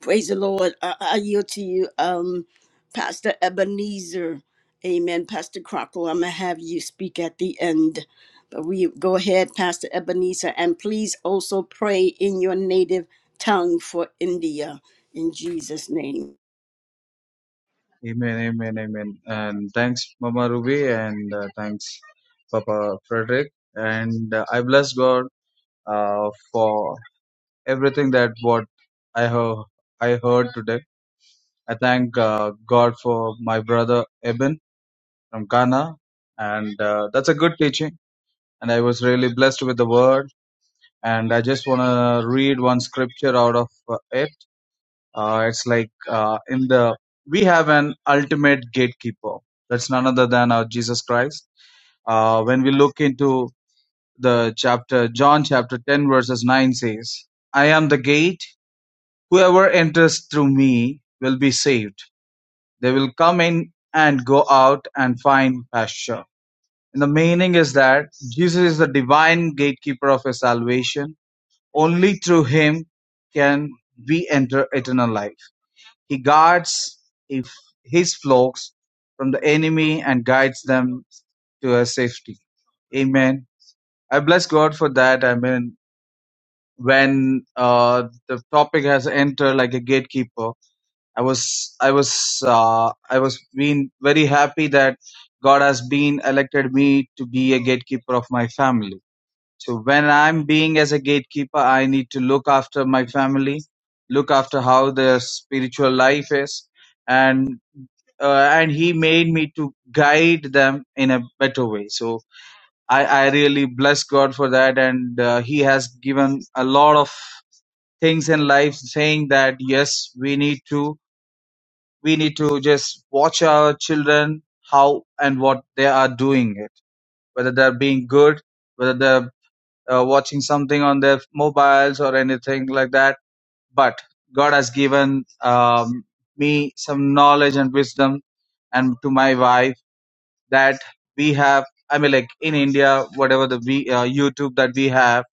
A: Praise the Lord. I, I yield to you, um, Pastor Ebenezer. Amen. Pastor Crocker, I'm going to have you speak at the end. But we go ahead, Pastor Ebenezer, and please also pray in your native tongue for India in Jesus' name.
G: Amen, amen, amen. And thanks, Mama Ruby, and uh, thanks, Papa Frederick. And uh, I bless God uh, for everything that what I have I heard today. I thank uh, God for my brother Eben from Ghana, and uh, that's a good teaching. And I was really blessed with the word. And I just want to read one scripture out of uh, it. Uh, it's like uh, in the we have an ultimate gatekeeper. That's none other than our Jesus Christ. Uh, when we look into the chapter, John chapter 10, verses 9 says, I am the gate. Whoever enters through me will be saved. They will come in and go out and find pasture. And the meaning is that Jesus is the divine gatekeeper of his salvation. Only through him can we enter eternal life He guards if- his flocks from the enemy and guides them to a safety. Amen. I bless God for that. I mean, when uh, the topic has entered like a gatekeeper, I was, I was, uh, I was being very happy that God has been elected me to be a gatekeeper of my family so when I'm being as a gatekeeper, I need to look after my family, look after how their spiritual life is, and uh, and He made me to guide them in a better way. So I, I really bless God for that, and uh, He has given a lot of things in life, saying that yes, we need to we need to just watch our children how and what they are doing it, whether they're being good, whether they're uh, watching something on their mobiles or anything like that. But God has given um, me some knowledge and wisdom, and to my wife that we have. I mean, like in India, whatever the we, uh, YouTube that we have,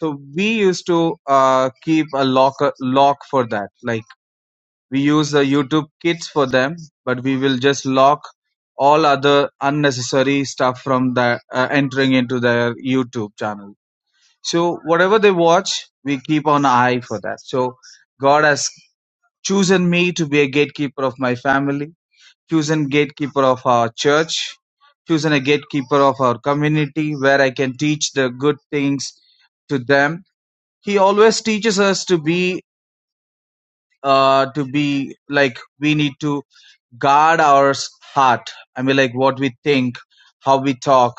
G: so we used to uh, keep a lock lock for that. Like we use the YouTube Kids for them, but we will just lock all other unnecessary stuff from the uh, entering into their YouTube channel so whatever they watch, we keep an eye for that. So God has chosen me to be a gatekeeper of my family, chosen gatekeeper of our church, chosen a gatekeeper of our community where I can teach the good things to them. He always teaches us to be uh, to be like we need to guard our s- heart i mean like what we think how we talk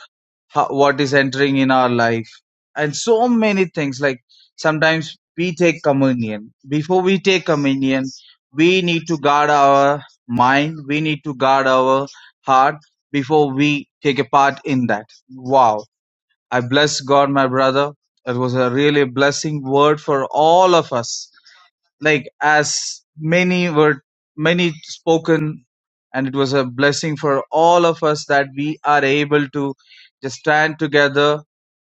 G: how, what is entering in our life and so many things like sometimes we take communion before we take communion we need to guard our mind we need to guard our heart before we take a part in that wow i bless god my brother it was a really blessing word for all of us like as many were many spoken and it was a blessing for all of us that we are able to just stand together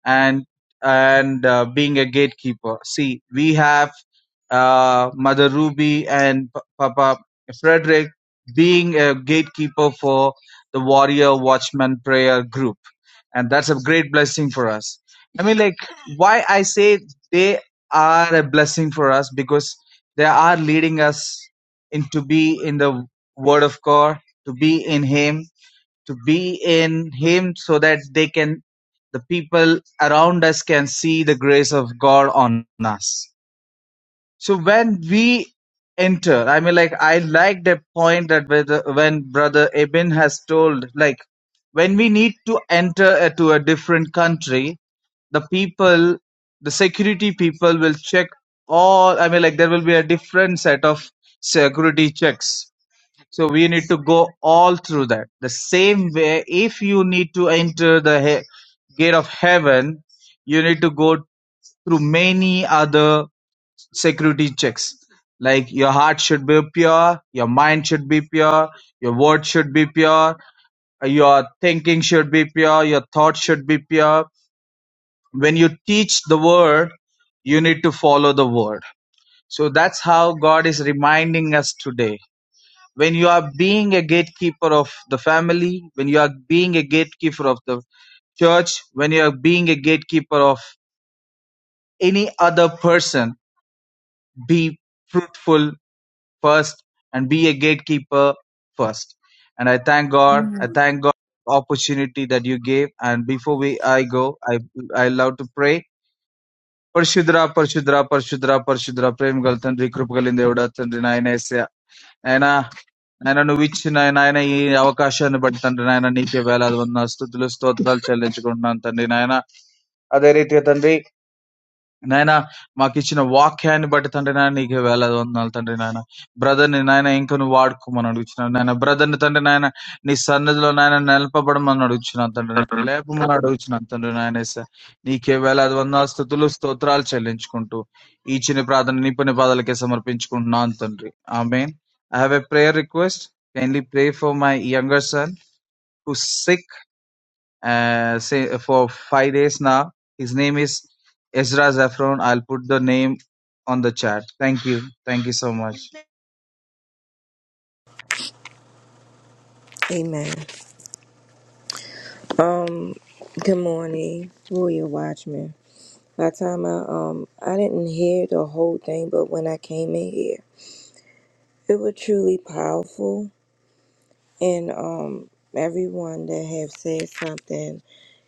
G: and and uh, being a gatekeeper. See, we have uh, Mother Ruby and P- Papa Frederick being a gatekeeper for the Warrior Watchman Prayer Group, and that's a great blessing for us. I mean, like why I say they are a blessing for us because they are leading us in to be in the Word of God, to be in Him, to be in him so that they can the people around us can see the grace of God on us. So when we enter, I mean, like I like the point that when Brother Eben has told, like when we need to enter uh, to a different country, the people, the security people will check all. I mean, like there will be a different set of security checks so we need to go all through that. The same way, if you need to enter the he- gate of heaven, you need to go through many other security checks. Like your heart should be pure, your mind should be pure, your word should be pure, uh, your thinking should be pure, your thoughts should be pure. When you teach the word, you need to follow the word. So that's how God is reminding us today when you are being a gatekeeper of the family, when you are being a gatekeeper of the church, when you are being a gatekeeper of any other person, be fruitful first and be a gatekeeper first. And I thank God. I thank God for the opportunity that you gave. And before we I go, I I love to pray. పరిశుద్ర పరిశుద్ర పరిశుద్ర పరిశుద్ర ప్రేమ గల తండ్రి కృపగలిందేవుడ తండ్రి నాయన aina, aina nu vich na aina aina yeh avakashan but tandri aina nikiyela advanastu dilustod dal challenge ko na tandri aina aderi tya tandri నాయన మాకిచ్చిన వాక్యాన్ని బట్టి తండ్రి నాయన నీకు వేలాది వందనాలు తండ్రి నాయన బ్రదర్ ని నాయన ఇంకా నువ్వు వాడుకోమని అడుగుతున్నాను నాయన బ్రదర్ ని తండ్రి నాయన నీ సన్నిధిలో నాయన నిలపబడమని అడుగుతున్నాను తండ్రి నాయన లేపమని అడుగుతున్నాను తండ్రి నాయన ఎస్స. నీకే వేలాది వందనాలు స్థుతులు స్తోత్రాలు చెల్లించుకుంటూ ఈ చిన్న ప్రార్థన నీ పని పాదాలకే సమర్పించుకుంటున్నాను తండ్రి ఆమె I have a prayer request uh, say for five days now. His name is Ezra Zaffron. I'll put the name on the chat. Thank you. Thank you so much.
H: Amen. Um, good morning, Warrior Watchman. By the time I um I didn't hear the whole thing, but when I came in here, it was truly powerful and um everyone that have said something,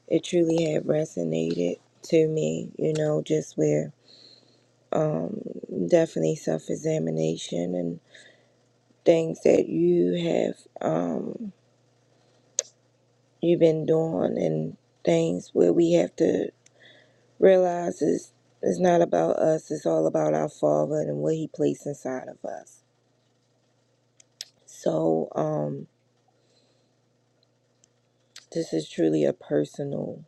H: it truly had resonated to me, you know, just where um definitely self examination and things that you have um you've been doing and things where we have to Realize it's, it's not about us, it's all about our Father and what He placed inside of us. So, um, this is truly a personal,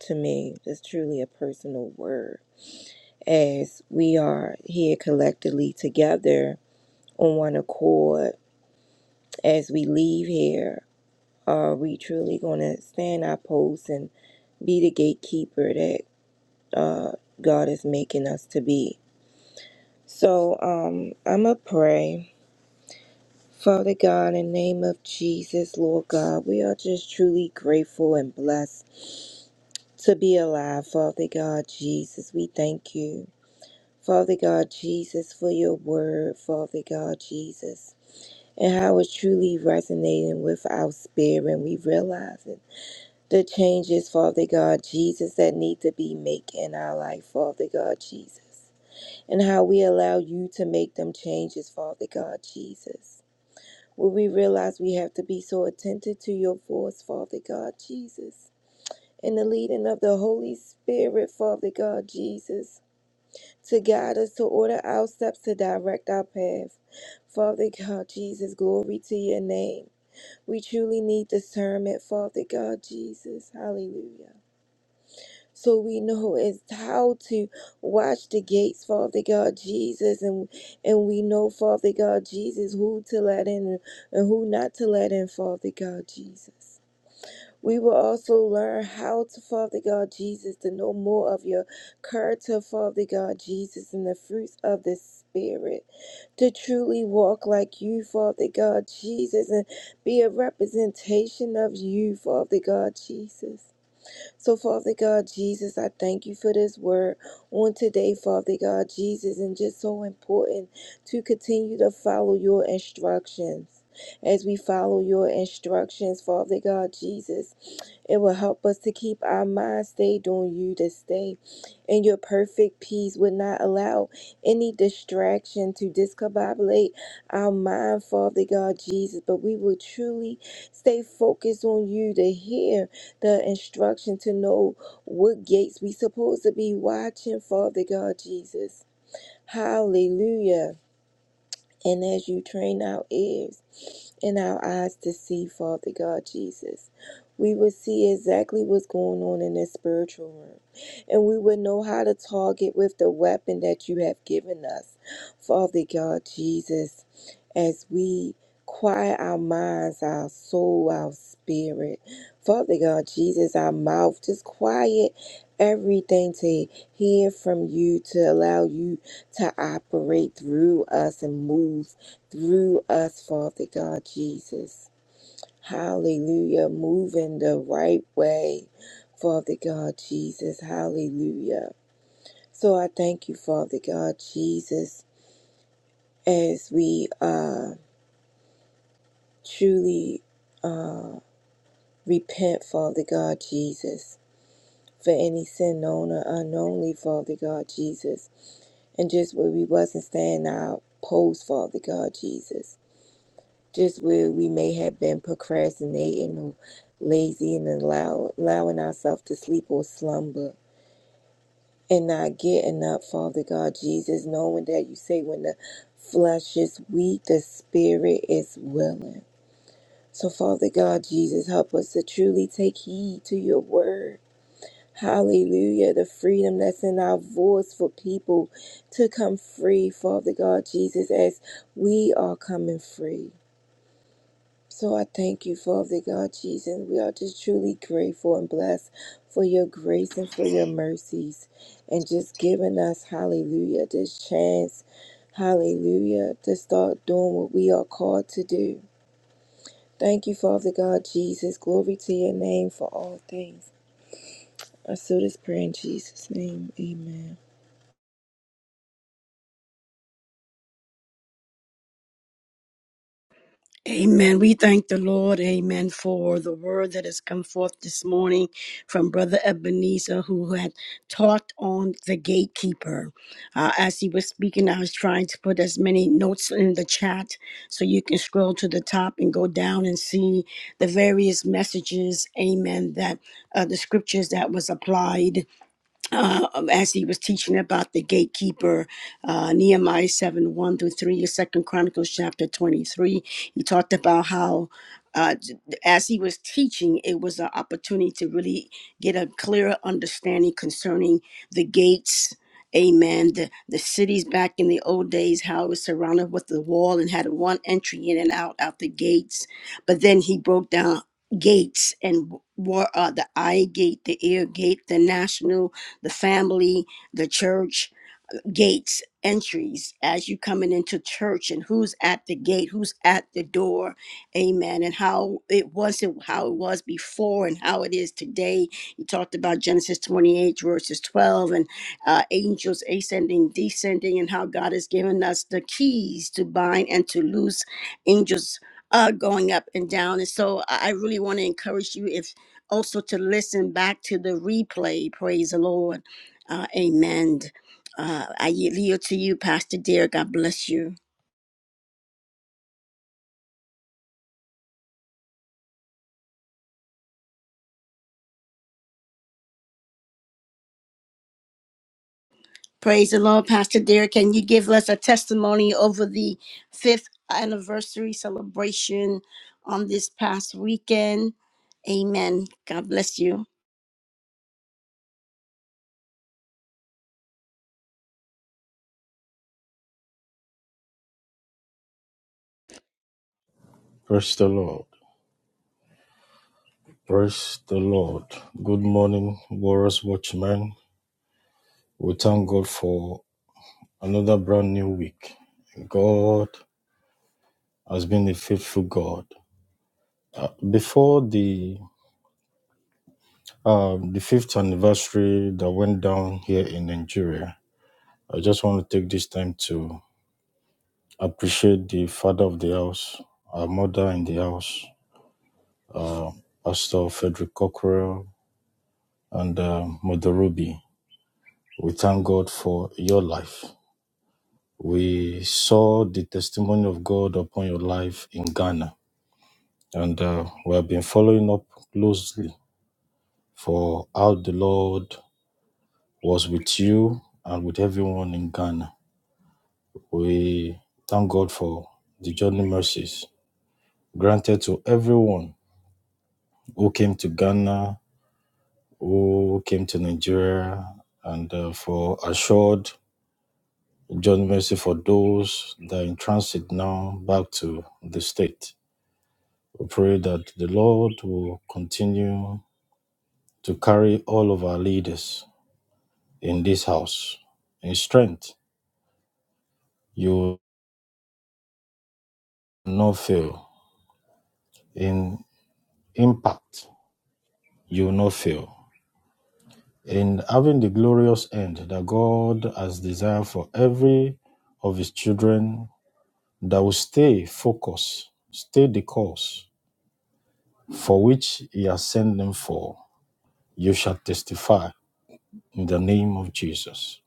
H: to me, this truly a personal word. As we are here collectively together on one accord, as we leave here, are we truly going to stand our post and be the gatekeeper that uh, God is making us to be? So, um, I'm going to pray Father God, in the name of Jesus, Lord God, we are just truly grateful and blessed to be alive. Father God, Jesus, we thank you. Father God, Jesus, for your word, Father God, Jesus, and how it's truly resonating with our spirit. And we realize it. The changes, Father God, Jesus, that need to be made in our life, Father God, Jesus, and how we allow you to make them changes, Father God, Jesus. Will we realize we have to be so attentive to your voice, Father God Jesus, and the leading of the Holy Spirit, Father God Jesus, to guide us, to order our steps, to direct our path. Father God Jesus, glory to your name. We truly need discernment, Father God Jesus. Hallelujah. So we know is how to watch the gates, Father God Jesus, and and we know, Father God Jesus, who to let in and who not to let in, Father God Jesus. We will also learn how to, Father God Jesus, to know more of your character, Father God Jesus, and the fruits of the Spirit, to truly walk like you, Father God Jesus, and be a representation of you, Father God Jesus. So, Father God, Jesus, I thank you for this word on today, Father God, Jesus, and just so important to continue to follow your instructions. As we follow your instructions, Father God, Jesus. It will help us to keep our mind stayed on you this day. And your perfect peace would not allow any distraction to discombobulate our mind, Father God Jesus. But we will truly stay focused on you to hear the instruction to know what gates we supposed to be watching, Father God Jesus. Hallelujah. And as you train our ears and our eyes to see, Father God Jesus, we would see exactly what's going on in this spiritual realm. And we would know how to target with the weapon that you have given us, Father God Jesus, as we quiet our minds, our soul, our spirit. Father God Jesus, our mouth, just quiet everything to hear from you, to allow you to operate through us and move through us, Father God Jesus. Hallelujah. Move in the right way, Father God Jesus. Hallelujah. So I thank you, Father God Jesus, as we uh, truly uh, repent, Father God Jesus, for any sin known or unknownly, Father God Jesus, and just where we wasn't staying our post, Father God Jesus. just where we may have been procrastinating or lazy and allow, allowing ourselves to sleep or slumber and not getting up, Father God Jesus, knowing that you say when the flesh is weak, the spirit is willing. So, Father God Jesus, help us to truly take heed to your word. Hallelujah. The freedom that's in our voice for people to come free, Father God Jesus, as we are coming free. So I thank you, Father God Jesus. We are just truly grateful and blessed for your grace and for your mercies and just giving us, hallelujah, this chance, hallelujah, to start doing what we are called to do. Thank you, Father God Jesus. Glory to your name for all things. I seal this prayer in Jesus' name. Amen.
A: Amen. We thank the Lord, amen, for the word that has come forth this morning from Brother Ebenezer, who had taught on the gatekeeper. Uh, as he was speaking, I was trying to put as many notes in the chat so you can scroll to the top and go down and see the various messages, amen, that uh, the scriptures that was applied uh, as he was teaching about the gatekeeper, uh, Nehemiah 7 1 through three, uh, Second Chronicles chapter 23. He talked about how. Uh, as he was teaching, it was an opportunity to really get a clearer understanding concerning the gates, amen. The, the cities back in the old days, how it was surrounded with the wall and had one entry in and out, out the gates. But then he broke down gates and what are the eye gate, the ear gate, the national the family, the church, gates entries as you coming into church and who's at the gate who's at the door amen and how it wasn't how it was before and how it is today you talked about genesis 28 verses 12 and uh, angels ascending descending and how god has given us the keys to bind and to loose angels uh, going up and down and so i I really want to encourage you if also to listen back to the replay praise the lord uh, amen uh, I yield to you, Pastor Derek. God bless you. Praise the Lord, Pastor Derek. Can you give us a testimony over the fifth anniversary celebration on this past weekend? Amen. God bless you.
I: Praise the Lord. Praise the Lord. Good morning, Warriors Watchmen. We thank God for another brand new week. God has been a faithful God. Uh, Before the um, the fifth anniversary that went down here in Nigeria, I just want to take this time to appreciate the father of the house, our mother in the house, Pastor Frederick Cockrell and uh, Mother Ruby. We thank God for your life. We saw the testimony of God upon your life in Ghana, and uh, we have been following up closely for how the Lord was with you and with everyone in Ghana. We thank God for the journey mercies granted to everyone who came to Ghana, who came to Nigeria, and uh, for assured journey mercy for those that are in transit now back to the state. We pray that the Lord will continue to carry all of our leaders in this house in strength. You will not fail. In impact, you will not fail. In having the glorious end that God has desired for every of his children that will stay focused, stay the course for which he has sent them for, you shall testify in the name of Jesus.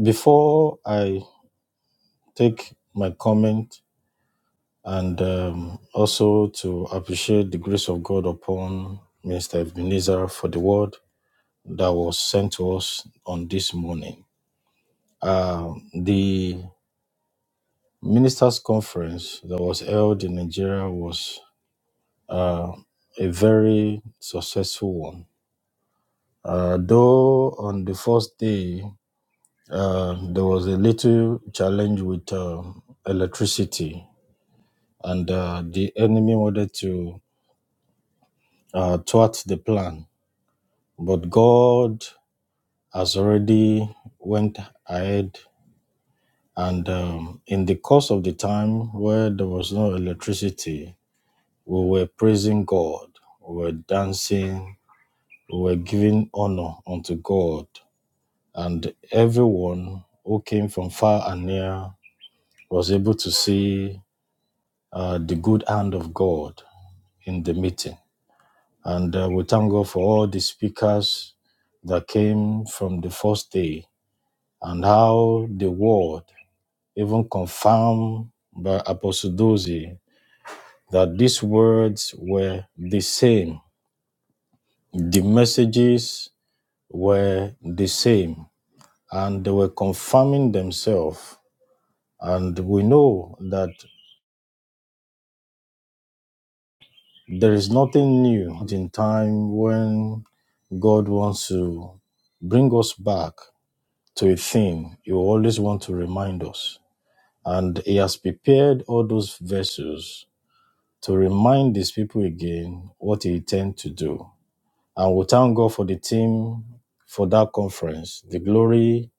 I: Before I take my comment and um, also to appreciate the grace of God upon Minister Ebenezer for the word that was sent to us on this morning. Uh, the ministers' conference that was held in Nigeria was uh, a very successful one. Uh, though on the first day, uh, there was a little challenge with uh, electricity, and uh, the enemy wanted to uh, thwart the plan. But God has already went ahead, and um, in the course of the time where there was no electricity, we were praising God, we were dancing, we were giving honor unto God, and everyone who came from far and near was able to see uh, the good hand of God in the meeting. And uh, we thank God for all the speakers that came from the first day and how the word even confirmed by Apostle Dozie that these words were the same. The messages were the same and they were confirming themselves. And we know that there is nothing new in time when God wants to bring us back to a thing, you always want to remind us. And he has prepared all those vessels to remind these people again what he intends to do. And we thank God for the team for that conference, the glory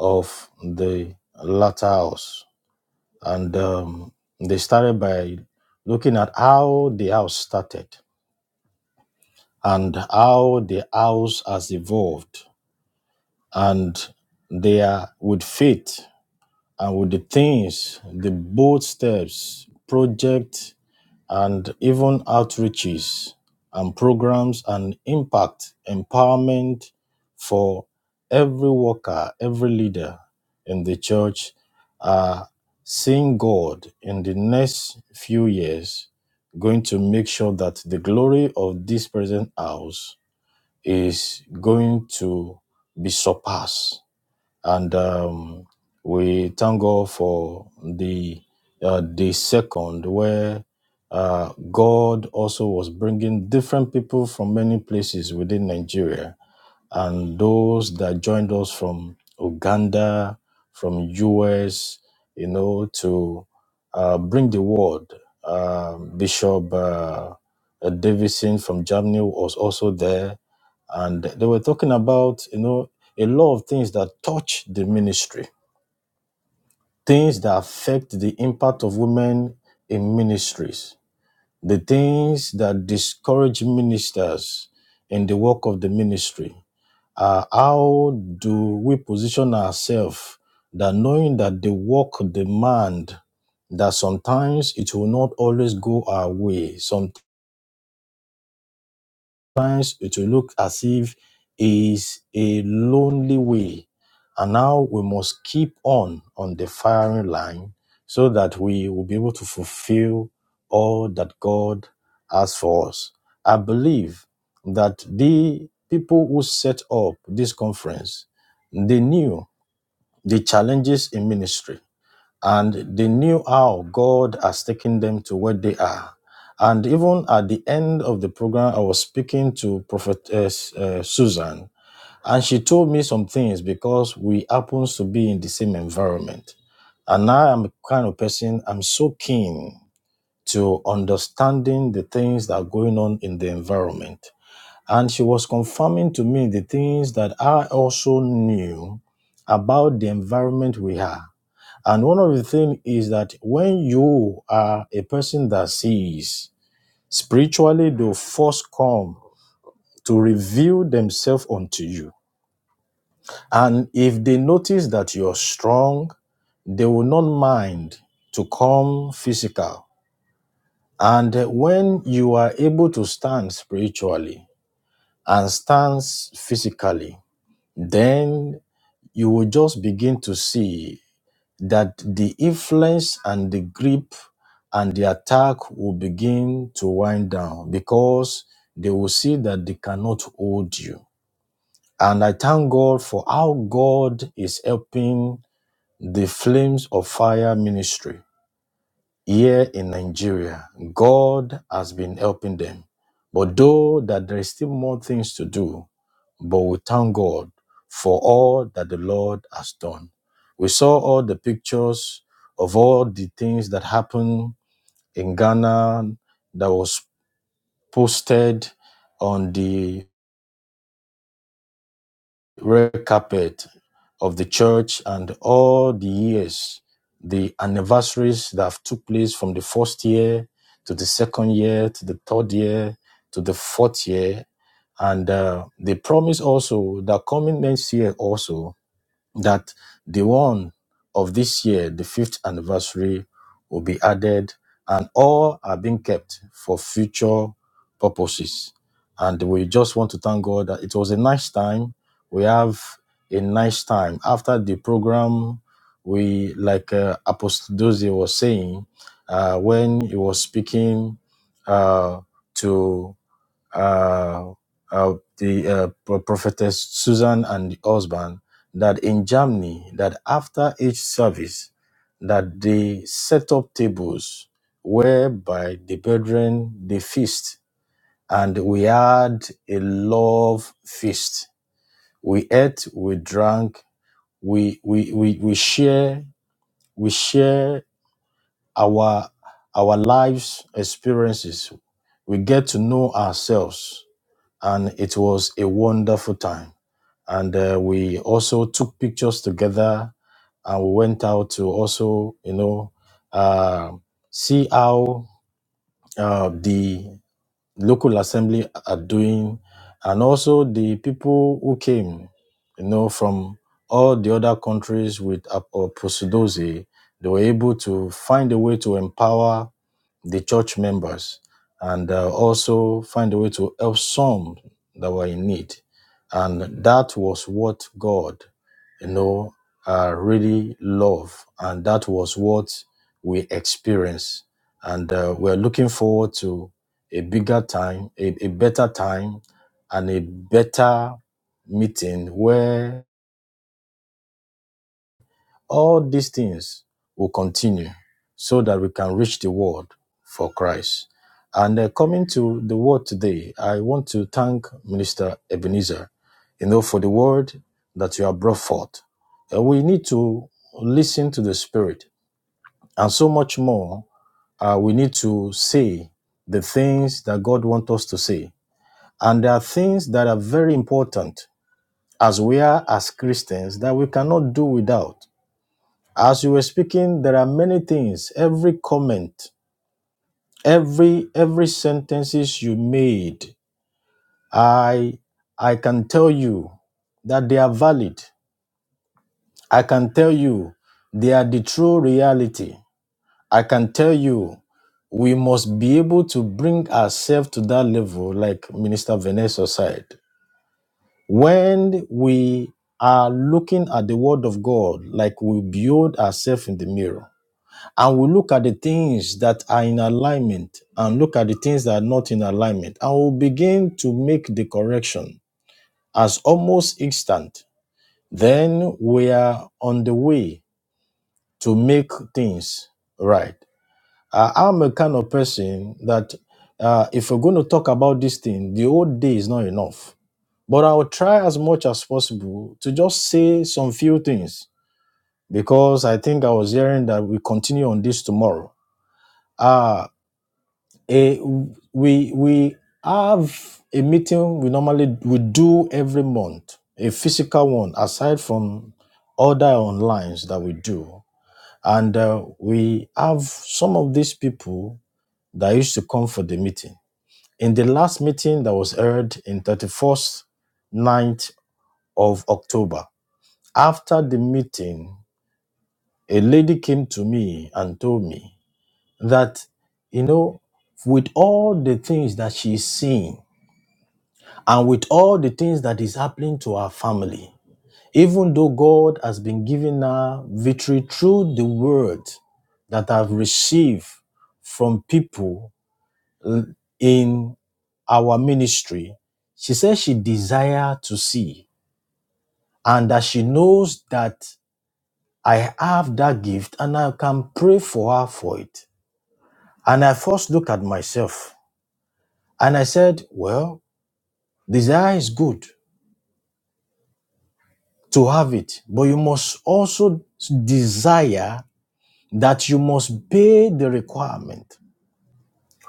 I: of the latter house. And um, they started by looking at how the house started and how the house has evolved. And they are with faith and with the things, the bold steps, projects, and even outreaches and programs and impact empowerment for every worker, every leader in the church are seeing God in the next few years going to make sure that the glory of this present house is going to be surpassed and um, we thank God for the uh, the second where uh, God also was bringing different people from many places within Nigeria, and those that joined us from Uganda, from US, you know, to uh, bring the word. Uh, Bishop uh, Davison from Germany was also there and they were talking about you know a lot of things that touch the ministry things that affect the impact of women in ministries the things that discourage ministers in the work of the ministry uh, how do we position ourselves that knowing that the work demand that sometimes it will not always go our way some Sometimes it will look as if is a lonely way. And now we must keep on on the firing line so that we will be able to fulfill all that God has for us. I believe that the people who set up this conference, they knew the challenges in ministry and they knew how God has taken them to where they are. And even at the end of the program, I was speaking to Prophetess uh, uh, Susan, and she told me some things because we happen to be in the same environment. And I am a kind of person, I'm so keen to understanding the things that are going on in the environment. And she was confirming to me the things that I also knew about the environment we are and one of the things is that when you are a person that sees spiritually, they first come to reveal themselves unto you. And if they notice that you're strong, they will not mind to come physical. And when you are able to stand spiritually and stand physically, then you will just begin to see that the influence and the grip and the attack will begin to wind down because they will see that they cannot hold you. And I thank God for how God is helping the flames of fire ministry here in Nigeria, God has been helping them. But though that there is still more things to do, but we thank God for all that the Lord has done. We saw all the pictures of all the things that happened in Ghana that was posted on the red carpet of the church and all the years, the anniversaries that have took place from the first year to the second year to the third year to the fourth year. And uh, they promise also that coming next year also that the one of this year, the fifth anniversary, will be added, and all are being kept for future purposes. And we just want to thank God that it was a nice time. We have a nice time after the program. We like uh, Apostle Dozie was saying uh, when he was speaking uh, to uh, uh, the uh, prophetess Susan and the husband that in Germany that after each service that they set up tables whereby the brethren they feast and we had a love feast we ate we drank we we we, we share we share our our lives experiences we get to know ourselves and it was a wonderful time. And uh, we also took pictures together, and we went out to also, you know, uh, see how uh, the local assembly are doing, and also the people who came, you know, from all the other countries with Ap- uh, Posidozi, they were able to find a way to empower the church members and uh, also find a way to help some that were in need. And that was what God, you know, uh, really loved. And that was what we experienced. And uh, we're looking forward to a bigger time, a, a better time, and a better meeting where all these things will continue so that we can reach the world for Christ. And uh, coming to the word today, I want to thank Minister Ebenezer, you know, for the word that you have brought forth. Uh, we need to listen to the Spirit, and so much more. Uh, we need to say the things that God wants us to say, and there are things that are very important as we are as Christians that we cannot do without as you were speaking, there are many things. Every comment, every every sentences you made, I I can tell you that they are valid. I can tell you they are the true reality. I can tell you we must be able to bring ourselves to that level, like Minister Vanessa said. When we are looking at the word of God, like we build ourselves in the mirror and we'll look at the things that are in alignment and look at the things that are not in alignment and we'll begin to make the correction as almost instant then we are on the way to make things right Uh, i'm a kind of person that uh, if we're going to talk about this thing the old day is not enough but i'll try as much as possible to just say some few things because i think i was hearing that we continue on this tomorrow Ah. Eh, we we have a meeting we normally we do every month a physical one aside from other online that we do and uh, we have some of these people that used to come for the meeting in the last meeting that was held in 31st ninth of october after the meeting a lady came to me and told me that you know with all the things that she's seeing and with all the things that is happening to our family, even though God has been giving her victory through the word that I've received from people uh, in our ministry, she says she desires to see and that she knows that I have that gift and I can pray for her for it. And I first look at myself and I said, well, desire is good to have it, but you must also desire that you must pay the requirement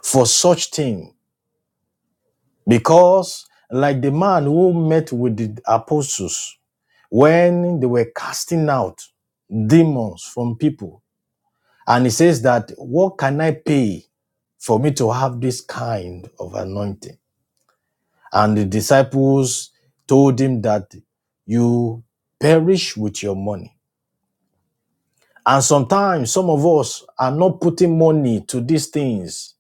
I: for such thing. Because, like the man who met with the apostles when they were casting out demons from people, and he says that, What can I pay for me to have this kind of anointing? And the disciples told him that you perish with your money And sometimes some of us are not putting money to these things.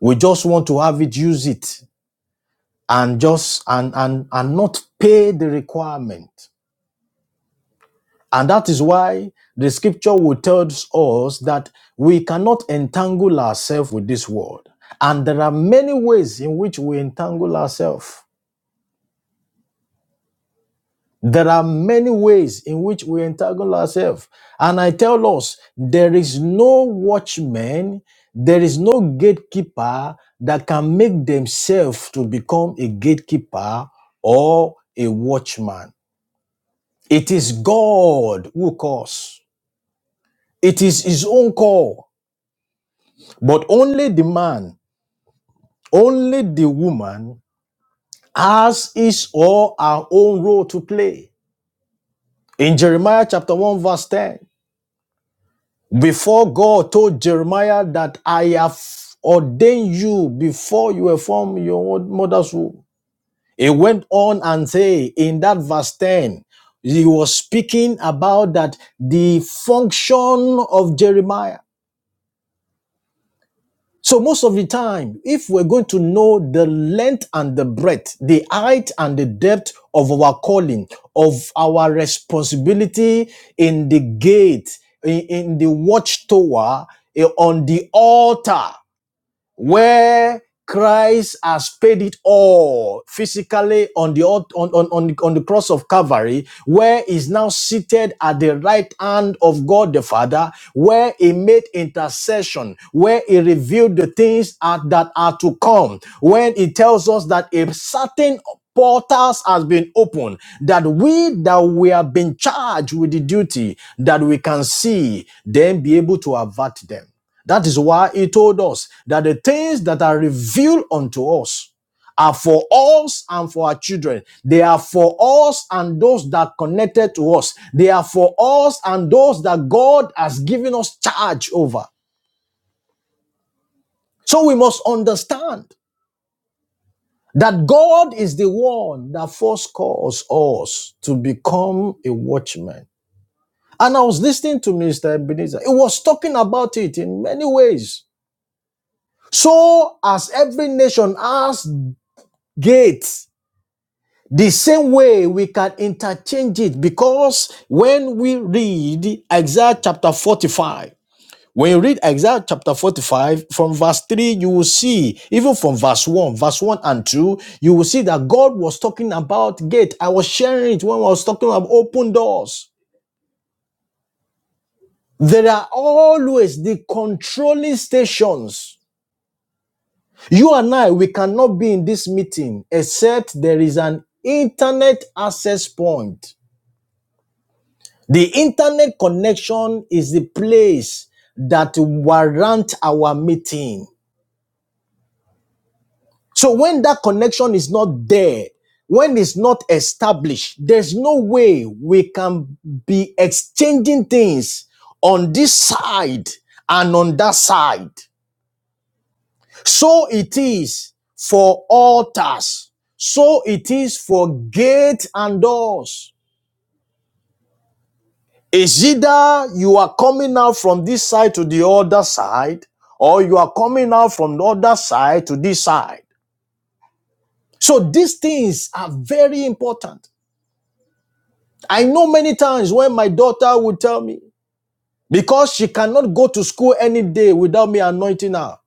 I: We just want to have it, use it, and just and and and not pay the requirement. And that is why the scripture will tell us that we cannot entangle ourselves with this world. And there are many ways in which we entangle ourselves. There are many ways in which we entangle ourselves. And I tell us, there is no watchman, there is no gatekeeper that can make themselves to become a gatekeeper or a watchman. It is God who calls. It is his own call. But only the man, only the woman has his or her own role to play. In Jeremiah chapter 1 verse 10, Before God told Jeremiah that I have ordained you before you were from your mother's womb, he went on and say in that verse 10, he was speaking about that the function of Jeremiah. So most of the time, if we're going to know the length and the breadth, the height and the depth of our calling, of our responsibility in the gate, in, in the watchtower, eh, on the altar, where Christ has paid it all physically on the on, on, on, on the cross of Calvary, where is now seated at the right hand of God the Father, where he made intercession, where he revealed the things are- that are to come, when he tells us that a certain portals has been opened that we that we have been charged with the duty that we can see then be able to avert them that is why he told us that the things that are revealed unto us are for us and for our children. They are for us and those that connected to us. They are for us and those that God has given us charge over. So we must understand that God is the one that first calls us to become a watchman. And I was listening to Mr. Ebenezer. He was talking about it in many ways. So as every nation has Gates. The same way we can interchange it because when we read Isaiah chapter 45, when you read Isaiah chapter 45 from verse 3, you will see, even from verse 1, verse 1 and 2, you will see that God was talking about gate. I was sharing it when I was talking about open doors. There are always the controlling stations. You and I, we cannot be in this meeting except there is an internet access point. The internet connection is the place that warrant our meeting. So when that connection is not there, when it's not established, there's no way we can be exchanging things on this side and on that side. So it is for altars. So it is for gates and doors. It's either you are coming out from this side to the other side, or you are coming out from the other side to this side. So these things are very important. I know many times when my daughter would tell me, because she cannot go to school any day without me anointing her.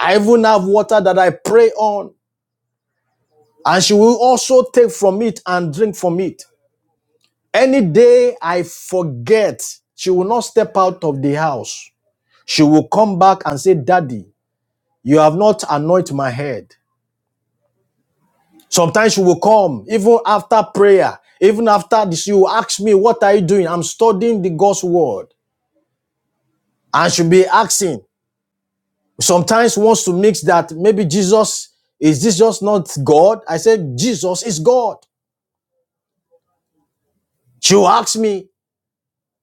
I: I even have water that I pray on, and she will also take from it and drink from it. Any day I forget, she will not step out of the house. She will come back and say, Daddy, You have not anointed my head. Sometimes you will come, even after prayer, even after this, you will ask me, What are you doing? I'm studying the God's word. I should be asking. Sometimes wants to mix that maybe Jesus, is this just not God? I said, Jesus is God. She will ask me.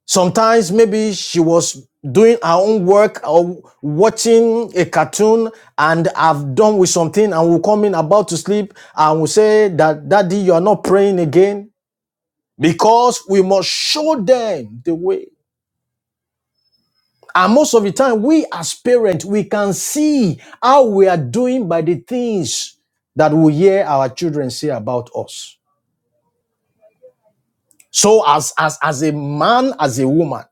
I: Sometimes maybe she was doing her own work or watching a cartoon and I've done with something and will come in about to sleep and will say that daddy you are not praying again because we must show them the way. And most of the time, we as parents, we can see how we are doing by the things that we hear our children say about us. So as, as, as a man, as a woman,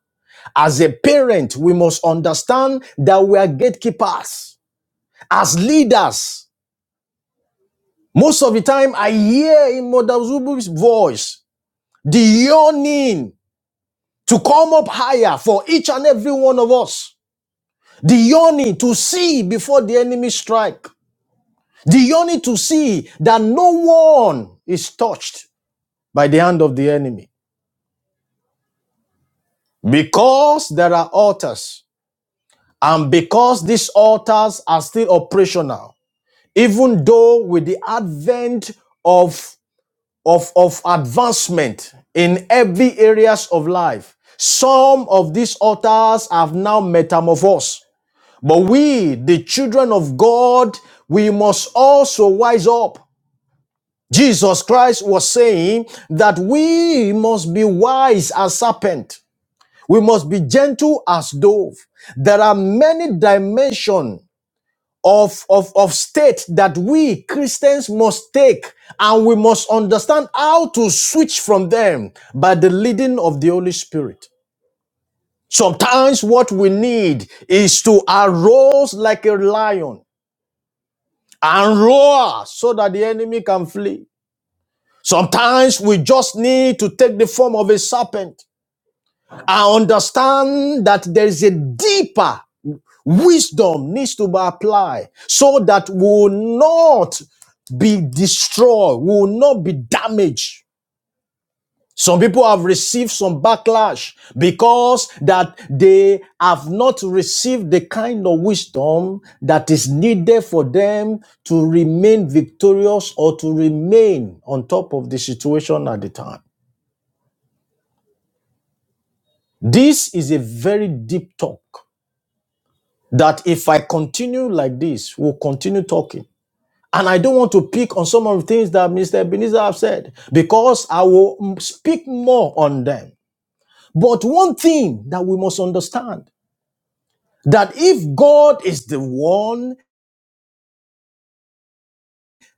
I: as a parent, we must understand that we are gatekeepers. As leaders, most of the time I hear in Mother Zubu's voice the yearning to come up higher for each and every one of us. The yearning to see before the enemy strike. The yearning to see that no one is touched by the hand of the enemy. Because there are altars and because these altars are still operational, even though with the advent of, of, of advancement in every areas of life, some of these altars have now metamorphosed. But we, the children of God, we must also wise up. Jesus Christ was saying that we must be wise as serpent. We must be gentle as dove. There are many dimensions of, of, of state that we Christians must take and we must understand how to switch from them by the leading of the Holy Spirit. Sometimes what we need is to arouse like a lion and roar so that the enemy can flee. Sometimes we just need to take the form of a serpent and understand that there is a deeper wisdom needs to be applied so that we will not be destroyed, we will not be damaged. Some people have received some backlash because that they have not received the kind of wisdom that is needed for them to remain victorious or to remain on top of the situation at the time. This is a very deep talk that if I continue like this, we'll continue talking. And I don't want to pick on some of the things that Mr. Ebenezer have said because I will mm, speak more on them. But one thing that we must understand that if God is the one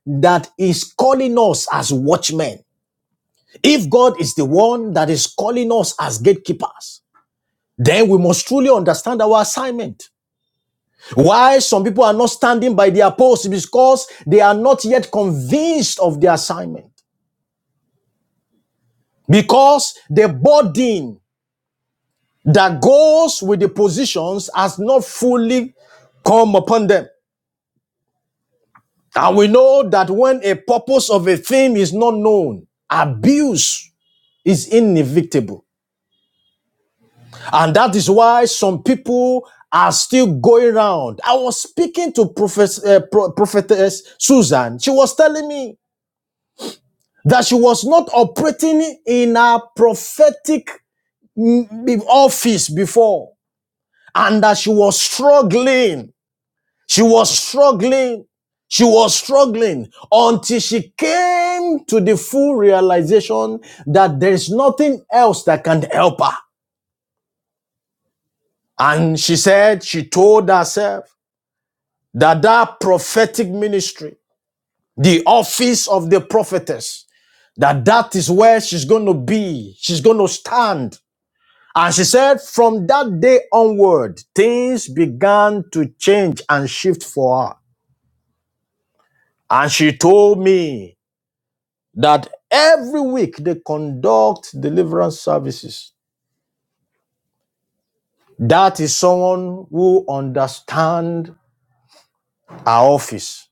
I: that is calling us as watchmen, if God is the one that is calling us as gatekeepers, then we must truly understand our assignment. Why some people are not standing by their post because they are not yet convinced of their assignment. Because the burden that goes with the positions has not fully come upon them. And we know that when a purpose of a thing is not known, abuse is inevitable. And that is why some people are still going around. I was speaking to Prophet, uh, Pro- Prophetess Susan. She was telling me that she was not operating in a prophetic mm, mm, office before and that she was struggling. She was struggling. She was struggling until she came to the full realization that there is nothing else that can help her. And she said, she told herself that that prophetic ministry, the office of the prophetess, that that is where she's going to be. She's going to stand. And she said, from that day onward, things began to change and shift for her. And she told me that every week they conduct deliverance services. That is someone who understands our office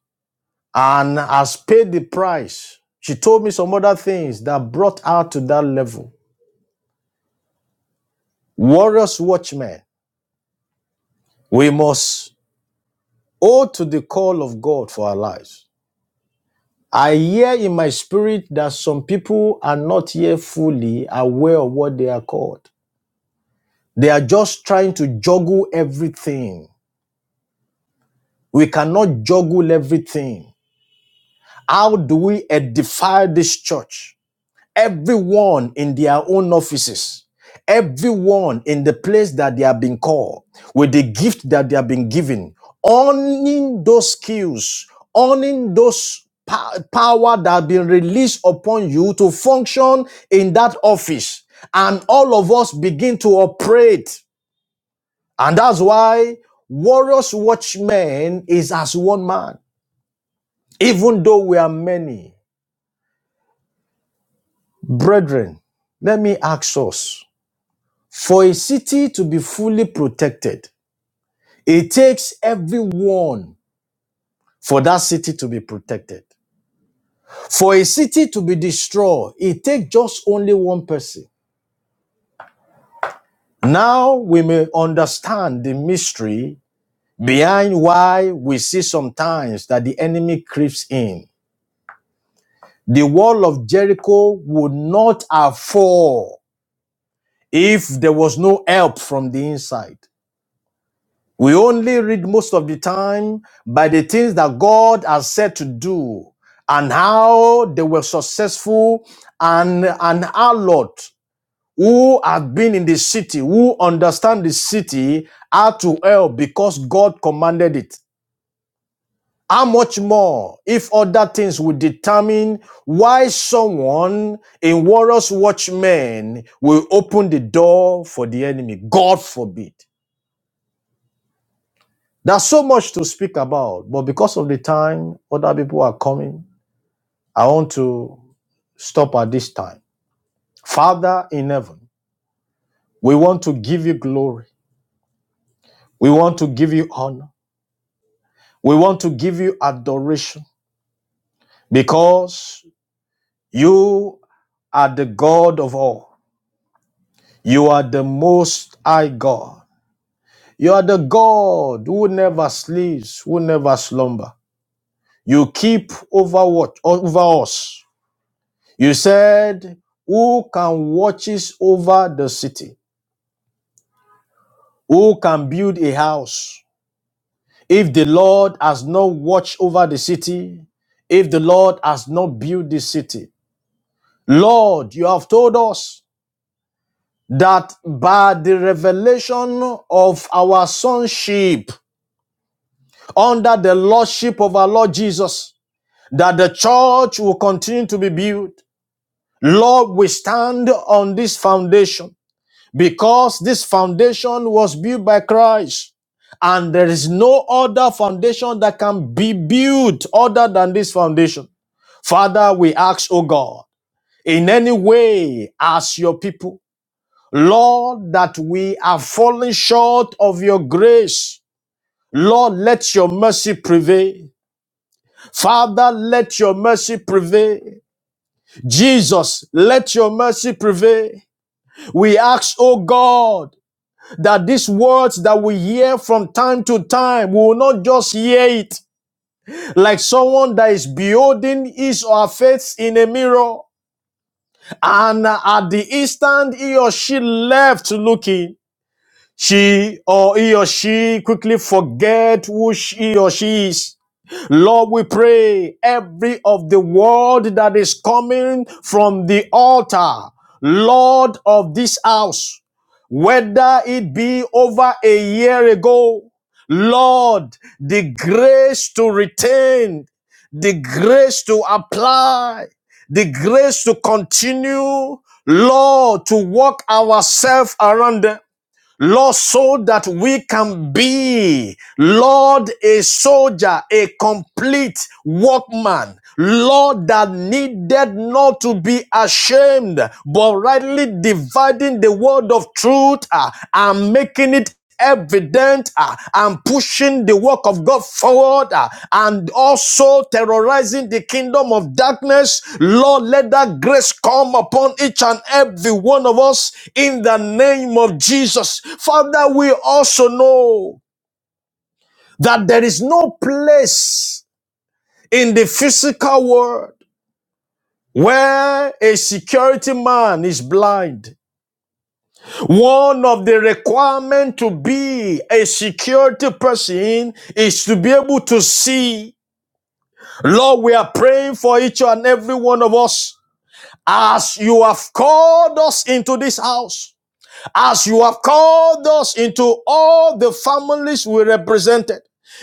I: and has paid the price. She told me some other things that brought her to that level. Warriors, watchmen, we must owe to the call of God for our lives. I hear in my spirit that some people are not yet fully aware of what they are called. They are just trying to juggle everything. We cannot juggle everything. How do we edify this church? everyone in their own offices, everyone in the place that they have been called, with the gift that they have been given, owning those skills, owning those pow- power that have been released upon you to function in that office. And all of us begin to operate. And that's why Warriors Watchmen is as one man, even though we are many. Brethren, let me ask us For a city to be fully protected, it takes everyone for that city to be protected. For a city to be destroyed, it takes just only one person. Now we may understand the mystery behind why we see sometimes that the enemy creeps in. The wall of Jericho would not have fall if there was no help from the inside. We only read most of the time by the things that God has said to do and how they were successful and, and our Lord who have been in the city, who understand the city, how to help because God commanded it. How much more if other things will determine why someone in Warriors Watchmen will open the door for the enemy? God forbid. There's so much to speak about, but because of the time, other people are coming. I want to stop at this time. Father in heaven, we want to give you glory. We want to give you honor. We want to give you adoration because you are the God of all. You are the most high God. You are the God who never sleeps, who never slumber. You keep over what over us. You said, Who can watches over the city? Who can build a house? If the Lord has not watched over the city, if the Lord has not built the city. Lord, you have told us that by the revelation of our sonship under the lordship of our Lord Jesus, that the church will continue to be built. Lord, we stand on this foundation. because this foundation was built by Christ. And there is no other foundation that can be built other than this foundation. Father, we ask, O God, in any way, as your people, Lord, that we are falling short of your grace. Lord, let your mercy prevail. Father, let your mercy prevail. Jesus, let your mercy prevail. We ask, O God, that these words that we hear from time to time, we will not just hear it like someone that is beholding his or her face in a mirror. And at the instant he or she left looking, she or he or she quickly forget who she or she is. Lord, we pray every of the word that is coming from the altar, Lord of this house, whether it be over a year ago, Lord, the grace to retain, the grace to apply, the grace to continue, Lord, to walk ourselves around them. Lord, so that we can be, Lord, a soldier, a complete workman, Lord, that needed not to be ashamed, but rightly dividing the word of truth uh, and making it evident uh, and pushing the work of God forward uh, and also terrorizing the kingdom of darkness. Lord, let that grace come upon each and every one of us in the name of Jesus. Father, we also know that there is no place in the physical world where a security man is blind One of the requirements to be a security person is to be able to see. Lord, we are praying for each and every one of us as you have called us into this house as you have called us into all the families we represented.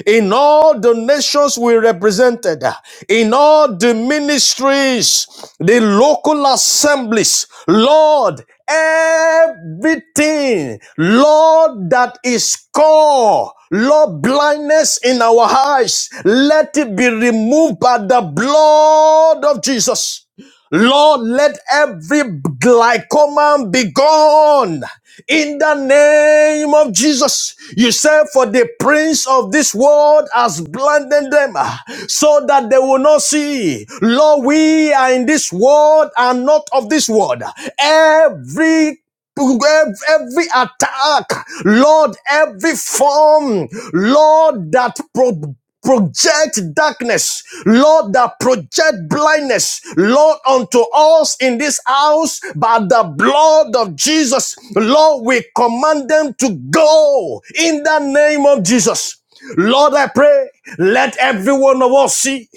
I: In all the nations we represented, in all the ministries, the local assemblies, Lord, everything, Lord, that is core, Lord, blindness in our eyes, let it be removed by the blood of Jesus. Lord, let every glycoman be gone in the name of Jesus. You said, For the prince of this world has blinded them ah, so that they will not see. Lord, we are in this world and not of this world. Every every attack, Lord, every form, Lord, that pro- project darkness, Lord, that project blindness, Lord, unto us in this house by the blood of Jesus. Lord, we command them to go in the name of Jesus. Lord, I pray, let every one of us see.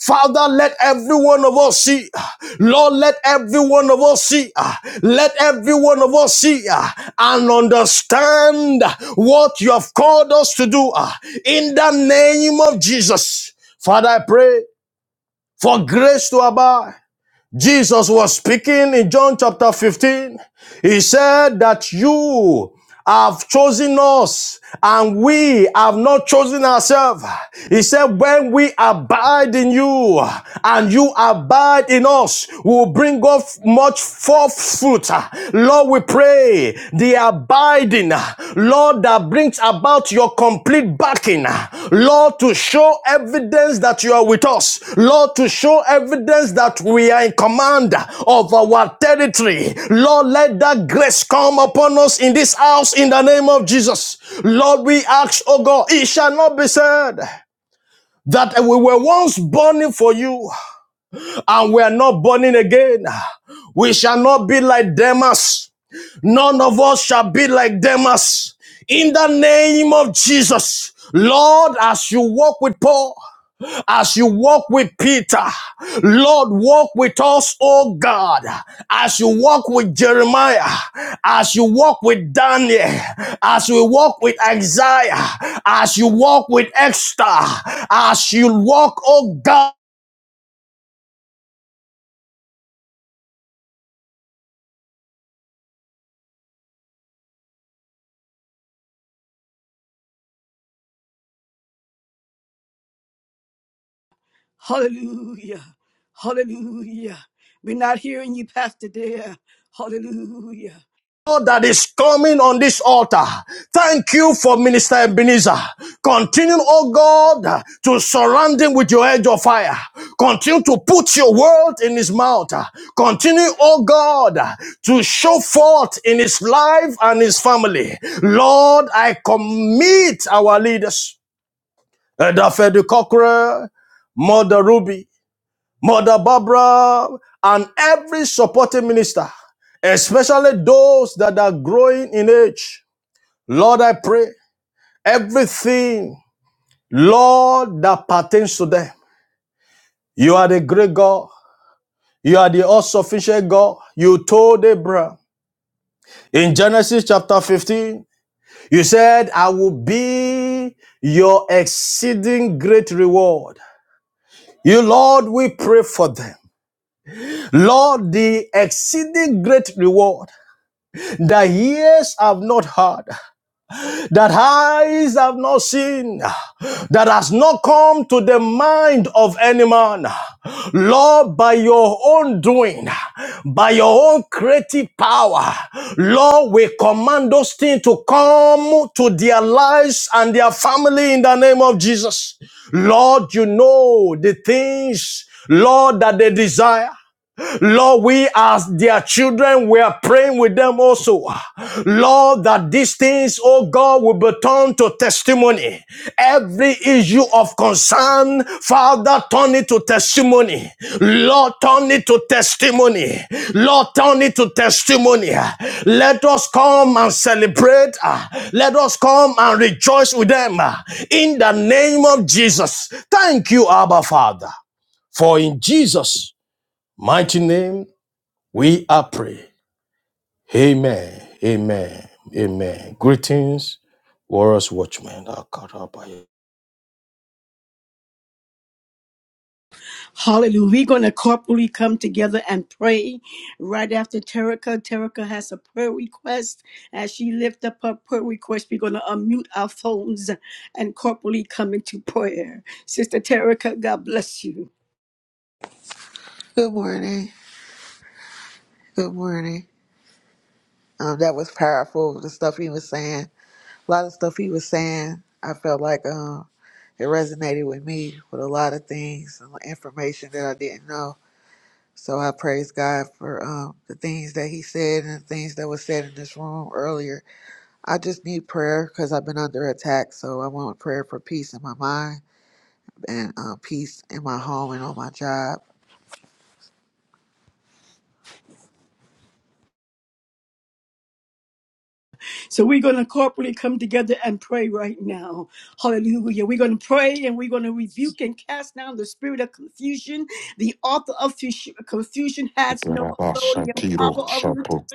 I: Father, let every one of us see. Lord, let every one of us see. Let every one of us see uh, and understand what you have called us to do uh, in the name of Jesus. Father, I pray for grace to abide. Jesus was speaking in John chapter 15. He said that you have chosen us and we have not chosen ourselves. He said, when we abide in you and you abide in us, we will bring off much forth fruit. Lord, we pray the Biden, Lord, that brings about your complete backing, Lord, to show evidence that you are with us, Lord, to show evidence that we are in command of our territory. Lord, let that grace come upon us in this house in the name of Jesus. Lord, we ask, oh God, it shall not be said. That we were once burning for you and we are not burning again. We shall not be like Demas None of us shall be like Demas. In the name of Jesus, Lord, as you walk with Paul, as you walk with Peter, Lord, walk with us, oh God, as you walk with Jeremiah, as you walk with Daniel, as we walk with Isaiah, as you walk with Esther, as you walk, oh God. God that is coming on this altar. Thank you for Minister Ebenezer. Continue, oh God, to surround him with your edge of fire. Continue to put your word in his mouth. Continue, oh God, to show forth in his life and his family. Lord, I commit our leaders, Dafedi Cockrell, Mother Ruby, Mother Barbara, and every supporting minister, especially those that are growing in age. Lord, I pray everything, Lord, that pertains to them. You are the great God. You are the all sufficient God. You told Abraham in Genesis chapter 15, you said, I will be your exceeding great reward. You, Lord, we pray for them. Lord, the exceeding great reward. that ears have not heard, that eyes have not seen, that has not come to the mind of any man. Lord, by your own doing, by your own creative power, Lord, we command those things to come to their lives and their family in the name of Jesus. Lord, you know the things, Lord, that they desire. Lord, we as their children, we are praying with them also. Lord, that these things, oh God, will be turned to testimony. Every issue of concern, Father, turn it to testimony. Lord, turn it to testimony. Lord, turn it to testimony. Let us come and celebrate. Ah, Let us come and rejoice with them. Ah, In the name of Jesus. Thank you, Abba Father. For in Jesus' mighty name, we are pray. Amen. Amen. Amen. Greetings, Warriors Watchmen.
A: Hallelujah. We're going to corporately come together and pray right after Terica. Terica has a prayer request. As she lifts up her prayer request, we're going to unmute our phones and corporately come into prayer. Sister Terica, God bless you.
J: Good morning. Good morning. Um, that was powerful. The stuff he was saying, a lot of stuff he was saying, I felt like um, it resonated with me with a lot of things, and information that I didn't know. So I praise God for um, the things that he said and the things that was said in this room earlier. I just need prayer because I've been under attack. So I want prayer for peace in my mind and uh, peace in my home and on my job.
A: So we're going to corporately come together and pray right now. Hallelujah. We're going to pray and we're going to rebuke and cast down the spirit of confusion. The author of fus- confusion has no authority and power
K: Ikarabashatiro
A: over you,
K: shato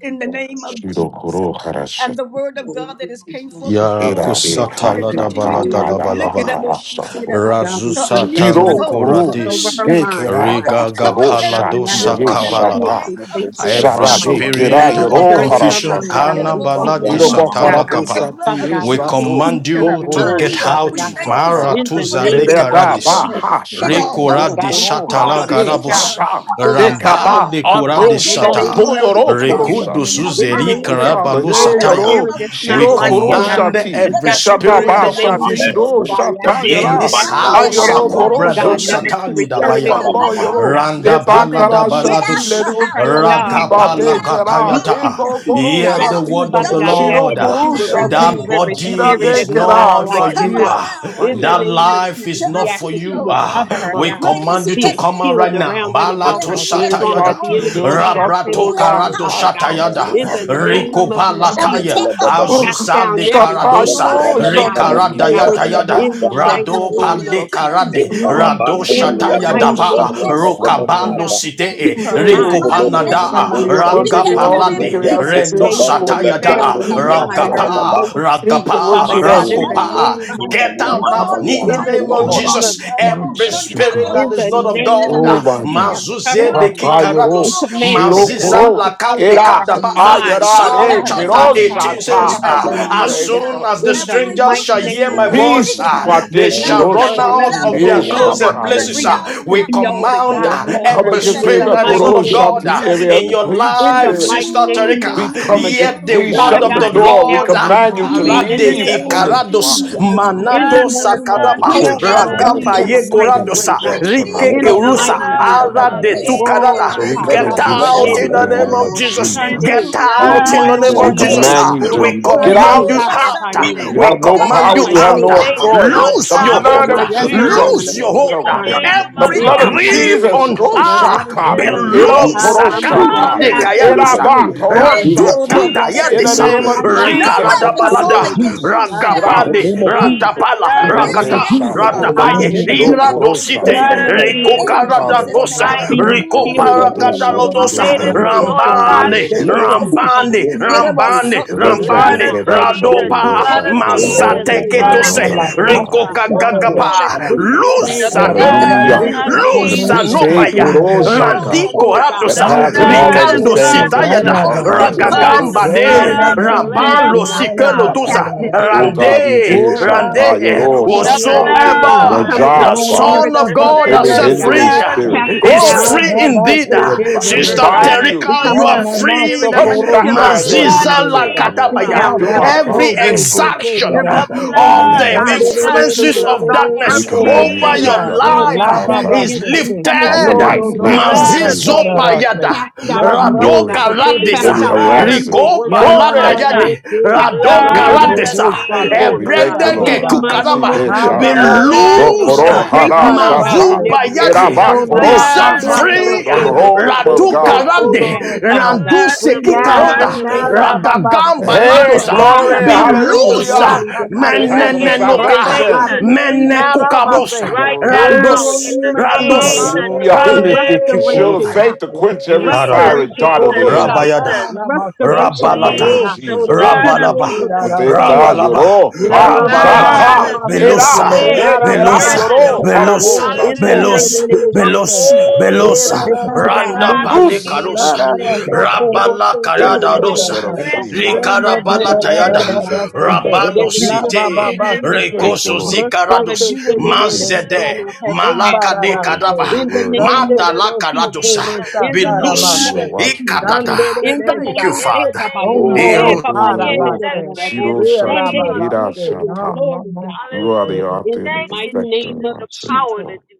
A: in
L: Out of the
A: the name of Jesus
L: atmosphere,
K: shiro koro harasha
A: and the word of God that has
E: Hallelujah,
A: came forth
E: God, we
A: this
E: thank
K: era
A: morning. We
K: e
A: want
E: you
A: you
I: Yarakusata
A: to
I: la
E: in
I: da
K: haja
E: the
A: continue
I: bala
K: ta
A: to
I: da
E: name of
I: da
K: hada
A: look at
E: Jesus.
I: balaba.
A: about
K: bakara
A: sheets
K: shato
A: about
E: God, we
A: to
E: plead the
A: unmute your
E: blood
I: Razusatando
K: shiro
E: of
A: phones.
E: Jesus
K: koro
E: over
I: kuradis.
E: her
A: Hallelujah.
K: de
E: mind,
K: kera
E: God.
A: Father,
K: ba
A: we
I: Rigaga
E: Father God,
A: coverTerica
E: we ask
K: shati
A: now
E: that
I: paladosa
K: ye
A: in
E: you
A: the
E: would
A: mighty
I: kabalaba.
K: shata
E: cancel
A: name of
E: Satan's
I: Every
K: shada
A: Jesus.
K: de
E: assignment
K: kera
I: spirit
A: Lord,
I: of
A: let
K: yero
A: your
E: concerning her
I: confusion,
A: blood,
E: mind,
K: harashata
E: God. We speak
I: anabaladi
A: Hakedamosia,
E: peace,
A: we
I: satala
E: God.
A: plead the
I: kapa.
K: Irobokarabusa
A: blood
E: Father
A: of
E: God,
I: We
E: we
K: tirisa
E: speak
K: to
A: Jesus
E: peace
I: command
E: to her
I: you to
K: dokoro
E: mind,
I: get
A: Hallelujah.
E: Father
A: We
I: out.
K: shafi
E: God.
A: thank you,
I: Mara
K: sata.
E: In
A: Father,
E: the
A: for the
I: tuzale
E: name of
K: Irereda
I: karadis.
K: ba
A: gatekeeper
K: ha
E: Jesus,
A: in
E: God.
A: her
K: shati
I: Rikuradi
A: home,
E: God, we
K: koro
E: speak
A: the
I: shatala
E: peace,
K: harare
I: garabus.
E: God,
A: gatekeeper
K: sata.
E: in
A: on a
E: her
K: Dekaba
E: home,
I: Rambali
A: job,
E: Father
A: the
L: Out
I: kuradi
K: ado
E: God. In
L: of of
E: the
L: of Jesus, out of
I: sata.
K: shato
L: this
E: name of
A: gatekeeper
L: this
E: Jesus
L: in
K: yorokoro
L: in the the the the
A: personally
K: shati.
A: in her
E: in the
I: Rekodosuzeri
K: Oh
E: name
A: mind.
E: of
K: Father,
E: Jesus.
A: In
K: hey,
E: Any
A: the
I: karabalosataya.
A: name
K: Yoro,
E: spirit
A: of
E: that's not
I: We
K: Shiro
E: like
A: Jesus,
E: you,
K: Koro
A: Lord,
L: name
E: God,
I: command
L: name
K: Shati,
E: has
A: let
I: every
E: got
L: Jesus. Jesus.
E: to
A: her
E: go in
I: spirit
K: Shataba
E: the
I: of
E: name of
K: Shati
I: confusion
A: reevaluate
E: Jesus.
K: Ro
E: God, we ask
A: and
E: that you
A: kick
I: in
E: would
K: Shatayara,
I: this
E: cast
A: out
E: it
A: every
I: house,
K: Ayoro
E: down,
K: Koro
A: demonic
L: Balabrando
I: Sakubrado
E: God,
A: spirit.
E: never
K: Shati,
E: to
L: Belianetus
I: Satani
L: Yan
E: return
A: In
I: Dabaya,
A: the
E: again,
K: Destapa
A: name
E: Father
K: Yoro,
A: of
E: God.
L: Palababa
I: Randa
E: In
A: Jesus,
E: the
I: Balada
K: Debakara
E: name of
A: get out
K: Shati,
E: Jesus,
I: Balados,
K: let
A: her
K: it
E: on her
A: house,
K: begin
L: Now,
K: with me,
E: job,
L: in the
E: Father
L: name
A: get
I: ragapala
K: Bate
L: of
E: God,
A: out her
K: Kera,
E: we
L: Jesus,
E: seek
A: mind,
I: gatayata.
K: Ebo
E: peace,
K: Koro
A: get
I: Hear
L: let
E: God.
I: the
A: out
L: the
A: her
I: word
K: Shati,
L: the
I: of
E: Father
L: the
I: the
E: God,
L: bones
E: we ask
A: job.
K: Shiro
I: Lord.
E: that you
K: Koro
L: abandon the
E: will
A: In the
L: the
K: Shati,
I: That
E: remove
A: name
L: most
E: every
A: of
L: abandon
I: body
E: spirit
L: the
A: Jesus,
K: Shirate
E: that
I: is
E: is
L: athlete.
E: not
I: not
K: Kera,
A: we
E: like
I: for
K: my
E: you,
A: cover
I: you.
K: ear,
A: her
E: God.
I: ah.
K: my
E: In
A: now
E: the
I: That
K: ear,
E: name
A: and
E: of
A: we
I: life
A: lift
E: Jesus,
I: is
A: her
E: we
I: not
A: up
E: ask
A: to
I: for
E: that
A: you,
E: you
I: you.
E: would
A: Lord.
E: cover
I: ah.
E: her,
K: my
I: We
E: God.
A: Greater is
I: command
A: he
I: you
E: Be
I: to
E: a
A: that's
I: come
A: in
I: out right
A: her
E: shield
I: now.
E: around and
K: Oh
E: about
A: than
I: Balato
E: her
K: God,
A: he
E: so
A: that's
K: they
A: in
E: strong
A: the
E: that
I: Satayada,
K: shot
E: the
K: these,
A: world.
E: enemy
K: those
E: cannot
K: shot
I: Rabrato
K: through
A: You have
K: my
E: penetrate,
I: Karado
E: Father
A: power
K: heart.
E: God.
A: in
K: Father,
I: Satayada,
E: In
L: Rabu,
A: Jesus'
E: the
K: Father, you
A: name.
K: told
E: name
I: Rico
K: us
E: of
K: to lie.
A: And we
E: Jesus,
I: Balataya,
A: take
K: Oh,
L: Kabadabalababu,
E: cast
A: authority.
E: down
I: pale
A: We
E: everything,
I: karadosa
E: God,
K: Shapiro,
A: bind
E: that's
A: the
E: not of
A: enemy,
E: you,
I: rikarada
K: Shapiro,
E: God.
I: yada yada
E: In
K: Shapiro,
L: Bakurabanabababababababa,
E: the
A: hallelujah, that
E: mighty
A: come
I: rado
A: to
K: Shapiro,
E: name
A: steal,
E: of
I: pale
A: kill,
K: Shapiro.
A: and
I: karade
E: Jesus,
A: destroy.
E: God.
I: rado
E: In the
A: And we
I: shataya
E: mighty
K: Guru
L: Kalabandabalianesto
A: loose your
I: daba
E: name of
L: Berwada
K: Shapiro.
A: peace,
E: Jesus,
A: Father,
I: rokabalo
E: God.
L: Gabaniata,
A: in
I: site
E: Keep
K: Who's
E: her
A: Jesus'
K: able
E: mind
K: to
A: mighty
I: rinkopana
E: healed,
A: name.
I: da
E: God.
K: exceedingly
L: Ukulorubabababosha,
E: In
A: We
E: the
I: raga
K: abundantly
A: cast
E: name
K: all
E: of
A: down
K: that we
A: every
E: Jesus,
K: can
I: palade
L: Belia
E: keep
K: ask
A: negative
E: her
K: to
L: Costa
I: reno
K: think
A: tongue
E: stable
L: Bando
E: and
K: according
I: sataya
K: to
E: sound
I: da
A: that
L: Berriando
E: in her
A: came
L: Beliata
E: mind and
A: against
E: her
K: uh,
I: ragapa
E: emotions.
A: her.
L: Labababa,
K: the faith
A: In
K: that works
E: Father
I: ragapa
K: in
E: God,
A: Jesus'
K: us.
E: in the
A: mighty
L: Manduria
I: rakopa
A: name,
E: name of
I: get
L: Bundalia
I: out
K: We
E: Jesus,
K: have
I: now
A: Lord, we
I: in
E: in
I: the
L: Manabaliata,
K: strength,
A: thank
E: the
I: name
A: you.
L: Lord,
I: of
K: God.
E: name of
I: Jesus
A: Hallelujah.
K: We
A: Rebo
I: every
E: Jesus,
K: worship you,
A: Shanta
I: spirit
K: God.
I: that
E: in
A: Rebo
I: is
E: the
I: not of
A: Sikende
I: God
E: name
K: Oh,
E: of
K: my
L: let
A: Masia.
E: Jesus,
K: God.
E: cover
I: mazuze
E: her
I: de
E: mind.
A: Rakokundo
E: We
K: Rapayoro,
I: kikarados
A: Robo
E: command Satan
A: Sikende
E: to
I: maziza
E: loose
K: Shirokoro,
A: Ba.
E: his
I: laka
E: hold
I: de ka
E: off
A: In
E: of
K: Era,
E: her
A: Jesus' mighty
E: mind,
A: name,
K: Ayara,
L: Let it
A: you
E: off
K: Re,
E: of
I: Psalm
A: got
E: her
A: the
I: chapter
E: thought
L: out,
I: 18
A: victory.
E: process, off
I: says,
E: of
K: Kiroshata.
E: her
I: ah, As
K: Pray
E: emotions,
K: for
I: soon
A: Hallelujah.
K: our
I: as the
E: in
K: Lord.
A: And we
E: the
I: strangers
E: mighty
A: rebuke
I: shall
A: the
I: hear
A: spirit
I: my
E: name
A: of
E: of
I: voice,
K: Peace,
I: ah,
E: Jesus.
A: fear
I: they
A: and we
E: Loose
I: shall run
E: her
A: receive
E: and
I: out
E: let her
I: of
A: love's
E: go
I: their
E: that she may
A: power
I: closet
E: be
A: and a
I: places.
E: free
I: ah.
K: Patekiroshatireshatayagir.
A: sound
E: to
I: We
E: be all
A: mind
E: that
I: command
E: God
I: ah,
K: we
E: calls
K: come
E: her
I: every
E: to
A: in
E: be
A: the
K: against
E: in
K: every
E: the
I: spirit
A: name
I: that is
A: of
E: mighty
I: not of
E: name
I: God
E: of
K: Goroshati,
I: ah,
A: Jesus.
K: every
I: in
E: Jesus.
I: your
K: unclean
E: In
I: life,
E: the
K: spirit.
E: mighty
I: Sister
E: name
I: Tarika.
E: of
K: We
I: ah,
K: come
E: Jesus.
K: against,
I: Hear the
K: we
E: Father
I: word
K: shut
I: of
K: the
A: Mm-hmm.
E: God,
I: the
E: take
K: door. We
E: down
I: Lord.
E: his
I: ah.
K: command you
E: strong
K: to
E: man. In the
I: Karade
K: leave
E: name
K: on
E: of
A: Jesus,
K: this block.
I: Ikarados
E: Jesus.
A: Jesus,
E: In the
I: Manato
A: Jesus.
E: name of
K: The
I: Sakadaba
E: Jesus.
K: church
A: Receive
K: has
E: God,
K: been
A: your
E: move
I: Ragaba
K: built.
E: in a
A: peace.
K: The
E: mighty
K: gates of
E: way,
I: Yekoradosa
E: God.
K: hell shall
A: Receive
I: Rike
K: not
E: In a
A: your
K: prevail
E: mighty
I: kerusa
E: way,
A: power.
K: against it.
E: God.
I: Rade to
A: Receive it in
E: Oh,
A: the
I: Canada.
K: So we
A: name
E: God.
K: come
A: of
I: Get
E: Ha, ba, ba,
L: let
K: against
L: it
I: out
E: ye,
A: Jesus.
L: out,
E: da,
I: in
K: you
L: let
K: in
E: da,
I: the
L: it
E: da,
K: the
L: out
E: da,
I: name
L: in
K: name
L: the
I: of
K: of
E: bo,
L: name of
A: Mm,
I: Jesus.
C: Sin,
L: Jesus.
C: the
E: Sunday.
I: Get
K: Jesus.
L: We
E: E,
I: out in
L: wipe
I: the
C: blood
E: mama,
C: of
I: name
K: And
E: ya,
L: off
K: we
I: of
E: da, da,
I: Jesus.
L: every
E: da,
A: Jesus.
K: command
E: da,
C: Jesus
I: Ah,
K: you
E: bo,
L: spirit of
I: We
K: to
C: Christ
K: get
L: confusion.
C: is
I: command
E: Sunday.
I: you
A: Ooh,
K: out
E: Ha, pa,
I: out.
C: against
E: pa,
C: you,
I: Ah,
L: We
E: ye.
A: Rasakayana.
K: You
C: Satan.
I: We
K: have
L: wipe
K: no
A: Say,
L: off
E: Ah,
A: I
E: pa,
I: command
K: power.
I: you
E: pa,
L: every
K: You have
E: ye,
I: out.
L: stream
K: no
E: da,
A: receive
L: of
I: Ah,
E: da,
A: it,
C: May the
E: da, da,
A: Terica.
E: bo,
K: authority.
L: confusion.
C: Lord
K: The
I: Loose your
C: God
E: Sunday.
L: Father, the
K: blood
A: Sister
I: hold.
E: Ama,
L: book
K: of
I: Ah,
E: ya,
C: refuse
A: Terica,
L: of
A: say,
C: you.
E: na,
A: I
L: this
E: na, na, na,
I: Loose
A: receive
K: Jesus.
E: na,
I: your
L: covenant, the
E: bo,
C: In
I: hold.
K: Come
A: it.
C: the
I: Ah,
K: on.
E: Sunday.
L: kingdom
C: name
L: of
K: The
C: of
L: the
A: I
E: E,
I: Every
K: blood
E: pa,
K: of
L: Lord.
E: pa,
A: receive
C: Jesus,
I: grip
E: ye, da,
A: it
K: Jesus.
A: in
E: da,
I: on
E: da, da, da,
A: Jesus'
E: bo,
I: ah
A: mighty
K: Koroshata.
C: in
I: be
A: name.
C: the
L: Thank
E: Sunday.
L: you,
K: Ero
C: name
I: loose.
E: Ah,
L: Jesus.
C: that's
E: mama, ya.
C: above
K: koroshata.
A: Mhm.
I: Akade
E: Ah,
C: every
E: pa, pa,
C: name.
I: kayadosa.
E: ye,
K: Eraba
E: da, da, da, da, bo, Sunday.
I: Randuka
K: koroshati.
C: Jesus,
A: Yetorobosi.
K: In the
I: tayadesa.
K: name of
C: Jesus,
E: Inamaya,
A: No
C: Jesus,
K: Jesus.
I: Rekalada
A: weapon
C: Jesus.
A: formed
I: balada.
E: apapaye, da, da,
C: Jesus.
A: against
E: da,
A: you
E: da,
K: Get
A: shall
E: bo-
I: Ragapade.
K: out.
A: prosper.
E: Hallelujah.
C: the
I: Ratapala.
C: blood
A: From
C: of
E: Thank
A: this
K: Enrique
I: Ragata.
E: you,
A: day
C: Jesus
E: Jesus.
K: Shato.
A: forth,
C: Christ.
I: Ratapaya
K: Shiro
A: you
I: ira
A: have
E: Hallelujah.
A: the
C: The
E: In
I: dosite
C: blood
E: the
C: of
A: victory
K: koroshata.
E: name of
I: riko
A: in
C: Jesus
E: Jesus,
K: Father.
A: Jesus'
I: karadanosa
A: name.
C: Christ,
E: be a
C: So,
K: we
I: riko
K: pray
D: Amen.
E: shield
A: Mm.
K: that they
E: around and about
I: paragadalodosa
K: shatiro
C: Satan,
E: us
C: the
E: so
C: Lord
K: koroshati
E: strong
K: re
C: God
I: rambane
E: that the
C: rebukes you.
E: enemy
A: Jesus.
E: cannot
I: rambane
E: penetrate,
I: rambane
K: The
E: that he
K: letter of
C: Blood
A: Yidabasakayidabas.
I: rambane
C: of
E: cannot
K: Rikeda
C: Jesus,
E: penetrate,
K: Shatiro
I: radopa
E: God,
C: blood of
E: in her
A: Hallelujah.
C: Jesus,
K: Shatoyoro be
E: home,
C: blood
K: made
C: of
I: mazateketose
E: God,
K: known
A: Victory.
K: unto
C: Jesus
E: on
K: God.
E: her
I: riko
C: Christ.
E: job, God,
I: kagagapa
E: with her
A: Hallelujah.
C: The
E: family,
A: In
E: God.
A: your
I: luzadore
D: Rabba
C: blood
K: Hallelujah.
D: Baba
E: In
C: of
A: home,
E: the
K: And the
D: Socorro
E: name of
C: Jesus
K: peace they
A: victory
C: Christ.
I: luzanopaya
D: Shekele
E: Jesus,
K: Kodo
D: Bereta,
A: on
K: Shaka
A: your
E: Oh God,
K: that
C: The
A: job,
I: randikoradosa
E: bind up
K: passes
D: Sankoro
K: all
C: blood, the
E: everything
I: rikando
E: that's
K: understanding
C: blood,
D: seke
E: not
A: victory
K: shall
C: the
E: like
K: keep
E: you.
D: dada
I: sitayada
C: blood.
K: our
A: over
E: We
C: The
A: your
D: bako.
K: hearts and
E: come
K: our
C: blood,
E: against
K: minds
E: the
C: the
I: ragagamba
K: in
A: thoughts.
K: Christ
D: Rola
C: blood
I: ne
E: spirit of
C: of the
D: mama
K: Jesus.
D: ye
C: Lamb
E: confusion,
I: rabalo
D: ke
C: of
E: God.
D: dala
C: God.
D: bako
E: Cast
I: sikelotusa
E: it
D: rabako.
K: Oh
E: down,
K: God,
E: God,
K: we
C: Jesus
I: Rande,
K: did
E: into
C: Christ.
D: Ola
E: the pit
K: Shata, your
I: Rande,
E: never
K: all
D: mama
E: to
C: The
E: return
K: Shata,
E: again.
K: on
D: ye.
E: We
K: our
I: whosoever
E: come
C: blood,
I: the
E: against
K: job,
E: the
D: Dora
K: Father.
I: Son
E: spirit of
I: of
C: the
I: God has
K: Every
D: sakatala
C: sinless
I: set
E: deception, God.
K: hindering
I: free
C: blood of
I: uh,
D: rabako.
K: spirit.
E: Cast it
C: Jesus
I: is
E: down
K: Glory!
D: La
I: free
C: Christ.
E: into the
D: baba
E: pit
I: indeed.
K: We,
D: se
I: Uh,
E: never
D: ke
E: to
K: rebi-
C: The
K: we
I: Sister
E: return
D: dorose.
E: again.
C: blood
K: bind
C: of
I: Terika,
E: We
K: you.
D: Ya
E: come
I: you are
C: Jesus.
E: against the
D: nana
E: spirit of
I: free.
K: Touch
D: sokoro
K: not
D: se
C: The
K: my
D: ke
E: manipulation, God.
C: blood
K: anointing,
C: of
I: Maziza
K: said the
D: dorose.
E: Cast
C: Jesus
E: it
K: Lord,
C: Christ.
D: La
I: Lakatabaya,
K: and
E: down,
K: do
D: ba
K: my
E: never to
D: ro
I: every
K: prophet
E: return
D: ro
K: no
D: se
E: again.
K: harm
D: ke
I: exaction uh,
E: Every
C: The
D: dorose.
E: evil
K: in the
I: of
C: blood,
K: name
I: the
K: of
D: Dum
C: the
D: de
E: desire,
D: de
E: every
C: blood,
D: de de
C: the
K: Jesus.
I: influences
D: de
E: evil
D: de
C: blood
I: of
D: de
E: thought,
K: So
C: of
K: we
E: every
I: darkness
D: sokoro
E: evil
K: command you to
I: over
E: thing
K: take
I: your
D: saka.
C: Jesus.
K: your
E: Oh
K: hands
I: life
D: La
E: God,
I: uh,
K: off
E: done
K: her,
D: baba
I: is
E: against her. We
I: lifted.
D: se
E: come
K: off her
E: against it in
K: life
D: Lodo
E: the
K: now
E: name
D: dosa
K: in
E: of
C: Blood of
K: Jesus'
I: Mazizo
E: Jesus.
K: name.
C: Jesus.
I: Payada,
D: kakararase.
E: Cast out evil,
D: Navrashe
K: Glory.
E: God.
I: Radoka
C: plead
D: kitere
E: Cast
C: the
K: Every
E: out all
C: blood
D: deseke.
C: of
I: Ladisa,
E: evil
K: harassing.
I: Ko
C: Jesus.
E: workers,
D: Yana
I: landa
K: Glory.
D: na
E: Father
C: Sasha,
E: God.
I: yadi.
C: the
D: yoku.
E: Cast out
I: Radon
E: all
C: blood
K: Hallelujah.
D: Yodo
C: of
I: karadesa.
E: wickedness,
D: doso
E: Father
K: And
C: Jesus,
K: we
E: God.
K: thank
C: God.
D: korosha
K: you,
I: Ebrende
E: In
I: ke
K: Lord,
E: the
D: babaha.
K: that
E: mighty
K: she
I: kukaraba.
K: did
E: name of
I: Be
C: The
D: Hababa
K: shato.
E: Jesus.
C: blood,
K: Do
D: yoku
C: the
D: do
I: loose.
K: koro
C: blood.
D: doso
K: hara
E: Strengthen her,
C: Mm.
E: God, in
K: shata.
D: karabase.
I: Mazuba
E: every area
I: yadi.
E: of
C: The
K: Eraba
D: Kito no
E: weakness.
I: Be
K: koro
D: na
I: set
C: blood of
E: Build
K: shata.
E: her
D: matse
I: free.
E: up
K: Put on
E: in
K: the
E: every
D: kis.
C: Jesus,
K: whole
E: place
K: armor
C: God.
E: that
K: of
I: Ratu
E: she's
D: Toto
E: been
K: God
E: falling
I: karade.
D: todo
E: down,
C: The
E: Father
D: dosa.
I: Randu
E: God.
C: blood,
D: Free
C: the
K: to
I: seki
E: In
K: be
E: the
D: now,
K: able to
C: blood,
E: mighty
I: karoda.
D: free
C: the
D: now,
E: name
K: stand.
E: of
C: blood
E: Jesus,
I: Ragagamba
D: rababase.
E: give
C: of
E: her
K: Hey,
E: the
I: latosa.
E: power
K: glory.
C: Jesus
E: to
I: Be
D: Rasaka
C: Christ
E: resist
D: free,
E: the
I: loose.
K: Hallelujah.
E: enemy that he
D: rasaka
E: may
K: The
C: is
D: free,
K: helmet
E: flee,
K: of
C: against
E: God.
C: you,
I: Menenenoka.
E: In
K: salvation.
D: rasaka
E: the
C: Satan,
D: be free
E: name
D: now,
E: of
D: rabase.
I: Menekukabosa.
E: Jesus.
C: right
D: Yo
K: Glory.
E: In the
C: now in
I: Randos.
E: name
C: the
E: of
C: name
E: Jesus.
I: Randos.
D: mama, ye,
C: that's
K: Hallelujah.
C: above
I: Hande teki
K: The
C: every
K: shield
C: name.
K: of
E: Restoration,
I: kurutaya.
K: faith
E: God.
K: to quench every
I: Ah, Rabbi.
C: Jesus,
K: fiery
E: Restoration
K: dart of
E: for
C: Jesus,
K: the
E: her, God.
K: enemy.
I: Rabayada,
D: mama
C: Jesus.
D: mama
C: We
K: In
E: Restoration
K: the
E: for her,
K: name
I: Rabalata,
K: of
D: Yo
C: plead
E: God.
C: the
E: That
K: Jesus.
D: tororo
E: she'll
C: blood
E: be
D: se
C: of
I: Rabalaba,
C: Jesus.
E: able
D: tira
E: to
K: Poteta
E: stand,
D: rabasa.
I: Rabalaba,
E: God.
K: lloró.
E: That
C: The
D: Yeah,
E: she
K: Ha,
E: will
D: la
E: be
D: mama,
I: Rabalaba,
E: able
C: blood
E: to
K: shata,
C: of
D: mama,
C: Jesus.
E: stand,
D: thank you,
K: era,
I: Belusa,
E: Father,
D: Lord.
E: in
C: Hey,
E: the
K: de quera
E: name of
I: Belusa,
C: strengthen,
D: Arababase.
C: oh
K: lloró.
E: Jesus.
C: God.
I: Belus,
K: Harabo,
D: Oh,
E: In the
D: Rosa,
K: shapo.
C: Hallelujah.
E: mighty
I: Belus,
D: baby, it's
E: name of
D: okay.
I: Belus,
E: Jesus,
C: Uphold,
E: God.
K: Thank
D: Yeah,
K: you,
C: up,
I: Belusa,
D: da, da,
K: Lord.
E: Father
C: oh
E: God,
D: da, da,
I: Randa
C: God,
D: da.
E: move
C: in
E: in a
K: Loose
E: mighty
D: La,
I: Balekarusa,
C: Jesus'
E: way
D: da, da,
E: in
C: name.
E: our
D: so,
E: life, God.
I: Rabala
D: Korosa,
E: In a
D: baby,
I: Makayada
D: da,
K: and
D: da,
I: dosa.
E: mighty
K: set her
D: da.
E: way, Father
K: free
C: Strengthen,
D: Da,
E: God,
D: da,
K: now.
E: you
D: ka da,
E: see
C: strengthen,
I: Likarabala
E: all,
D: da, da,
K: In
E: you
D: da,
I: tayada.
C: strengthen
D: da,
E: know
C: in
D: da,
E: all,
K: Jesus'
C: the
E: God.
K: name.
D: okay.
E: There
I: Rabando
C: name
E: is
C: that's
D: La,
E: nothing
D: baba ba,
C: above
I: site.
E: hidden
D: ba,
E: in
D: ba,
C: every
E: your
D: okay.
E: sight,
C: name.
K: Thank you,
I: Rekoso
E: God.
K: Lord,
D: Rosa,
E: Father,
I: zikarados.
D: ke
E: do
D: te
E: what
K: for
D: de
K: your
E: needs
D: de
E: to
D: da,
K: peace
E: be
D: da.
K: now.
E: done
I: Mazede.
E: on her
C: Hallelujah.
E: behalf,
I: Malaka de
E: God.
K: Thank you
I: kadaba.
K: for
C: Jesus,
K: the
D: Sombararate.
E: In the
K: word,
E: name
K: Father.
E: of
I: Mata
D: Randere
I: la
E: Jesus.
I: karadosa.
C: Jesus,
D: socorrosa
E: In
I: Be
E: the
C: the
E: name
I: loose.
C: blood
E: of
K: Hallelujah.
C: of
D: tarabase.
C: Jesus.
K: Watchmen and
E: Jesus.
I: Ikadada.
C: Loose
K: gate.
E: In the
D: Randere
I: Thank you,
E: name,
C: in
E: eh,
C: the
I: Father.
E: Baba
C: name of
E: Yeda,
K: Oh,
E: eh,
D: Omboro
I: Ero
C: Jesus.
K: Kathleen
E: Baba Yeda,
K: Yoro.
E: da, da,
C: Set
E: da,
D: carabase.
E: da,
C: free
E: boy.
C: in
K: Shiro
C: the name
K: Shati,
E: Sunday,
C: of
E: do
K: Ira
E: it
C: Jesus.
E: for
D: Elababase.
E: your
D: No,
K: Shata.
E: glory, God.
K: You are the
D: socorro.
C: Hallelujah.
E: In
K: author
E: the
K: and the
C: Thank you,
E: mighty
K: perfecter
E: name
K: of
C: Jesus,
E: of
K: our
C: the
K: faith,
C: power
E: Jesus.
C: that
K: Lord.
C: you.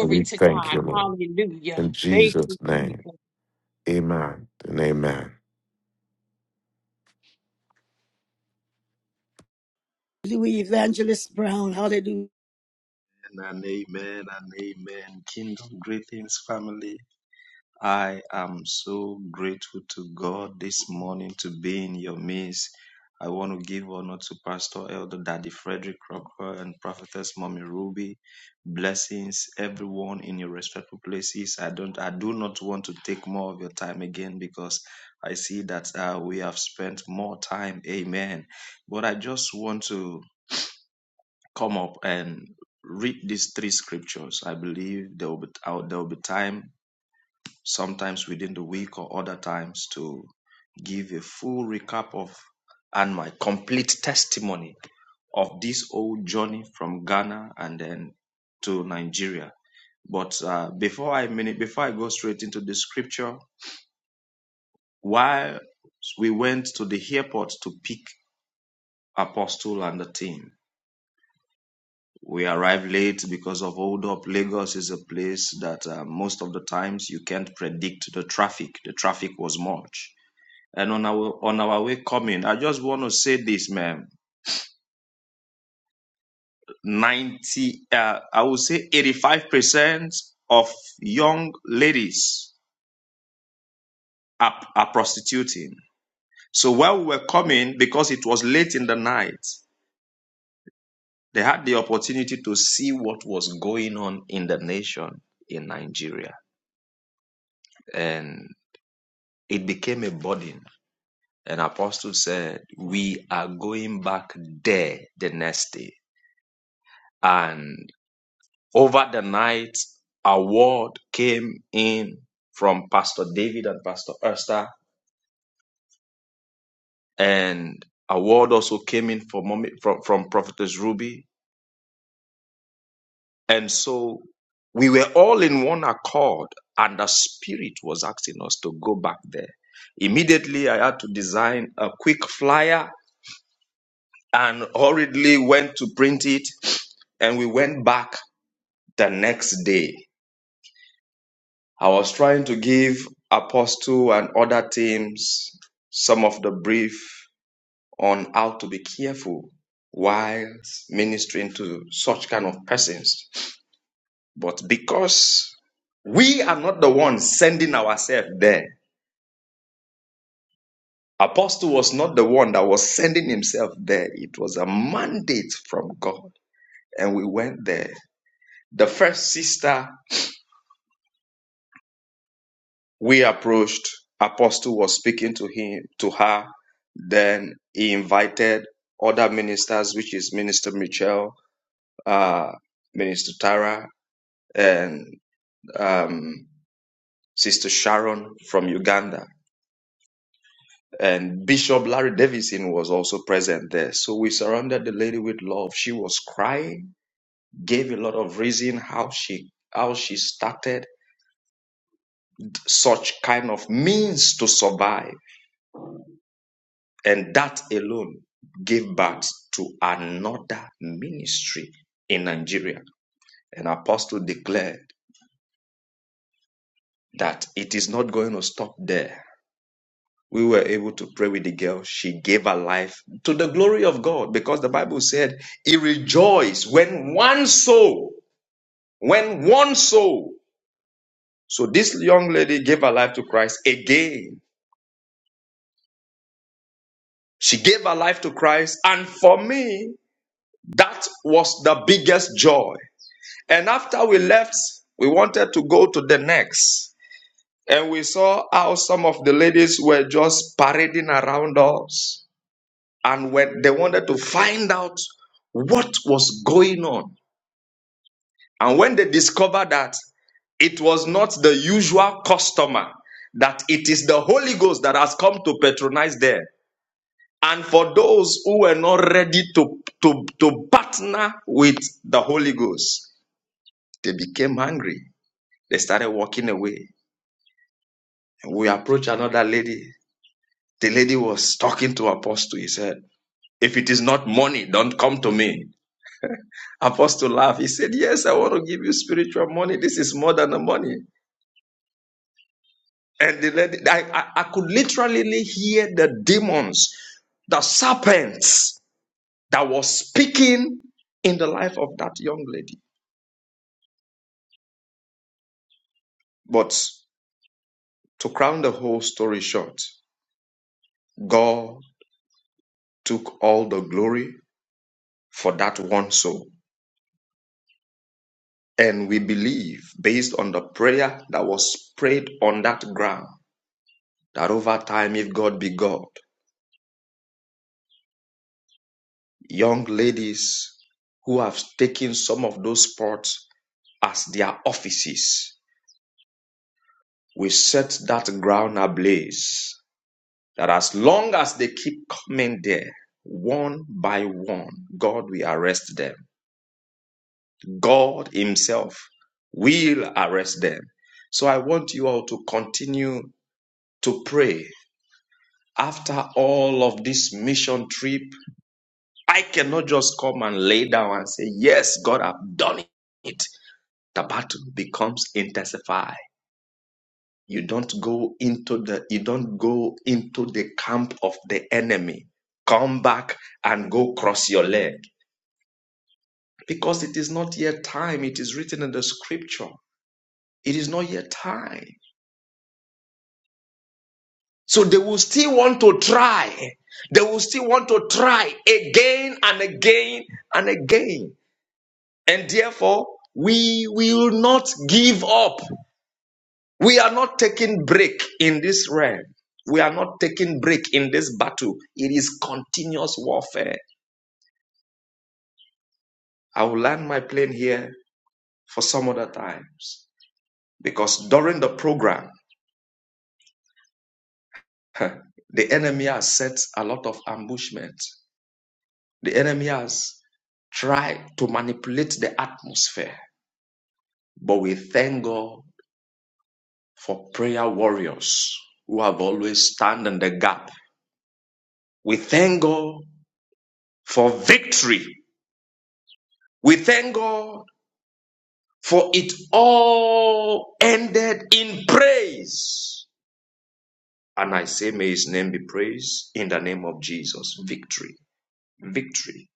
K: And we
E: to
K: thank
E: God.
K: you, Lord.
E: Hallelujah.
K: In
E: Thank you,
K: Jesus' name.
E: Jesus.
K: Amen and amen.
A: Louis Evangelist Brown, hallelujah.
L: And amen and amen. Kingdom greetings, family. I am so grateful to God this morning to be in your midst. I want to give honor to Pastor Elder Daddy Frederick Crocker and Prophetess Mommy Ruby. Blessings, everyone in your respectful places. I don't, I do not want to take more of your time again because I see that uh, we have spent more time. Amen. But I just want to come up and read these three scriptures. I believe there will be, uh, there will be time sometimes within the week or other times to give a full recap of and my complete testimony of this whole journey from Ghana and then to Nigeria. But uh, before I mini- before I go straight into the scripture, while we went to the airport to pick Apostle and the team, we arrived late because of hold up. Lagos is a place that uh, most of the times you can't predict the traffic. The traffic was much and on our on our way coming i just want to say this man 90 uh, i would say 85% of young ladies are, are prostituting so while we were coming because it was late in the night they had the opportunity to see what was going on in the nation in nigeria and it became a burden and apostle said we are going back there the next day And Over the night, a word came in from Pastor David and Pastor Esther, and a word also came in from, Mommy- from, from Prophetess Ruby. And so we were all in one accord, and the Spirit was asking us to go back there. Immediately, I had to design a quick flyer and hurriedly went to print it, and we went back the next day. I was trying to give Apostle and other teams some of the brief on how to be careful while ministering to such kind of persons. But because we are not the ones sending ourselves there, Apostle was not the one that was sending himself there. It was a mandate from God. And we went there. The first sister we approached apostle was speaking to him to her then he invited other ministers which is minister michelle uh, minister tara and um, sister sharon from uganda and bishop larry davison was also present there so we surrounded the lady with love she was crying gave a lot of reason how she how she started such kind of means to survive And that alone gave birth to another ministry in Nigeria. And Apostle declared that it is not going to stop there. We were able to pray with the girl. She gave her life to the glory of God because the Bible said he rejoiced when one soul, when one soul. So this young lady gave her life to Christ again. She gave her life to Christ. And for me, that was the biggest joy And after we left, we wanted to go to the next. And we saw how some of the ladies were just parading around us. And when they wanted to find out what was going on. And when they discovered that it was not the usual customer, that it is the Holy Ghost that has come to patronize there, And for those who were not ready to, to, to partner with the Holy Ghost, they became hungry. They started walking away. we approached another lady. The lady was talking to Apostle. He said, If it is not money, don't come to me. Apostle laughed. He said, Yes, I want to give you spiritual money. This is more than the money. And the lady, I, I, I could literally hear the demons, the serpents that was speaking in the life of that young lady. But to crown the whole story short, God took all the glory for that one soul. And we believe, based on the prayer that was prayed on that ground, that over time, if God be God, young ladies who have taken some of those spots as their offices we set that ground ablaze. That as long as they keep coming there, one by one, God will arrest them. God Himself will arrest them. So I want you all to continue to pray after all of this mission trip, I cannot just come and lay down and say, Yes, God, I've done it. The battle becomes intensified. You don't go into the you don't go into the camp of the enemy. Come back and go cross your leg. Because it is not yet time. It is written in the scripture. It is not yet time. So they will still want to try. They will still want to try again and again and again. And therefore, we will not give up. We are not taking break in this realm. We are not taking break in this battle. It is continuous warfare. I will land my plane here for some other times because during the program, the enemy has set a lot of ambushment. The enemy has tried to manipulate the atmosphere. But we thank God for prayer warriors who have always stand in the gap We thank God for victory. We thank God for it all ended in praise. And I say, may his name be praised in the name of Jesus. Victory, victory.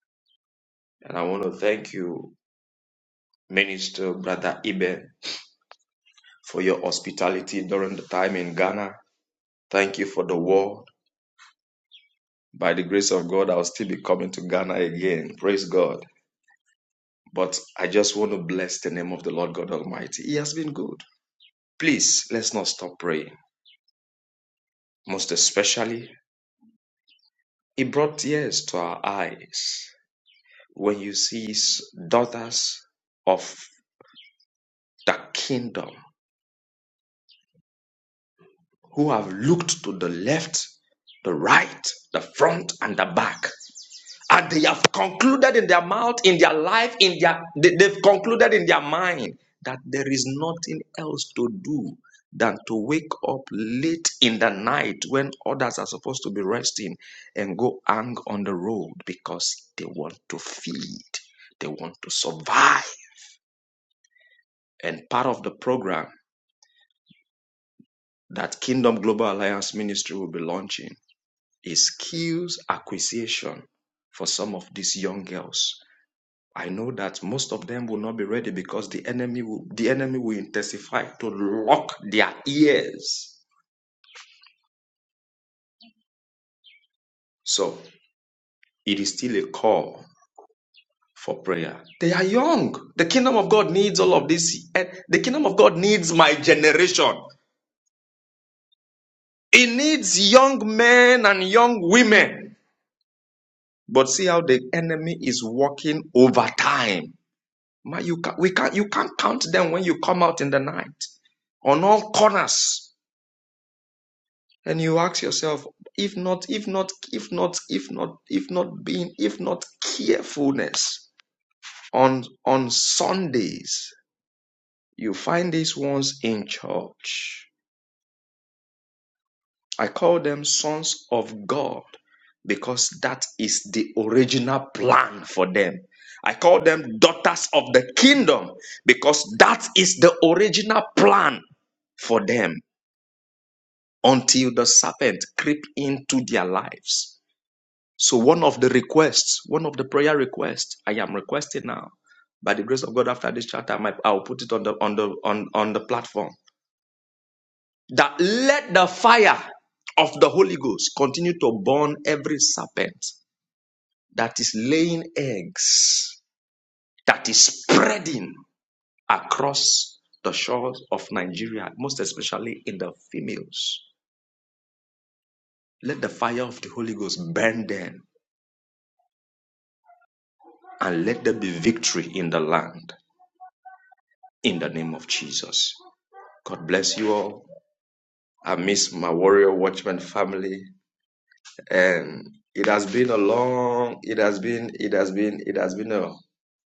L: And I want to thank you, Minister Brother Ibe, for your hospitality during the time in Ghana. Thank you for the word. By the grace of God, I'll still be coming to Ghana again. Praise God. But I just want to bless the name of the Lord God Almighty. He has been good. Please let's not stop praying. Most especially, it brought tears to our eyes when you see s- daughters of the kingdom who have looked to the left, the right, the front, and the back and they have concluded in their mouth, in their life, in their they- they've concluded in their mind that there is nothing else to do than to wake up late in the night when others are supposed to be resting and go hang on the road because they want to feed, they want to survive. And part of the program that Kingdom Global Alliance Ministry will be launching is skills acquisition for some of these young girls I know that most of them will not be ready because the enemy will, the enemy will intensify to lock their ears. So it is still a call for prayer. They are young. The kingdom of God needs all of this. The kingdom of God needs my generation. It needs young men and young women. But see how the enemy is working over time. Man, you can't, we can't, you can't count them when you come out in the night on all corners. And you ask yourself, if not, if not, if not, if not, if not being, if not carefulness on on Sundays, you find these ones in church. I call them sons of God because that is the original plan for them. I call them daughters of the kingdom because that is the original plan for them until the serpent creep into their lives So, one of the requests, one of the prayer requests I am requesting now, by the grace of God, after this chat, I might, I'll put it on the on the on, on the platform. That let the fire of the Holy Ghost continue to burn every serpent that is laying eggs, that is spreading across the shores of Nigeria, most especially in the females. Let the fire of the Holy Ghost burn them and let there be victory in the land in the name of Jesus. God bless you all. I miss my warrior watchman family, and it has been a long, it has been, it has been, it has been a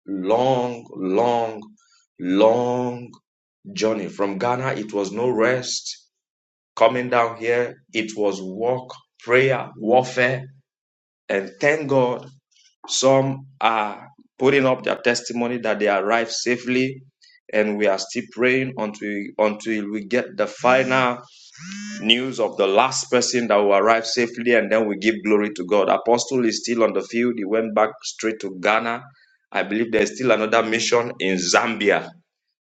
L: long, long, long journey. From Ghana, it was no rest. Coming down here, it was walk, prayer, warfare, and thank God some are putting up their testimony that they arrived safely, and we are still praying until until we get the final news of the last person that will arrive safely, and then we give glory to God. Apostle is still on the field. He went back straight to Ghana. I believe there's still another mission in Zambia.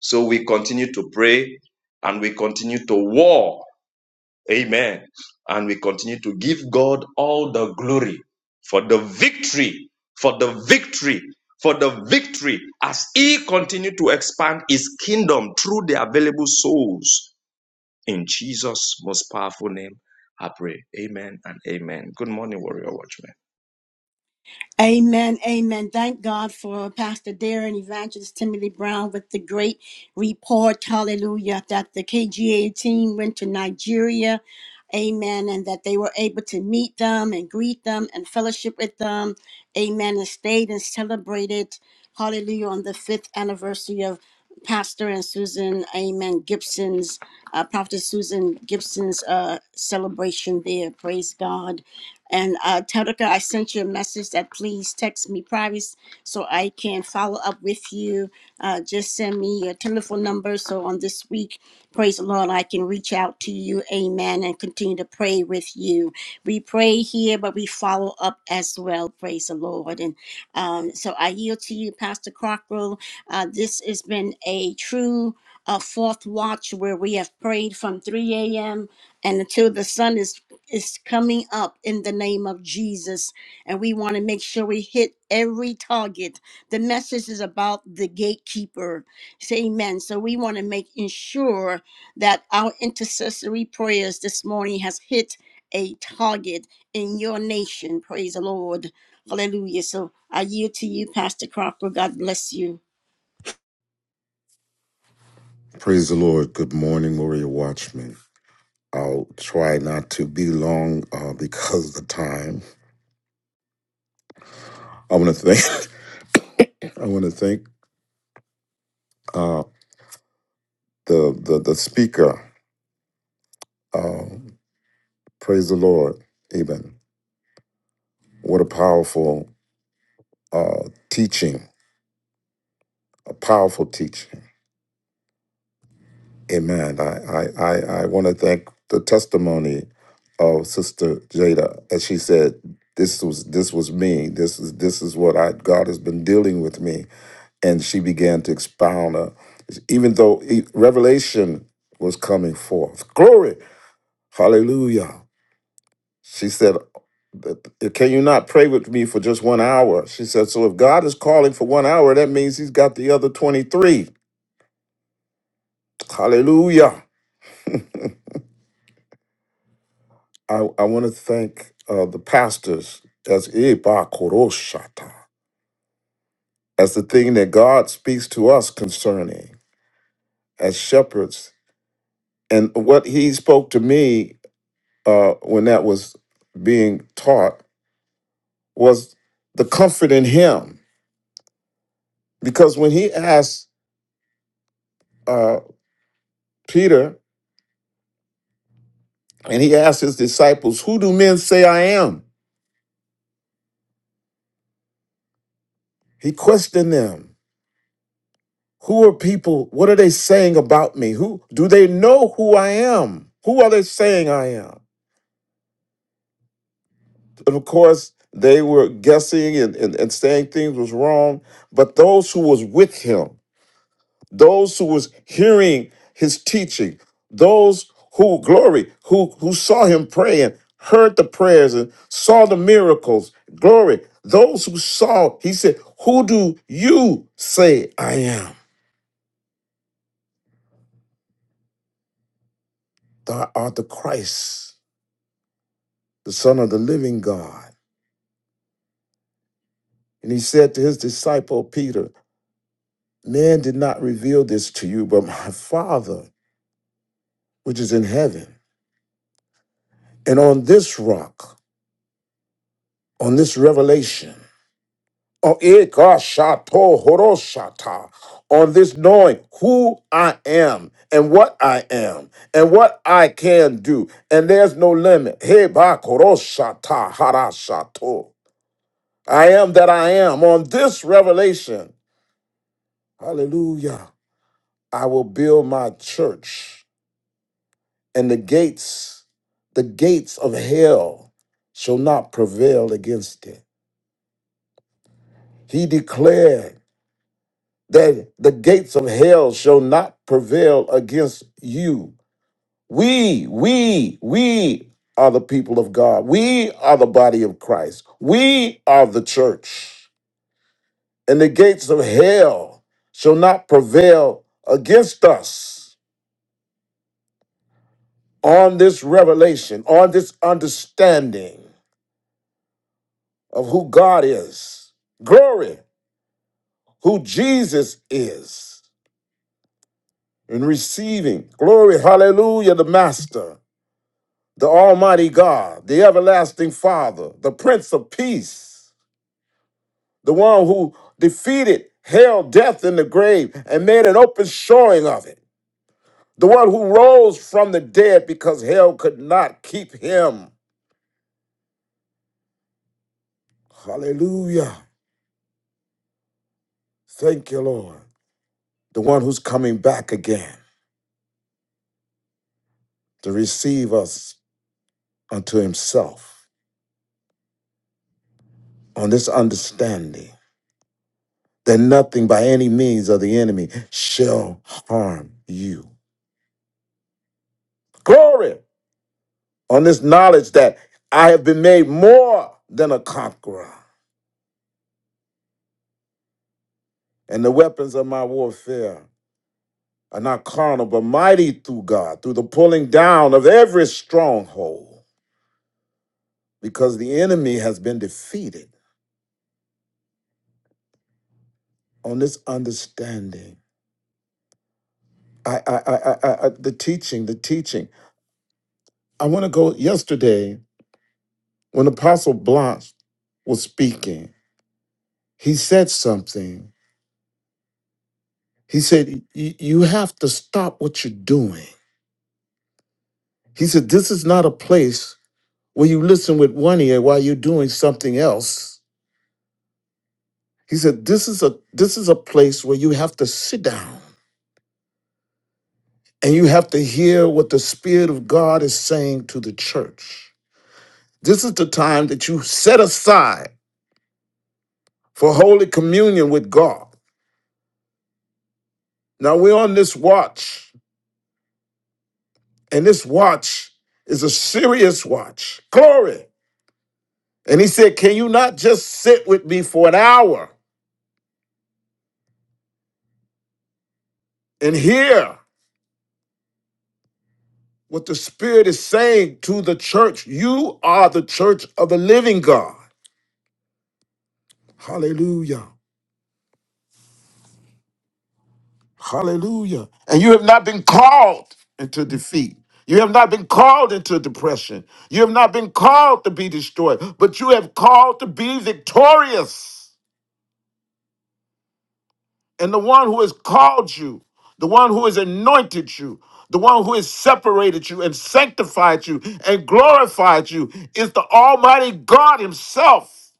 L: So we continue to pray and we continue to war. Amen. And we continue to give God all the glory for the victory, for the victory, for the victory as He continued to expand His kingdom through the available souls in Jesus' most powerful name, I pray. Amen and amen. Good morning, Warrior Watchmen.
A: Amen, amen. Thank God for Pastor Dare and Evangelist Timothy Brown with the great report. Hallelujah. That the KGA team went to Nigeria Amen. And that they were able to meet them and greet them and fellowship with them. Amen. And stayed and celebrated. Hallelujah. On the fifth anniversary of Pastor and Susan, Amen. Gibson's, uh, Prophet Susan Gibson's uh, celebration there. Praise God. And uh, Terica, I sent you a message that please text me private so I can follow up with you. Uh, just send me your telephone number. So on this week, Praise the Lord, I can reach out to you, amen, and continue to pray with you. We pray here, but we follow up as well, praise the Lord. And um, so I yield to you, Pastor Crocker. Uh, this has been a true uh, fourth watch where we have prayed from 3 a.m. and until the sun is is coming up in the name of Jesus. And we want to make sure we hit every target. The message is about the gatekeeper. Say amen. So we want to make ensure that our intercessory prayers this morning has hit a target in your nation. Praise the Lord. Hallelujah. So I yield to you, Pastor Cropper. God bless you.
K: Praise the Lord. Good morning, Warrior Watchmen. I'll try not to be long uh, because of the time. I want to thank. I want to thank uh, the, the the speaker. Uh, praise the Lord. Amen. What a powerful uh, teaching. A powerful teaching. Amen. I I I, I want to thank the testimony of Sister Jada as she said, "This was this was me. This is this is what I God has been dealing with me." and she began to expound her, even though e- revelation was coming forth. Glory, hallelujah. She said, Can you not pray with me for just one hour? She said, So if God is calling for one hour, that means he's got the other 23. Hallelujah. I, I want to thank uh, the pastors as Eba Koroshata, as the thing that God speaks to us concerning as shepherds. And what he spoke to me uh, when that was being taught was the comfort in him. Because when he asked uh, Peter and he asked his disciples, Who do men say I am? He questioned them. Who are people? What are they saying about me? Who do they know who I am? Who are they saying I am? And of course, they were guessing and, and, and saying things was wrong, but those who was with him those who was hearing his teaching, those who glory, who who saw him praying, heard the prayers and saw the miracles, glory. Those who saw, he said, "Who do you say I am? Thou art the Christ, the Son of the Living God." And he said to his disciple Peter, "Man did not reveal this to you, but my Father, which is in heaven. And on this rock, on this revelation." Oh, ekashato horoshata. On this knowing who I am and what I am and what I can do. And there's no limit. Heba Hebakoroshata harashato. I am that I am. On this revelation, hallelujah, I will build my church and the gates, the gates of hell shall not prevail against it. He declared. that the gates of hell shall not prevail against you. We, we, we are the people of God. We are the body of Christ. We are the church. And the gates of hell shall not prevail against us on this revelation, on this understanding of who God is. Glory, who Jesus is, in receiving glory, hallelujah, the Master. the Almighty God, the Everlasting Father, the Prince of Peace, the one who defeated hell, death, and the grave and made an open showing of it, the one who rose from the dead because hell could not keep him. Hallelujah. Thank you, Lord. The one who's coming back again to receive us unto himself on this understanding that nothing by any means of the enemy shall harm you. Glory! on this knowledge that I have been made more than a conqueror. And the weapons of my warfare are not carnal, but mighty through God, through the pulling down of every stronghold, because the enemy has been defeated on this understanding. I, I, I, I, I the teaching, the teaching. I want to go yesterday when Apostle Blanche was speaking. He said something. He said, "Y- You have to stop what you're doing. He said, This is not a place When you listen with one ear doing something else, he said, This is a this is a place where you have to sit down and you have to hear what the Spirit of God is saying to the church. This is the time that you set aside for holy communion with God. Now we're on this watch, and this watch is a serious watch. Glory. And he said, Can you not just sit with me for an hour and hear? What the Spirit is saying to the church, you are the church of the living God. Hallelujah. Hallelujah. And you have not been called into defeat. You have not been called into depression. You have not been called to be destroyed, but you have called to be victorious. And the one who has called you, the one who has anointed you, the one who has separated you and sanctified you and glorified you is the Almighty God Himself.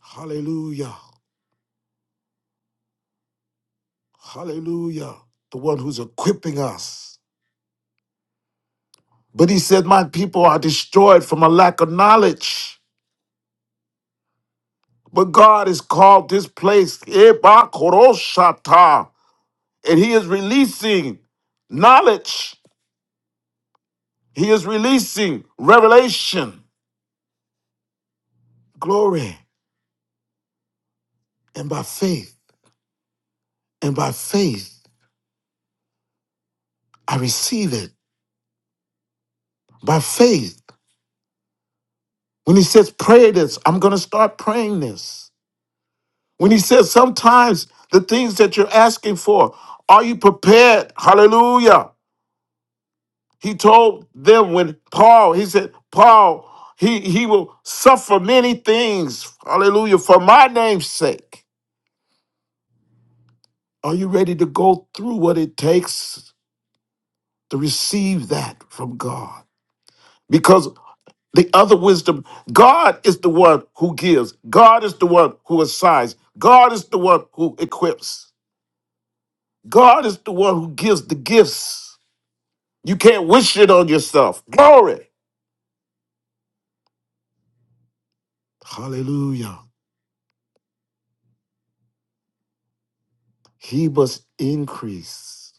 K: Hallelujah. Hallelujah. The one who's equipping us. But he said, My people are destroyed from a lack of knowledge. But God has called this place Eba Koroshata, and he is releasing knowledge. He is releasing revelation, glory, and by faith. And by faith, I receive it. By faith. When he says, Pray this, I'm going to start praying this. When he says sometimes the things that you're asking for, are you prepared? Hallelujah. He told them when Paul, he said, Paul, he, he will suffer many things, hallelujah, for my name's sake. Are you ready to go through what it takes to receive that from God? Because the other wisdom, God is the one who gives, God is the one who assigns, God is the one who equips, God is the one who gives the gifts. You can't wish it on yourself. Glory. Hallelujah. He must increase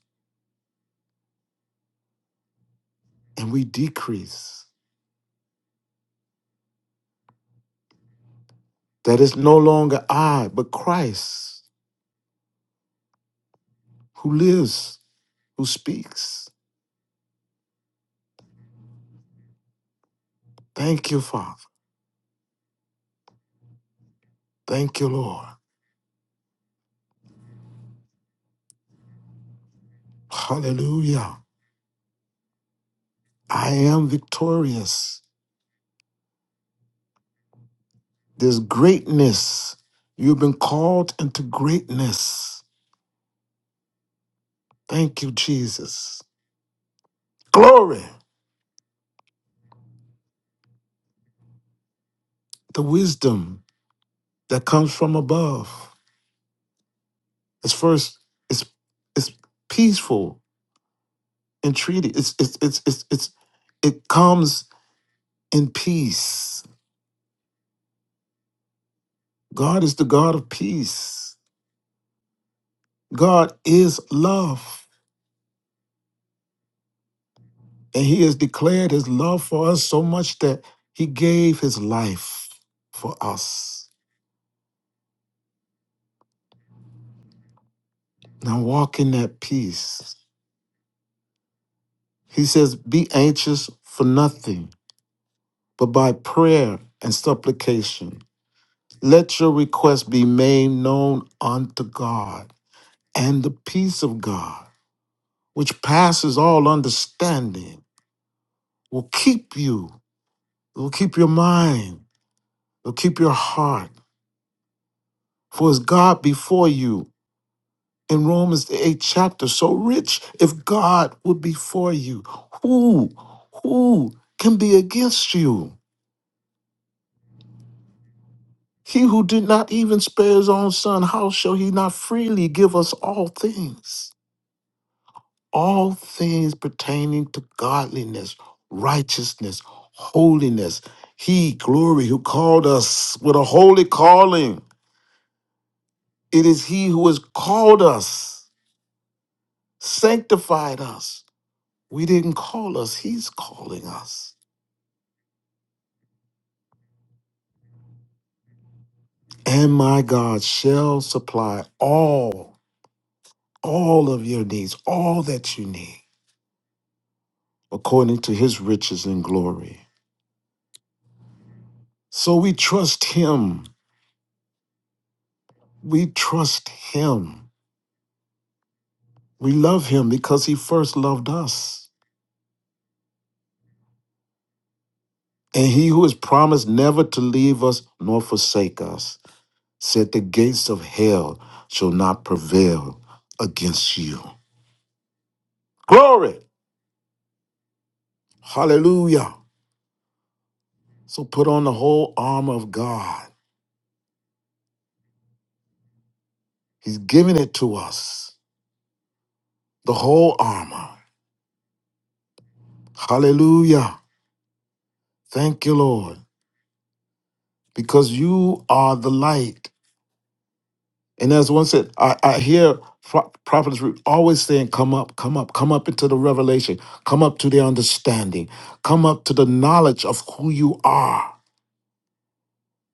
K: and we decrease. That is no longer I, but Christ who lives, who speaks. Thank you, Father. Thank you, Lord. Hallelujah. I am victorious. There's greatness. You've been called into greatness. Thank you, Jesus. Glory. The wisdom that comes from above. It's first, it's it's peaceful and treated. It's it's it's it's it's it comes in peace. God is the God of peace. God is love. And he has declared his love for us so much that he gave his life for us. Now walk in that peace. He says, Be anxious for nothing, but by prayer and supplication. Let your request be made known unto God And the peace of God, which passes all understanding, will keep you, it will keep your mind, it will keep your heart. For is God before you? In Romans the eighth chapter, so rich, if God would be for you, who, who can be against you? He who did not even spare his own son, how shall he not freely give us all things? all things pertaining to godliness, righteousness, holiness. He, glory, who called us with a holy calling. It is He who has called us, sanctified us. We didn't call us, He's calling us. And my God shall supply all, all of your needs, all that you need, according to His riches and glory. So we trust Him. We trust Him. We love him because he first loved us. And he who has promised never to leave us nor forsake us said, The gates of hell shall not prevail against you. Glory! Hallelujah. So put on the whole armor of God. He's giving it to us, the whole armor. Hallelujah. Thank you, Lord, because you are the light. And as one said, I, I hear pro- prophets re- always saying, Come up, come up, come up into the revelation, come up to the understanding, come up to the knowledge of who you are.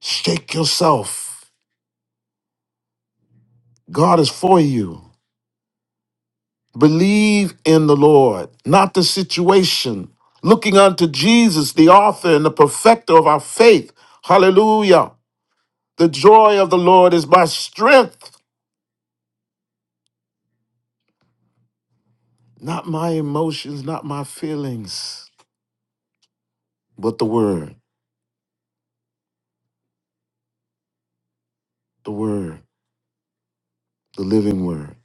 K: Shake yourself. God is for you. Believe in the Lord, not the situation. Looking unto Jesus, the author and the perfecter of our faith. Hallelujah. The joy of the Lord is my strength, not my emotions, not my feelings, but the word, the word. the living word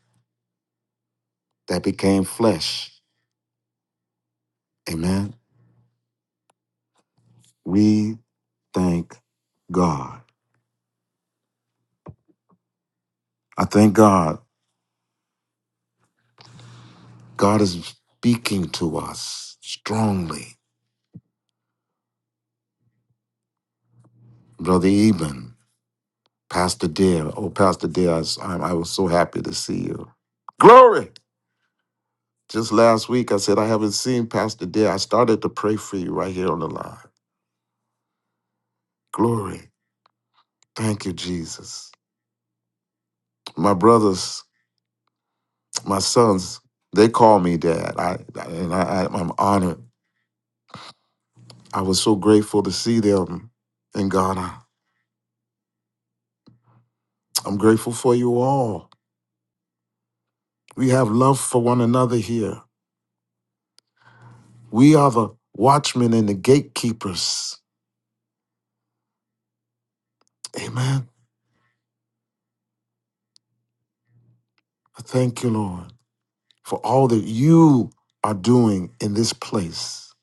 K: that became flesh. Amen. We thank God. I thank God. God is speaking to us strongly. Brother Eben, Pastor Dare. Oh, Pastor Dare, I, s- I- I was so happy to see you. Glory. Just last week, I said, I haven't seen Pastor Dare. I started to pray for you right here on the line. Glory. Thank you, Jesus. My brothers, my sons, they call me dad. I, and I, I, I'm honored I was so grateful to see them in Ghana. I'm grateful for you all. We have love for one another here. We are the watchmen and the gatekeepers. Amen. I thank you, Lord, for all that you are doing in this place.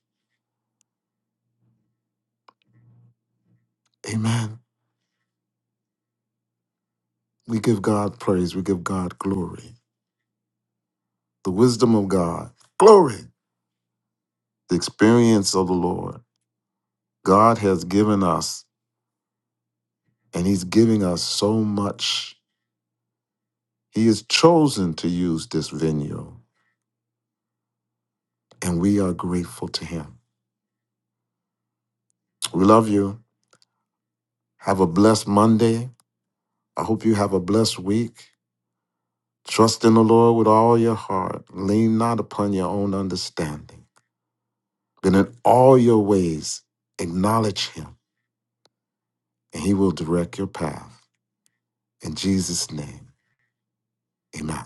K: Amen. We give God praise. We give God glory. The wisdom of God. Glory. The experience of the Lord. God has given us, and He's giving us so much. He has chosen to use this venue. and we are grateful to Him. We love you. Have a blessed Monday. I hope you have a blessed week. Trust in the Lord with all your heart. Lean not upon your own understanding, but in all your ways acknowledge Him, and He will direct your path. In Jesus' name, amen.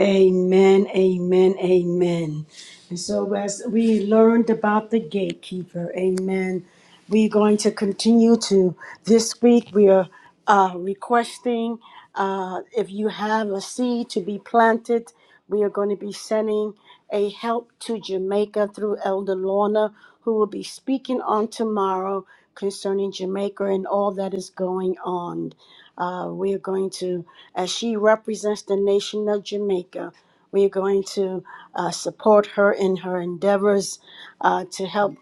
A: Amen, amen, amen. And so, as we learned about the gatekeeper, amen, we're going to continue to this week. We are uh, requesting uh, if you have a seed to be planted, we are going to be sending a help to Jamaica through Elder Lorna, who will be speaking on tomorrow concerning Jamaica and all that is going on. Uh, we are going to as she represents the nation of Jamaica. We are going to uh, support her in her endeavors uh, to help,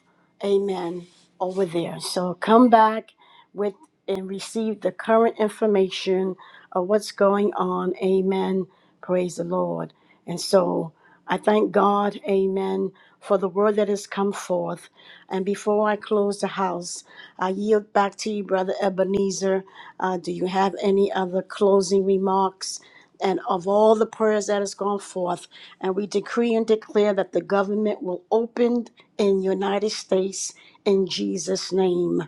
A: amen, over there. So come back with and receive the current information of what's going on. Amen. Praise the Lord. And so I thank God, amen, for the word that has come forth. And before I close the house, I yield back to you, Brother Ebenezer uh, do you have any other closing remarks? And of all the prayers that has gone forth, and we decree and declare that the government will open in United States in Jesus' name.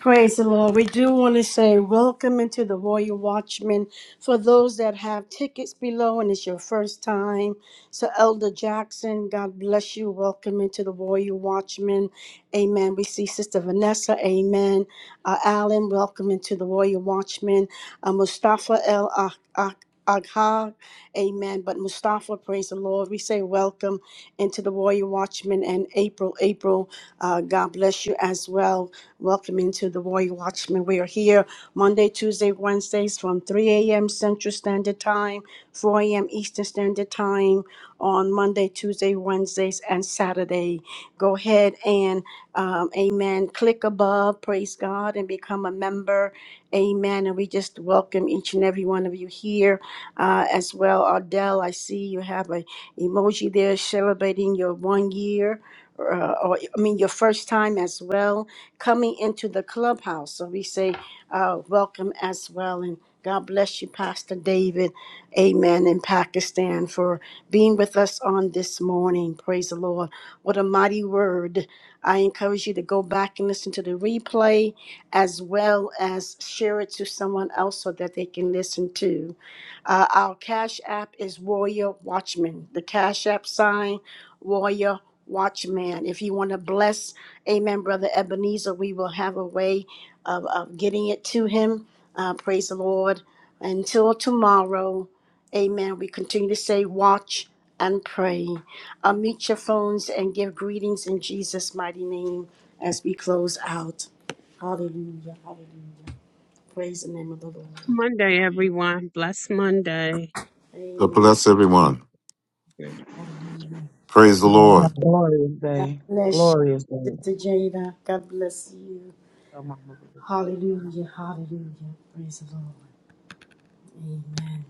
A: Praise the Lord. We do want to say welcome into the Royal Watchman. For those that have tickets below and it's your first time, so Elder Jackson, God bless you. Welcome into the Royal Watchman. Amen. We see Sister Vanessa. Amen. Uh, Alan, welcome into the Royal Watchman. Uh, Mustafa El Ah Ah- Agha. Amen. But Mustafa, praise the Lord. We say welcome into the Royal Watchman and April. April, uh, God bless you as well. Welcome into the Warrior Watchman. We are here Monday, Tuesday, Wednesdays from 3 a.m. Central Standard Time, 4 a.m. Eastern Standard Time on Monday, Tuesday, Wednesdays, and Saturday. Go ahead and, um, amen, click above, praise God, and become a member. Amen. And we just welcome each and every one of you here uh, as well. Ardell, I see you have a emoji there celebrating your one year, uh, or I mean, your first time as well coming into the clubhouse. So we say, uh, welcome as well. And God bless you, Pastor David. Amen. In Pakistan for being with us on this morning. Praise the Lord. What a mighty word. I encourage you to go back and listen to the replay as well as share it to someone else so that they can listen too. Uh, our Cash App is Warrior Watchman. The Cash App sign, Warrior Watchman. If you want to bless, Amen, Brother Ebenezer, we will have a way of, of getting it to him. Uh, praise the Lord. Until tomorrow, Amen. We continue to say, Watch and pray. Unmute your phones and give greetings in Jesus' mighty name as we close out. Hallelujah. Hallelujah. Praise the name of the Lord.
E: Monday, everyone. Bless Monday.
A: Amen.
K: God bless everyone. Praise the
D: Man,
K: Lord.
D: a glorious
A: God
D: day.
A: bless
D: Glorious day.
A: you, Sister Jada. God bless you. Hallelujah. Hallelujah. Praise the Lord. Amen.